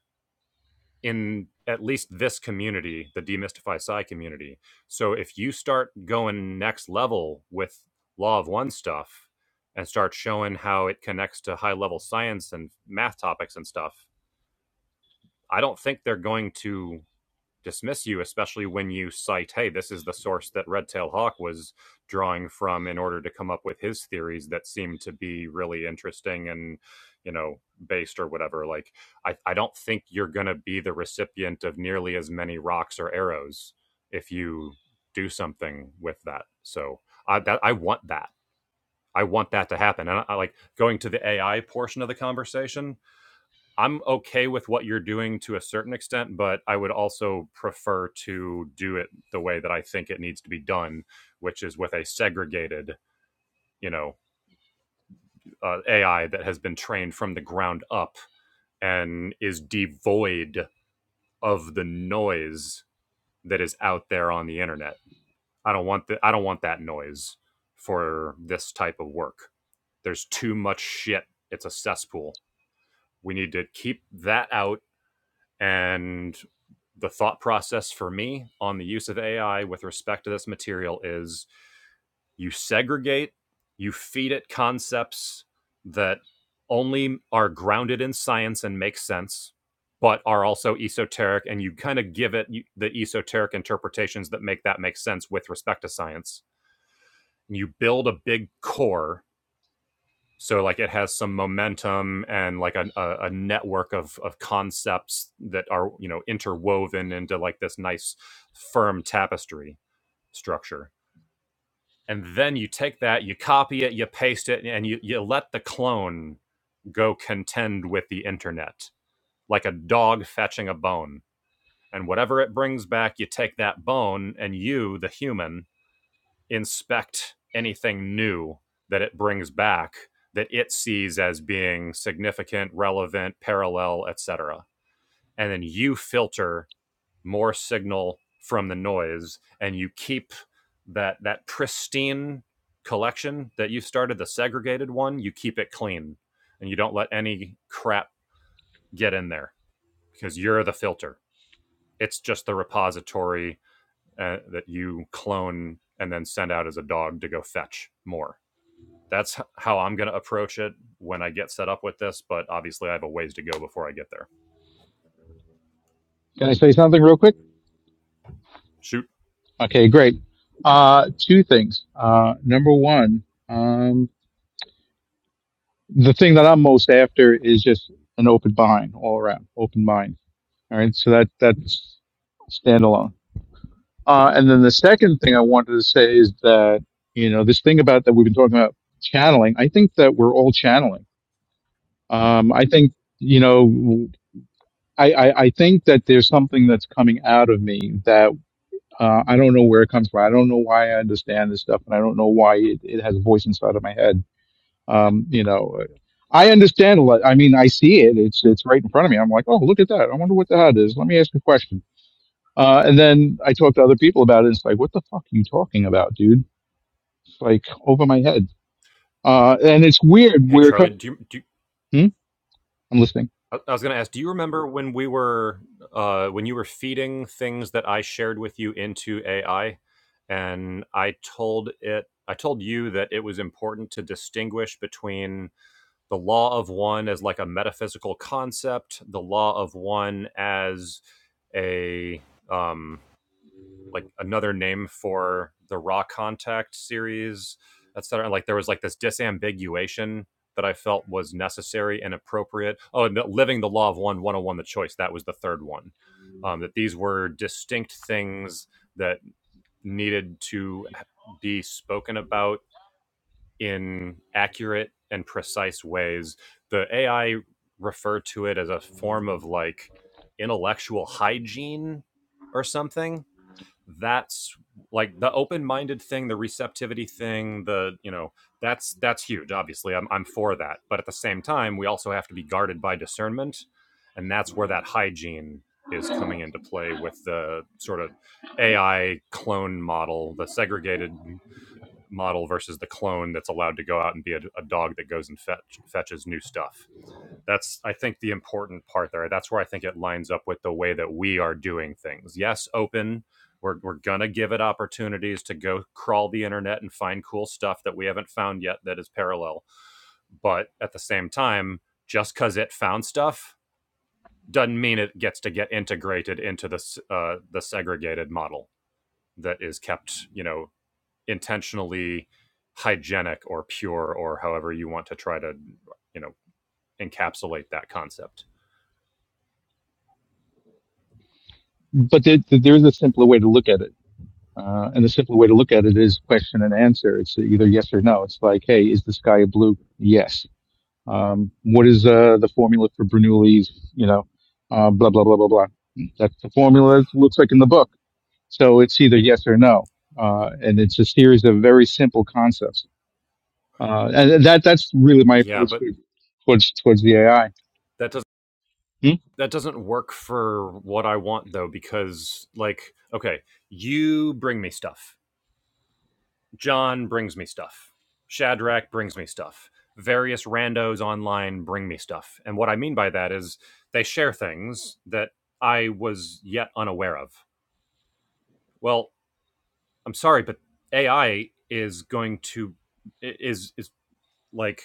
Speaker 2: in at least this community, the demystify psi community. So if you start going next level with law of one stuff and start showing how it connects to high level science and math topics and stuff, I don't think they're going to dismiss you, especially when you cite, hey, this is the source that Red Tail Hawk was drawing from in order to come up with his theories that seem to be really interesting and, you know, based or whatever. Like, I, I don't think you're going to be the recipient of nearly as many rocks or arrows if you do something with that. So I, that, I want that. I want that to happen. And I, I like going to the AI portion of the conversation I'm okay with what you're doing to a certain extent, but I would also prefer to do it the way that I think it needs to be done, which is with a segregated, you know, uh, AI that has been trained from the ground up and is devoid of the noise that is out there on the internet. I don't want the, I don't want that noise for this type of work. There's too much shit. It's a cesspool. We need to keep that out And the thought process for me on the use of AI with respect to this material is you segregate, you feed it concepts that only are grounded in science and make sense, but are also esoteric, and you kind of give it the esoteric interpretations that make that make sense with respect to science. And you build a big core so like it has some momentum and like a, a, a network of, of concepts that are you know interwoven into like this nice firm tapestry structure and then you take that you copy it you paste it and you, you let the clone go contend with the internet like a dog fetching a bone and whatever it brings back you take that bone and you the human inspect anything new that it brings back that it sees as being significant, relevant, parallel, etc. And then you filter more signal from the noise and you keep that that pristine collection that you started the segregated one, you keep it clean and you don't let any crap get in there because you're the filter. It's just the repository uh, that you clone and then send out as a dog to go fetch more. that's how I'm going to approach it when I get set up with this. But obviously, I have a ways to go before I get there.
Speaker 3: Can I say something real quick?
Speaker 2: Shoot.
Speaker 3: Okay, great. Uh, two things. Uh, number one, um, the thing that I'm most after is just an open mind all around, open mind. All right, so that that's standalone. Uh, and then the second thing I wanted to say is that you know this thing about that we've been talking about channeling. I think that we're all channeling. Um, I think you know. I, I, I think that there's something that's coming out of me that. Uh, I don't know where it comes from. I don't know why I understand this stuff, and I don't know why it, it has a voice inside of my head. Um, you know, uh, I understand a lot. I mean, I see it. It's it's right in front of me. I'm like, oh, look at that. I wonder what the hell it is. Let me ask a question. Uh, and then I talk to other people about it. And it's like, what the fuck are you talking about, dude? It's like over my head. Uh, and it's weird.
Speaker 2: Hey,
Speaker 3: We're
Speaker 2: Charlie,
Speaker 3: kind
Speaker 2: do you, do you,
Speaker 3: hmm? I'm listening,
Speaker 2: I I was going to ask, do you remember when we were, uh, when you were feeding things that I shared with you into AI and I told it, I told you that it was important to distinguish between the law of one as like a metaphysical concept, the law of one as a, um, like another name for the Raw Contact series, etc. Like there was like this disambiguation that I felt was necessary and appropriate. Oh, and the, living the law of one, 101 the choice. That was the third one. Um, that these were distinct things that needed to be spoken about in accurate and precise ways. The AI referred to it as a form of like intellectual hygiene or something that's like the open-minded thing the receptivity thing the you know that's that's huge obviously I'm, I'm for that but at the same time we also have to be guarded by discernment and that's where that hygiene is coming into play with the sort of ai clone model the segregated model versus the clone that's allowed to go out and be a, a dog that goes and fetch, fetches new stuff. That's, I think, the important part there. That's where I think it lines up with the way that we are doing things. Yes, open. We're, we're going to give it opportunities to go crawl the internet and find cool stuff that we haven't found yet that is parallel. But at the same time, just because it found stuff doesn't mean it gets to get integrated into the, uh, the segregated model that is kept, you know, intentionally hygienic or pure or however you want to try to you know encapsulate that concept
Speaker 3: but there, there is a simpler way to look at it. Uh, and the simpler way to look at it is question and answer. It's either yes or no. It's like, hey, is the sky blue? Yes Um, what is uh, the formula for Bernoulli's, you know, uh, blah, blah, blah, blah, blah. That's the formula it looks like in the book. So it's either yes or no. Uh, and it's a series of very simple concepts. Uh, and that that's really my
Speaker 2: yeah
Speaker 3: approach
Speaker 2: but
Speaker 3: to, towards towards the AI.
Speaker 2: that doesn't
Speaker 3: Hmm?
Speaker 2: that doesn't work for what i want though because like okay you bring me stuff John brings me stuff. Shadrach brings me stuff. Various randos online bring me stuff. And what I mean by that is they share things that I was yet unaware of. Well, I'm sorry, but AI is going to is is like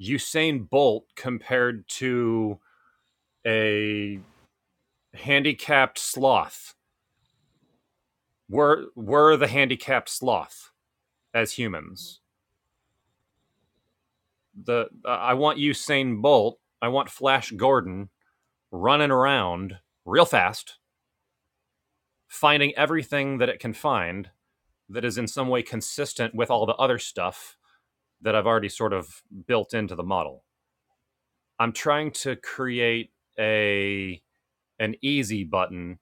Speaker 2: Usain Bolt compared to a handicapped sloth. We're we're the handicapped sloth as humans. The uh, I want Usain Bolt, I want Flash Gordon running around real fast, finding everything that it can find that is in some way consistent with all the other stuff that I've already sort of built into the model. I'm trying to create a an easy button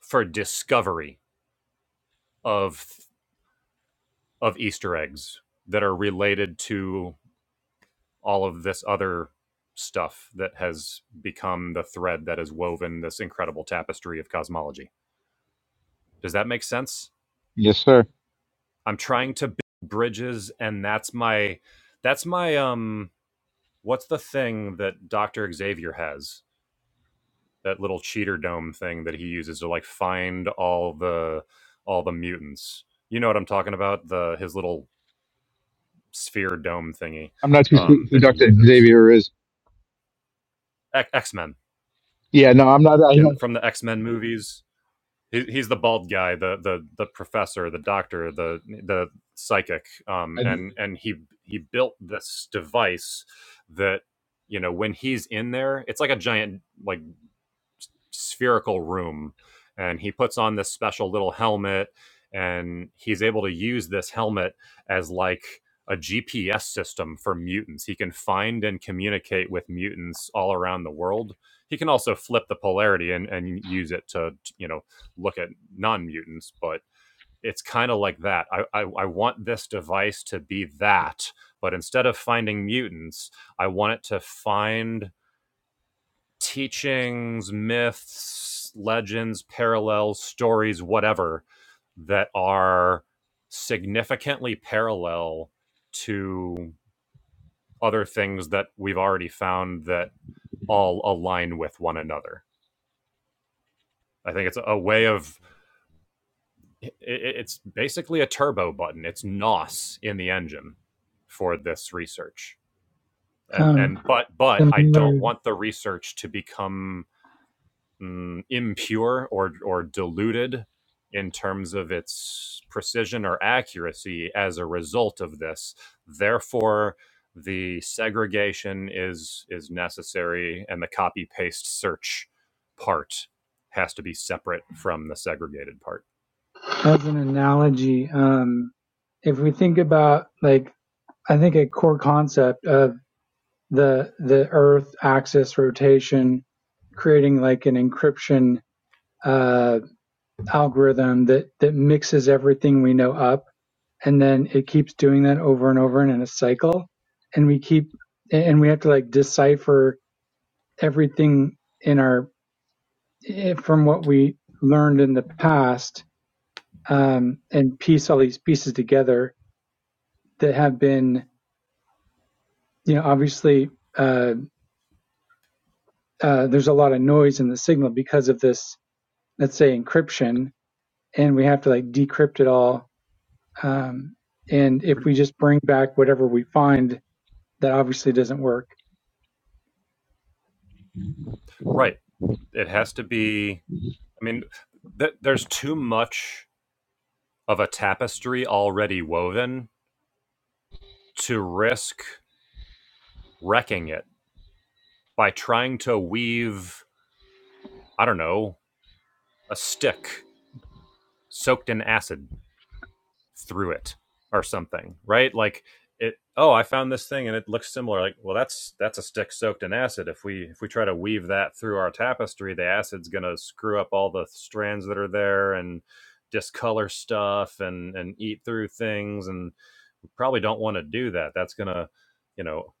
Speaker 2: for discovery of of Easter eggs that are related to all of this other stuff that has become the thread that has woven this incredible tapestry of cosmology. Does that make sense?
Speaker 3: Yes, sir.
Speaker 2: I'm trying to build bridges, and that's my that's my um what's the thing that Doctor Xavier has that little cheater dome thing that he uses to like find all the all the mutants. You know what I'm talking about? The his little sphere dome thingy
Speaker 3: I'm not too sure
Speaker 2: um,
Speaker 3: who
Speaker 2: that he
Speaker 3: Dr.
Speaker 2: uses.
Speaker 3: Xavier is.
Speaker 2: X Men
Speaker 3: Yeah, no, I'm not. I
Speaker 2: in
Speaker 3: don't.
Speaker 2: from the X Men movies. he, he's the bald guy, the the the professor, the doctor, the the psychic, um,
Speaker 3: I-
Speaker 2: and and he he built this device that you know when he's in there, it's like a giant like spherical room and he puts on this special little helmet and he's able to use this helmet as like a GPS system for mutants. He can find and communicate with mutants all around the world. He can also flip the polarity and, and use it to, you know, look at non mutants, but it's kind of like that. I, I, I want this device to be that, but instead of finding mutants, I want it to find teachings, myths, legends, parallels, stories, whatever, that are significantly parallel to other things that we've already found that all align with one another. I think it's a way of it's basically a turbo button. It's NOS in the engine for this research. And
Speaker 1: Um,
Speaker 2: and but but I
Speaker 1: similar
Speaker 2: don't want the research to become mm, impure or or diluted in terms of its precision or accuracy as a result of this. Therefore, the segregation is is necessary, and the copy paste search part has to be separate from the segregated part.
Speaker 1: as an analogy, um, if we think about like I think a core concept of the the Earth axis rotation, creating like an encryption uh, algorithm that that mixes everything we know up, and then it keeps doing that over and over and in a cycle, and we keep and we have to like decipher everything in our eh, from what we learned in the past um, and piece all these pieces together that have been, you know, obviously uh, uh, there's a lot of noise in the signal because of this, let's say, encryption, and we have to like decrypt it all. Um, and if
Speaker 2: Pretty,
Speaker 1: we just bring back whatever we find, that obviously doesn't work.
Speaker 2: right. It has to be. I mean, th- there's too much of a tapestry already woven to risk wrecking it by trying to weave I don't know, a stick soaked in acid through it or something, right? Like it oh, I found this thing and it looks similar. Like, well that's that's a stick soaked in acid. If we if we try to weave that through our tapestry, the acid's gonna screw up all the strands that are there and discolor stuff and and eat through things and probably don't want to do that. That's going to, you know,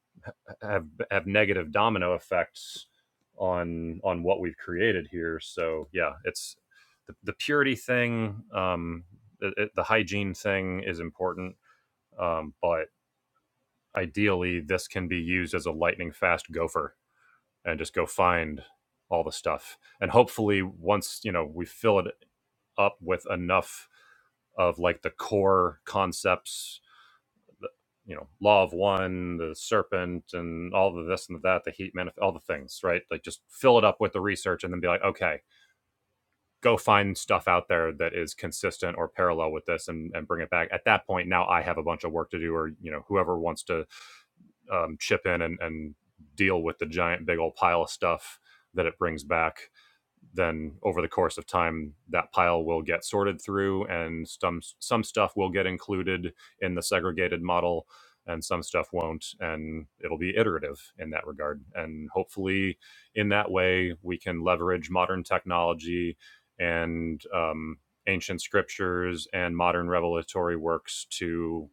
Speaker 2: have have negative domino effects on on what we've created here. So yeah, it's the, the purity thing, um, the, the hygiene thing is important, um, but ideally this can be used as a lightning fast gopher and just go find all the stuff. And hopefully once, you know, we fill it up with enough of like the core concepts the you know law of one the serpent and all the this and that the heat manif- all the things right like just fill it up with the research and then be like okay go find stuff out there that is consistent or parallel with this and, and bring it back at that point now i have a bunch of work to do or you know whoever wants to um, chip in and, and deal with the giant big old pile of stuff that it brings back then over the course of time that pile will get sorted through and some some stuff will get included in the segregated model and some stuff won't and it'll be iterative in that regard and hopefully in that way we can leverage modern technology and um, ancient scriptures and modern revelatory works to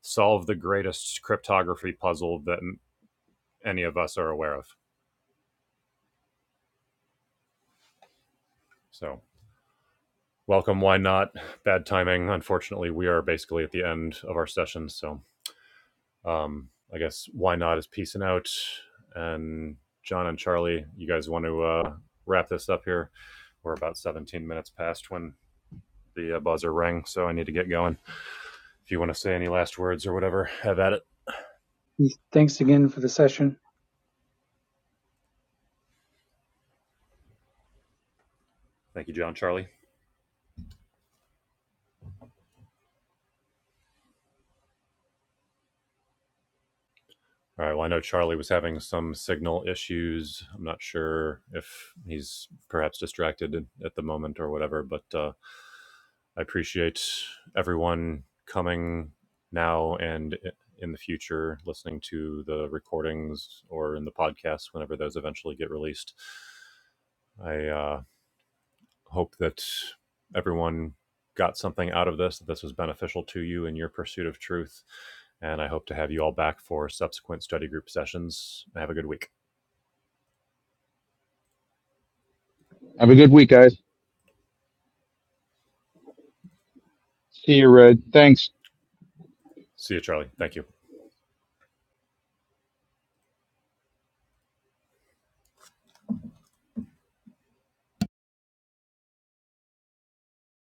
Speaker 2: solve the greatest cryptography puzzle that any of us are aware of so welcome why not bad timing unfortunately we are basically at the end of our session so um i guess why not is peacing out and john and charlie you guys want to uh wrap this up here we're about 17 minutes past when the uh, buzzer rang so i need to get going if you want to say any last words or whatever have at it
Speaker 1: Thanks again for the session.
Speaker 2: thank you john charlie all right well i know charlie was having some signal issues i'm not sure if he's perhaps distracted at the moment or whatever but uh I appreciate everyone coming now and in the future, listening to the recordings or in the podcast whenever those eventually get released. I uh, hope that everyone got something out of this, that this was beneficial to you in your pursuit of truth. And I hope to have you all back for subsequent study group sessions. Have a good week.
Speaker 3: Have a good week, guys. See you, Red. Thanks.
Speaker 2: See you, Charlie. Thank you.